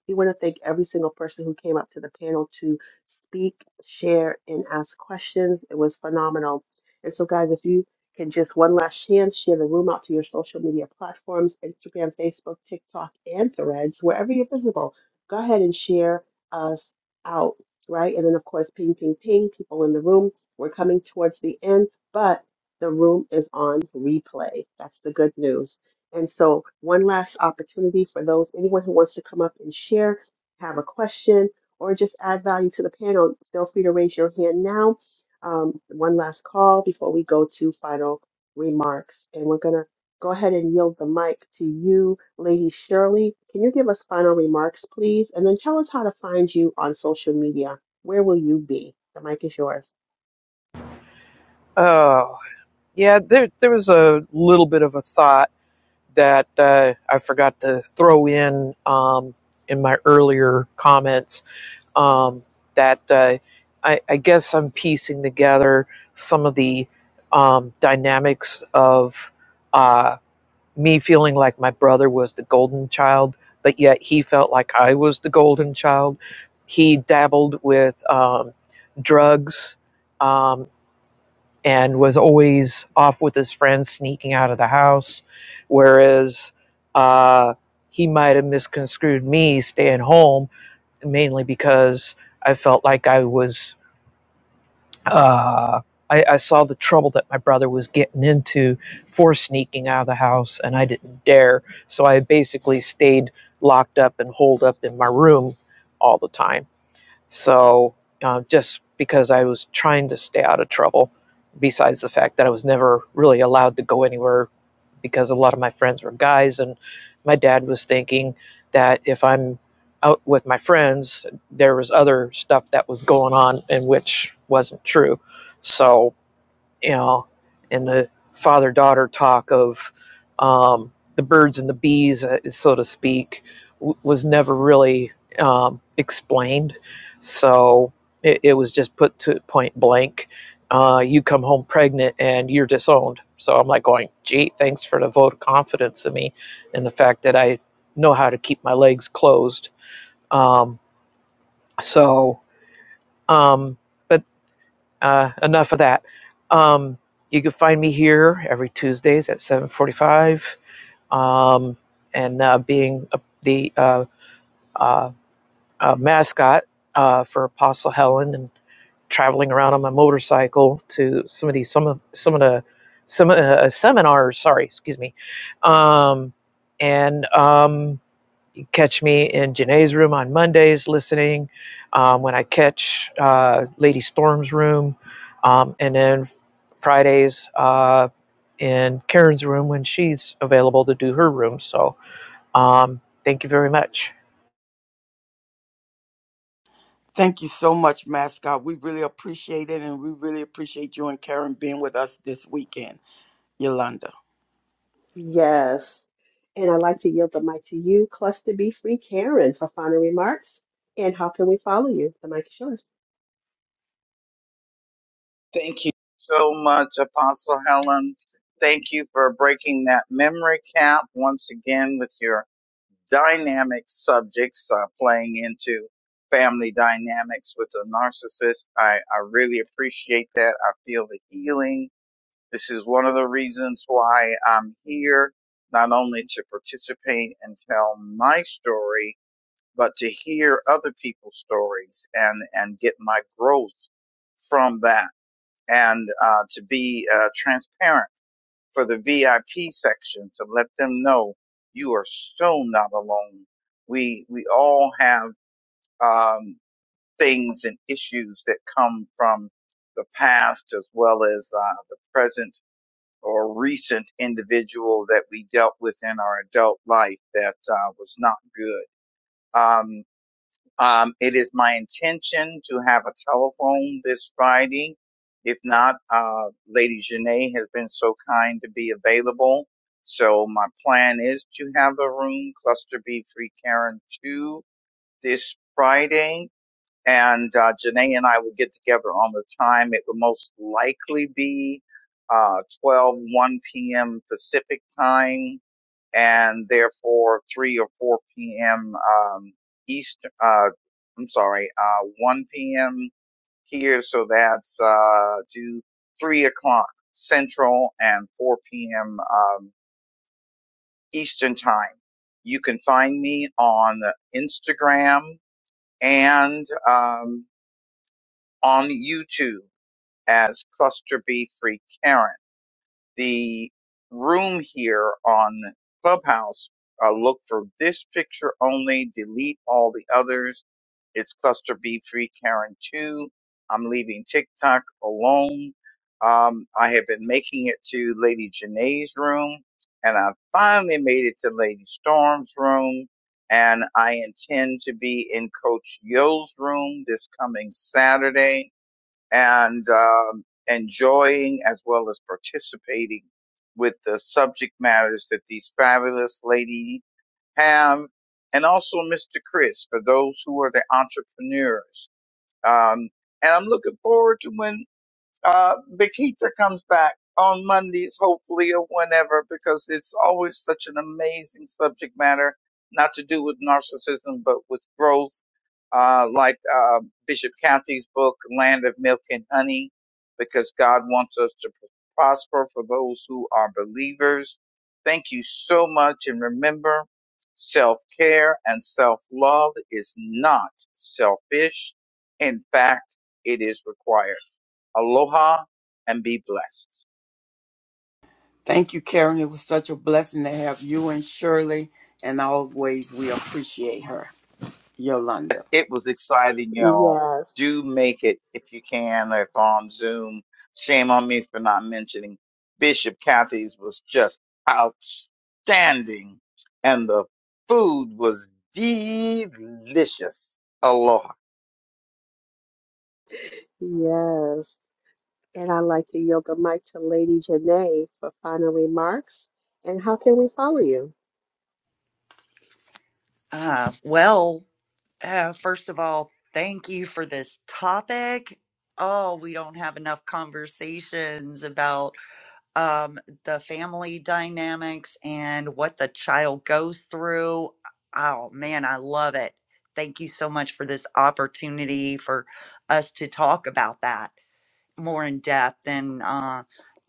We want to thank every single person who came up to the panel to speak, share, and ask questions. It was phenomenal. And so, guys, if you can just one last chance, share the room out to your social media platforms Instagram, Facebook, TikTok, and Threads, wherever you're visible. Go ahead and share us out, right? And then, of course, ping, ping, ping, people in the room. We're coming towards the end but the room is on replay. That's the good news. And so, one last opportunity for those anyone who wants to come up and share, have a question, or just add value to the panel, feel free to raise your hand now. Um, one last call before we go to final remarks. And we're going to go ahead and yield the mic to you, Lady Shirley. Can you give us final remarks, please? And then tell us how to find you on social media. Where will you be? The mic is yours.
Oh, yeah, there, there was a little bit of a thought that uh, I forgot to throw in um, in my earlier comments um, that uh, I, I guess I'm piecing together some of the um, dynamics of uh, me feeling like my brother was the golden child, but yet he felt like I was the golden child. He dabbled with um, drugs um, and was always off with his friends sneaking out of the house whereas uh, he might have misconstrued me staying home mainly because i felt like i was uh, I, I saw the trouble that my brother was getting into for sneaking out of the house and i didn't dare so i basically stayed locked up and holed up in my room all the time so uh, just because I was trying to stay out of trouble, besides the fact that I was never really allowed to go anywhere because a lot of my friends were guys, and my dad was thinking that if I'm out with my friends, there was other stuff that was going on, and which wasn't true. So you know, and the father daughter talk of um, the birds and the bees, uh, so to speak, w- was never really um, explained. So it, it was just put to point blank. Uh, you come home pregnant and you're disowned. So I'm like going, gee, thanks for the vote of confidence in me and the fact that I know how to keep my legs closed. Um, so, um, uh, enough of that. Um, you can find me here every Tuesdays at 7:45, um, and uh, being a, the uh, uh, uh, mascot uh, for Apostle Helen and traveling around on my motorcycle to some of these some of some of the some uh, seminars. Sorry, excuse me. Um, and um, Catch me in Janae's room on Mondays listening um, when I catch uh, Lady Storm's room, um, and then Fridays uh, in Karen's room when she's available to do her room. So um, thank you very much.
Thank you so much, Mascot. We really appreciate it, and we really appreciate you and Karen being with us this weekend. Yolanda.
Yes. And I'd like to yield the mic to you, Cluster B Free Karen, for final remarks. And how can we follow you? The mic is yours.
Thank you so much, Apostle Helen. Thank you for breaking that memory cap once again with your dynamic subjects uh, playing into family dynamics with a narcissist. I, I really appreciate that. I feel the healing. This is one of the reasons why I'm here, not only to participate and tell my story, but to hear other people's stories and, and get my growth from that and uh, to be uh, transparent for the VIP section to let them know you are so not alone. We we all have um, things and issues that come from the past as well as uh, the present or recent individual that we dealt with in our adult life that uh, was not good. Um, um, it is my intention to have a telephone this Friday. If not, uh, Lady Janae has been so kind to be available. So my plan is to have a room, Cluster B3 Karen 2, this Friday. And uh, Janae and I will get together on the time. It will most likely be uh, 12, p.m. Pacific time and therefore 3 or 4 p.m. Um, East, uh, I'm sorry, uh, 1 p.m. here, so that's uh, to 3 o'clock Central and 4 p.m. Um, Eastern time. You can find me on Instagram and um, on YouTube as Cluster B Free Karen. the room here on Clubhouse, uh, look for this picture only, delete all the others. It's cluster B3 Karen 2. I'm leaving TikTok alone. Um, I have been making it to Lady Janae's room and I finally made it to Lady Storm's room and I intend to be in Coach Yo's room this coming Saturday and um, enjoying as well as participating with the subject matters that these fabulous ladies have, and also Mr. Chris for those who are the entrepreneurs. Um, and I'm looking forward to when uh, the comes back on Mondays, hopefully, or whenever, because it's always such an amazing subject matter, not to do with narcissism, but with growth, uh, like uh, Bishop Cathy's book, Land of Milk and Honey, because God wants us to prosper for those who are believers. Thank you so much. And remember, self care and self love is not selfish. In fact, it is required. Aloha and be blessed.
Thank you, Karen. It was such a blessing to have you and Shirley, and always we appreciate her,
Yes,
Yolanda.
It was exciting, y'all.
Yes,
Do make it if you can, or if on Zoom. Shame on me for not mentioning Bishop Kathy's was just outstanding, and the food was delicious. Aloha.
yes. And I'd like to yield the mic to Lady Janae for final remarks. And how can we follow you?
Uh, well, uh, first of all, thank you for this topic. Oh, we don't have enough conversations about um, the family dynamics and what the child goes through. Oh, man, I love it. Thank you so much for this opportunity for us to talk about that more in depth and uh,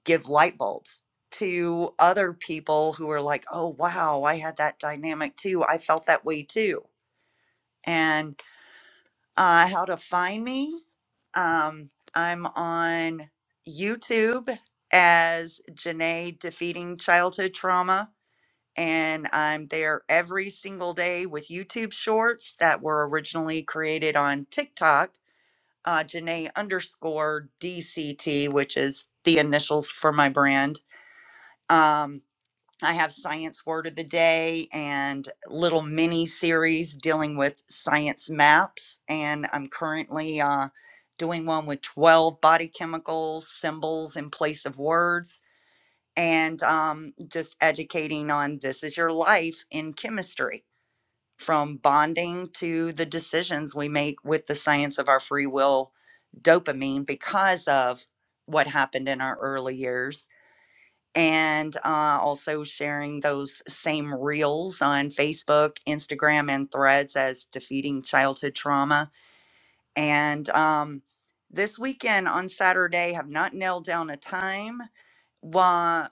give light bulbs to other people who are like, oh, wow, I had that dynamic too. I felt that way too and uh, how to find me. Um, I'm on YouTube as Janae Defeating Childhood Trauma, and I'm there every single day with YouTube shorts that were originally created on TikTok, uh, Janae underscore DCT, which is the initials for my brand. Um, I have Science Word of the Day and little mini series dealing with science maps. And I'm currently uh, doing one with 12 body chemicals, symbols in place of words, and um, just educating on this is your life in chemistry from bonding to the decisions we make with the science of our free will dopamine because of what happened in our early years and uh, also sharing those same reels on Facebook, Instagram, and threads as defeating childhood trauma. And um, this weekend on Saturday, have not nailed down a time. Well,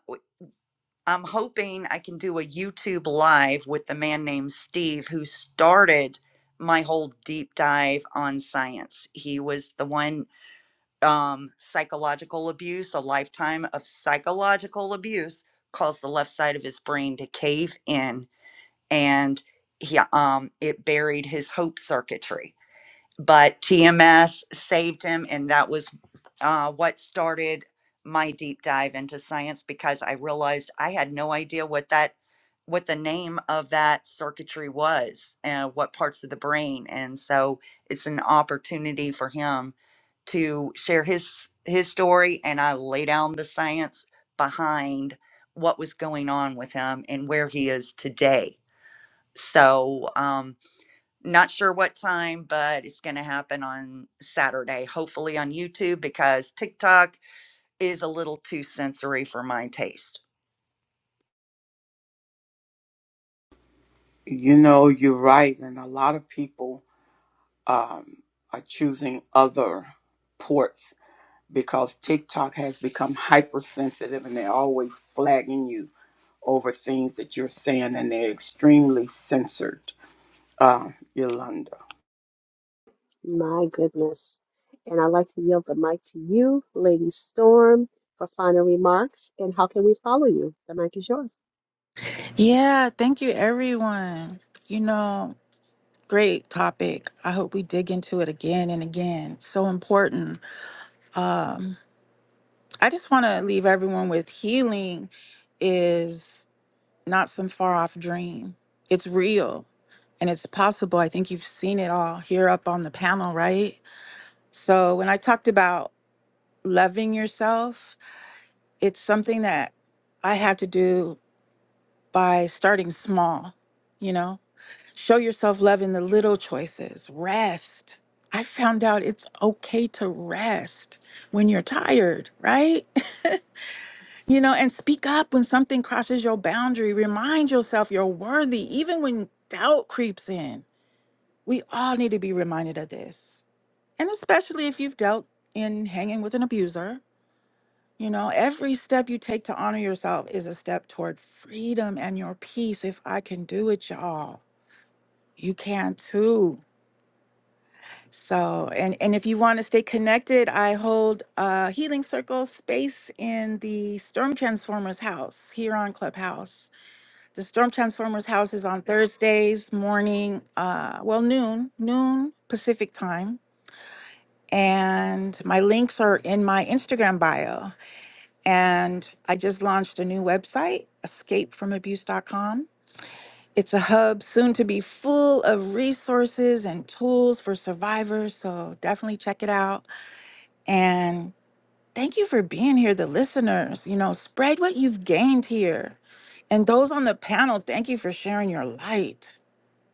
I'm hoping I can do a YouTube live with the man named Steve who started my whole deep dive on science. He was the one um, psychological abuse, a lifetime of psychological abuse, caused the left side of his brain to cave in, and he um, it buried his hope circuitry but TMS saved him, and that was uh, what started my deep dive into science because I realized I had no idea what that what the name of that circuitry was and what parts of the brain and so it's an opportunity for him to share his his story and I lay down the science behind what was going on with him and where he is today so um not sure what time, but it's going to happen on Saturday, hopefully on YouTube, because TikTok is a little too sensory for my taste.
You know, you're right, and a lot of people um, are choosing other ports because TikTok has become hypersensitive and they're always flagging you over things that you're saying, and they're extremely censored, uh, Yolanda.
My goodness. And I'd like to yield the mic to you, Lady Storm, for final remarks. And how can we follow you? The mic is yours.
yeah thank you everyone you know great topic i hope we dig into it again and again so important i just want to leave everyone with healing is not some far off dream it's real And it's possible, I think you've seen it all here up on the panel, right? So when I talked about loving yourself, it's something that I had to do by starting small, you know? Show yourself love in the little choices, rest. I found out it's okay to rest when you're tired, right? You know, and speak up when something crosses your boundary. Remind yourself you're worthy, even when doubt creeps in. We all need to be reminded of this. And especially if you've dealt in hanging with an abuser, you know, every step you take to honor yourself is a step toward freedom and your peace. If I can do it, y'all, you can too. So, and and if you want to stay connected, I hold a healing circle space in the Storm Transformers house here on Clubhouse. The Storm Transformers house is on Thursdays morning, uh, well noon, noon Pacific time and my links are in my Instagram bio. And I just launched a new website, escapefromabuse.com. It's a hub soon to be full of resources and tools for survivors. So definitely check it out. And thank you for being here, the listeners. You know, spread what you've gained here. And those on the panel, thank you for sharing your light.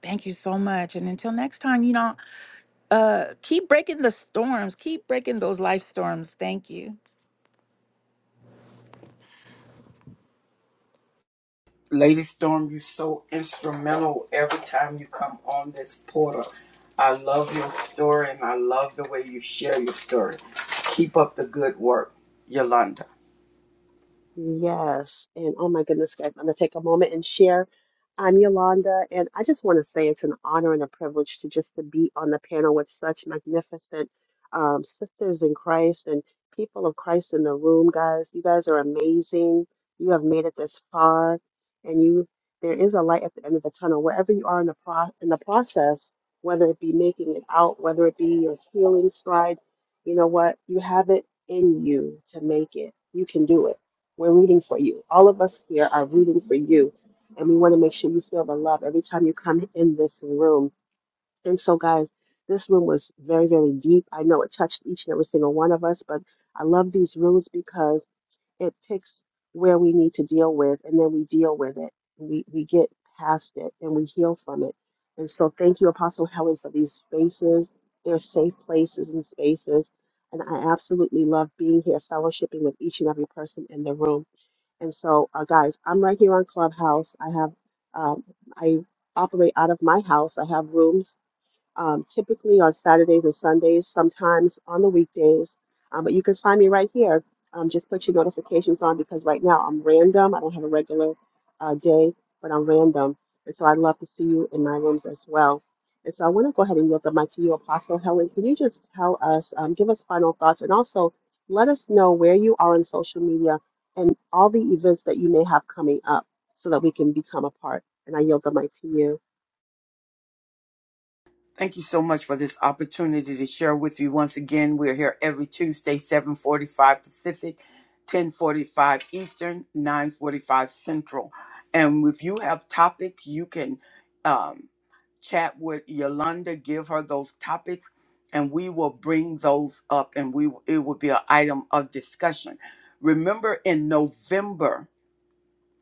Thank you so much. And until next time, you know, uh, keep breaking the storms, keep breaking those life storms. Thank you.
Lady Storm, you're so instrumental every time you come on this portal. I love your story and I love the way you share your story. Keep up the good work, Yolanda.
Yes. And oh my goodness, guys, I'm going to take a moment and share. I'm Yolanda, and I just want to say it's an honor and a privilege to just to be on the panel with such magnificent um, sisters in Christ and people of Christ in the room, guys. You guys are amazing. You have made it this far, and you there is a light at the end of the tunnel. Wherever you are in the pro in the process, whether it be making it out, whether it be your healing stride, you know what? You have it in you to make it. You can do it we're rooting for you. All of us here are rooting for you. And we want to make sure you feel the love every time you come in this room. And so, guys, this room was very, very deep. I know it touched each and every single one of us, but I love these rooms because it picks where we need to deal with, and then we deal with it. We, we get past it and we heal from it. And so, thank you, Apostle Helen, for these spaces. They're safe places and spaces. And I absolutely love being here, fellowshipping with each and every person in the room. And so, uh, guys, I'm right here on Clubhouse. I have, um, I operate out of my house. I have rooms um, typically on Saturdays and Sundays, sometimes on the weekdays. Um, but you can find me right here. Um, just put your notifications on because right now I'm random. I don't have a regular uh, day, but I'm random. And so I'd love to see you in my rooms as well. And so I want to go ahead and yield the mic to you, Apostle Helen. Can you just tell us, um, give us final thoughts, and also let us know where you are on social media and all the events that you may have coming up so that we can become a part? And I yield the mic to you.
Thank you so much for this opportunity to share with you once again. We're here every Tuesday, 745 Pacific, 1045 Eastern, 945 Central. And if you have topics, you can um, chat with Yolanda, give her those topics, and we will bring those up and we it will be an item of discussion. Remember in November,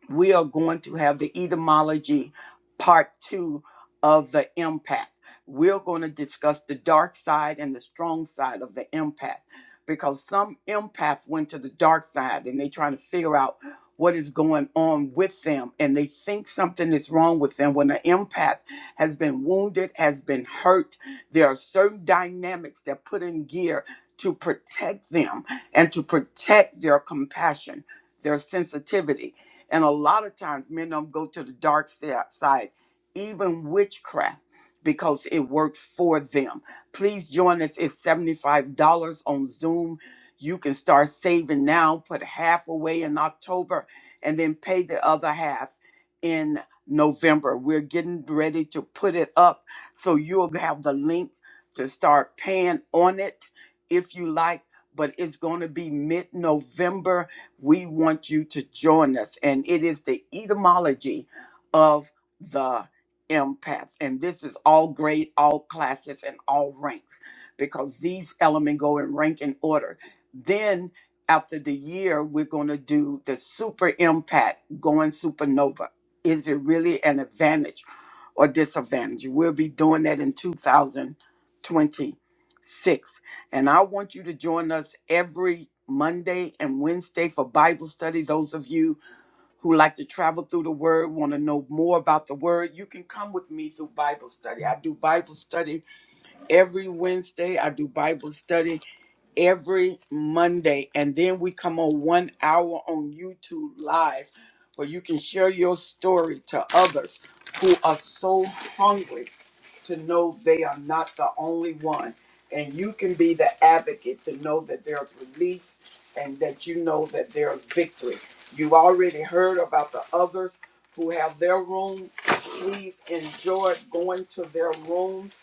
we are going to have the etymology part two of the empath. We're going to discuss the dark side and the strong side of the empath because some empaths went to the dark side and they're trying to figure out what is going on with them and they think something is wrong with them when an empath has been wounded, has been hurt. There are certain dynamics that put in gear to protect them and to protect their compassion, their sensitivity and a lot of times, men don't go to the dark si- side, even witchcraft, because it works for them. Please join us. It's $75 on Zoom. You can start saving now, put half away in October, and then pay the other half in November. We're getting ready to put it up so you'll have the link to start paying on it if you like, but it's going to be mid November we want you to join us. And it is the etymology of the empath. And this is all grade, all classes, and all ranks because these elements go in rank and order. Then after the year, we're going to do the super empath going supernova. Is it really an advantage or disadvantage? We'll be doing that in 2026. And I want you to join us every Monday and Wednesday for Bible study. Those of you who like to travel through the Word, want to know more about the Word, you can come with me through Bible study. I do Bible study every Wednesday, I do Bible study every Monday. And then we come on one hour on YouTube Live where you can share your story to others who are so hungry to know they are not the only one. And you can be the advocate to know that there's release and that you know that there's victory. You already heard about the others who have their room. Please enjoy going to their rooms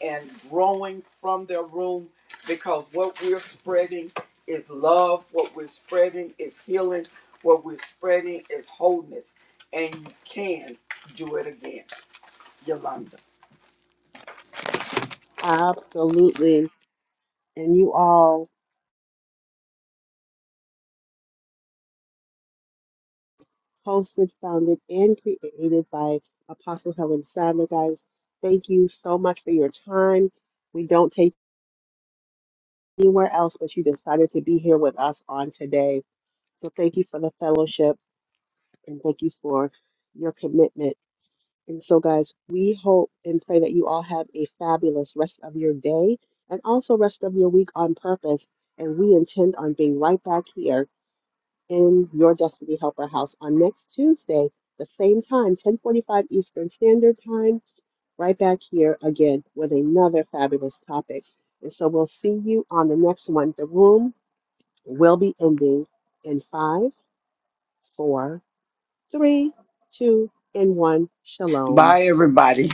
and growing from their room because what we're spreading is love, what we're spreading is healing, what we're spreading is wholeness. And you can do it again, Yolanda.
Absolutely. and you all hosted, founded, and created by Apostle Helen Sadler. Guys, thank you so much for your time. We don't take anywhere else, but you decided to be here with us on today. So thank you for the fellowship and thank you for your commitment. And so, guys, we hope and pray that you all have a fabulous rest of your day and also rest of your week on purpose. And we intend on being right back here in your Destiny Helper house on next Tuesday, the same time, 1045 Eastern Standard Time, right back here again with another fabulous topic. And so we'll see you on the next one. The room will be ending in five, four, three, two, and one. Shalom.
Bye, everybody.